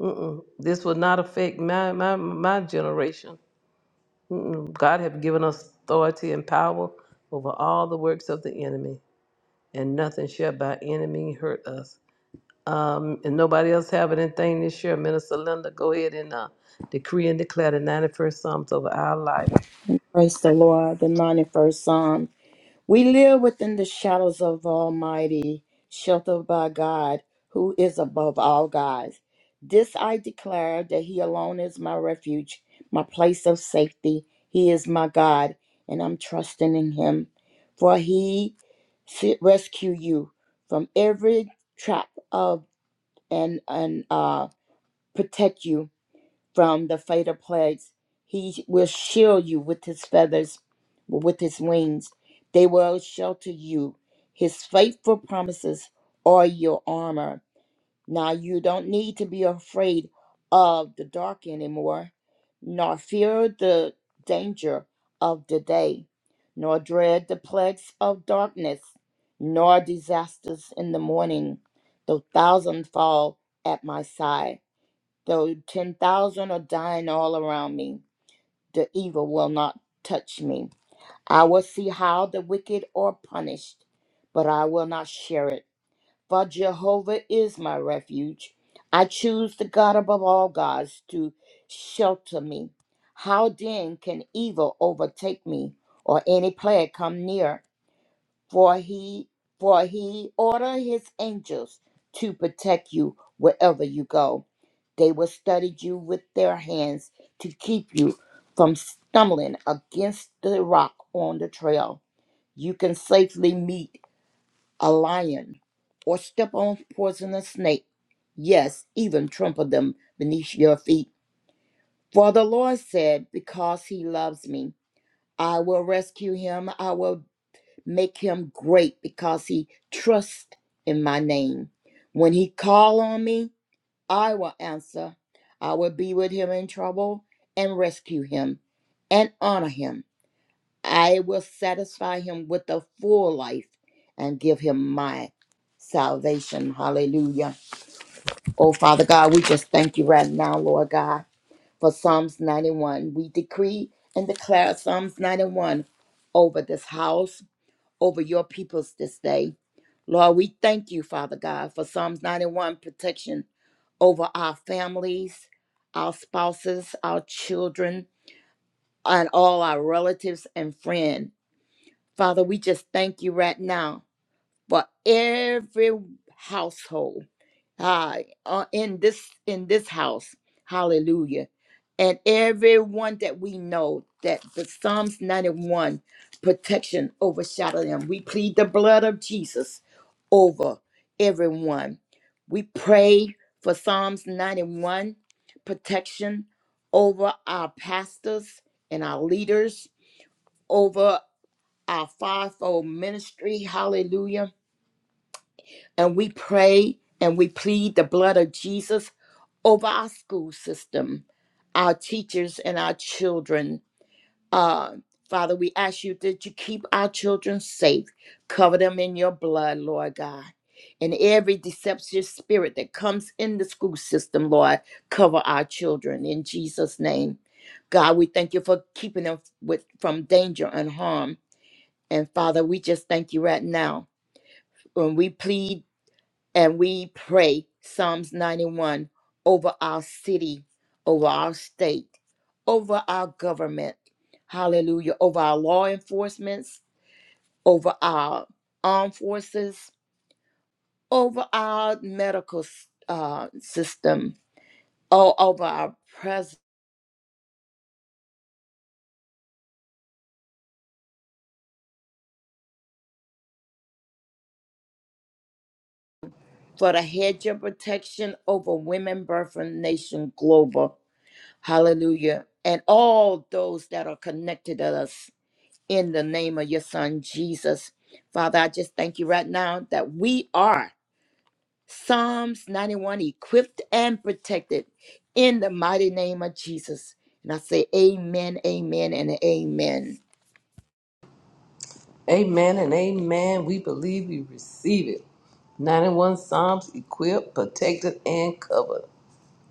Speaker 2: Mm-mm. This will not affect my my my generation Mm-mm. God hath given us authority and power over all the works of the enemy, and nothing shall by any means hurt us. Um, and nobody else have anything this year. Minister Linda, go ahead and uh, decree and declare the 91st Psalms over our life.
Speaker 6: Praise the Lord. The 91st Psalm. We live within the shadows of Almighty, sheltered by God, who is above all gods. This I declare that He alone is my refuge, my place of safety. He is my God, and I'm trusting in Him. For He s- rescue you from every trap of and and uh, protect you from the fatal plagues. He will shield you with his feathers, with his wings. They will shelter you. His faithful promises are your armor. Now you don't need to be afraid of the dark anymore, nor fear the danger of the day, nor dread the plagues of darkness, nor disasters in the morning, though thousand fall at my side Though 10,000 are dying all around me, the evil will not touch me. I will see how the wicked are punished, but I will not share it. For Jehovah is my refuge. I choose the God above all gods to shelter me. How then can evil overtake me or any plague come near? for he for he order his angels to protect you wherever you go. They will study you with their hands to keep you from stumbling against the rock on the trail. You can safely meet a lion or step on poisonous snake. Yes, even trample them beneath your feet. For the Lord said, Because he loves me, I will rescue him. I will make him great because he trusts in my name. When he call on me, I will answer. I will be with him in trouble and rescue him and honor him. I will satisfy him with a full life and give him my salvation. Hallelujah. Oh, Father God, we just thank you right now, Lord God, for Psalms 91. We decree and declare Psalms 91 over this house over your peoples this day. Lord, we thank you, Father God, for Psalms 91 protection over our families, our spouses, our children, and all our relatives and friends. Father, we just thank you right now for every household uh, uh, in this in this house hallelujah and everyone that we know that the psalms 91 protection overshadow them we plead the blood of jesus over everyone we pray for psalms 91 protection over our pastors and our leaders over our fivefold ministry hallelujah and we pray and we plead the blood of jesus over our school system, our teachers, and our children. Uh, Father, we ask you that you keep our children safe, cover them in your blood, Lord God. And every deceptive spirit that comes in the school system, Lord, cover our children in Jesus' name. God, we thank you for keeping them with, from danger and harm. And Father, we just thank you right now. When we plead and we pray Psalms 91 over our city, over our state, over our government. Hallelujah. Over our law enforcements, over our armed forces, over our medical s- uh, system, all over our president. For the hedge of protection over women, birth, and nation global. Hallelujah. And all those that are connected to us in the name of your son Jesus. Father, I just thank you right now that we are Psalms 91 equipped and protected in the mighty name of Jesus. And I say amen, amen, and amen.
Speaker 2: Amen and amen. We believe we receive it. 91 Psalms equipped, protected, and covered.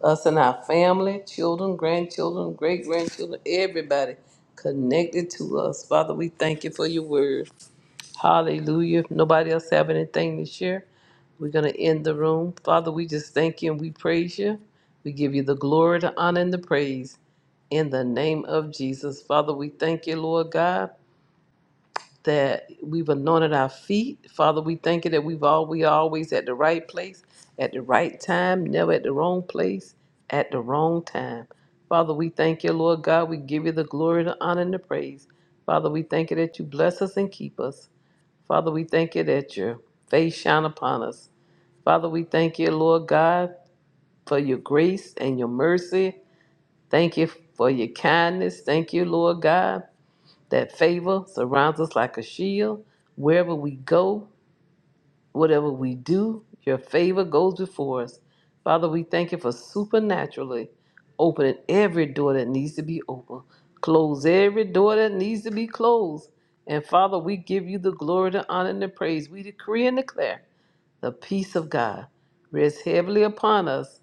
Speaker 2: Us and our family, children, grandchildren, great grandchildren, everybody connected to us. Father, we thank you for your word. Hallelujah. If nobody else have anything to share, we're going to end the room. Father, we just thank you and we praise you. We give you the glory, the honor, and the praise in the name of Jesus. Father, we thank you, Lord God, that we've anointed our feet. Father, we thank you that we've all we are always at the right place, at the right time, never at the wrong place, at the wrong time. Father, we thank you, Lord God. We give you the glory, the honor, and the praise. Father, we thank you that you bless us and keep us. Father, we thank you that your face shine upon us. Father, we thank you, Lord God, for your grace and your mercy. Thank you for your kindness. Thank you, Lord God, that favor surrounds us like a shield. Wherever we go, whatever we do, your favor goes before us. Father, we thank you for supernaturally opening every door that needs to be opened. Close every door that needs to be closed. And Father, we give you the glory, the honor, and the praise. We decree and declare the peace of God rests heavily upon us,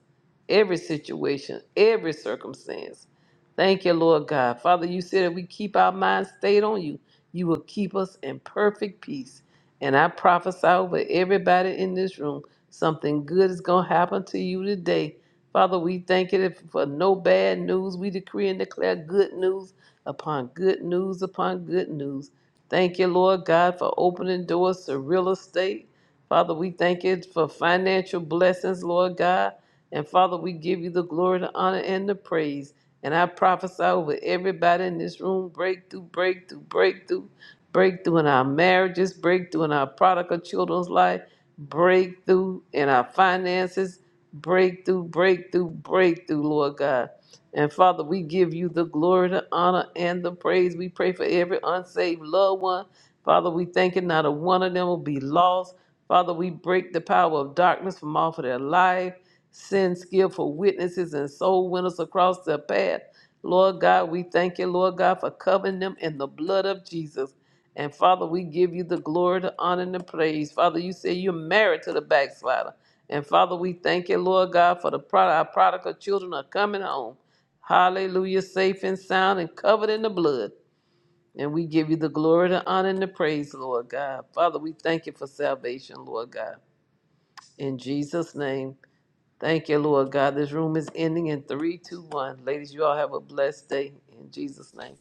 Speaker 2: every situation, every circumstance. Thank you, Lord God. Father, you said if we keep our minds stayed on you, you will keep us in perfect peace. And I prophesy over everybody in this room something good is going to happen to you today. Father, we thank you for no bad news. We decree and declare good news upon good news upon good news. Thank you, Lord God, for opening doors to real estate Father, we thank you for financial blessings, Lord God. And Father, we give you the glory, the honor, and the praise. And I prophesy over everybody in this room breakthrough, breakthrough, breakthrough, breakthrough in our marriages, breakthrough in our prodigal children's life, breakthrough in our finances, breakthrough, breakthrough, breakthrough, Lord God. And Father, we give you the glory, the honor, and the praise. We pray for every unsaved loved one. Father, we thank you not a one of them will be lost. Father, we break the power of darkness from off of their life. Send skillful witnesses and soul winners across their path. Lord God, we thank you, Lord God, for covering them in the blood of Jesus. And Father, we give you the glory, the honor, and the praise. Father, you say you're married to the backslider. And Father, we thank you, Lord God, for the prod- our prodigal children are coming home. Hallelujah, safe and sound and covered in the blood. And we give you the glory, the honor, and the praise, Lord God. Father, we thank you for salvation, Lord God. In Jesus' name, thank you, Lord God. This room is ending in three, two, one. Ladies, you all have a blessed day. In Jesus' name.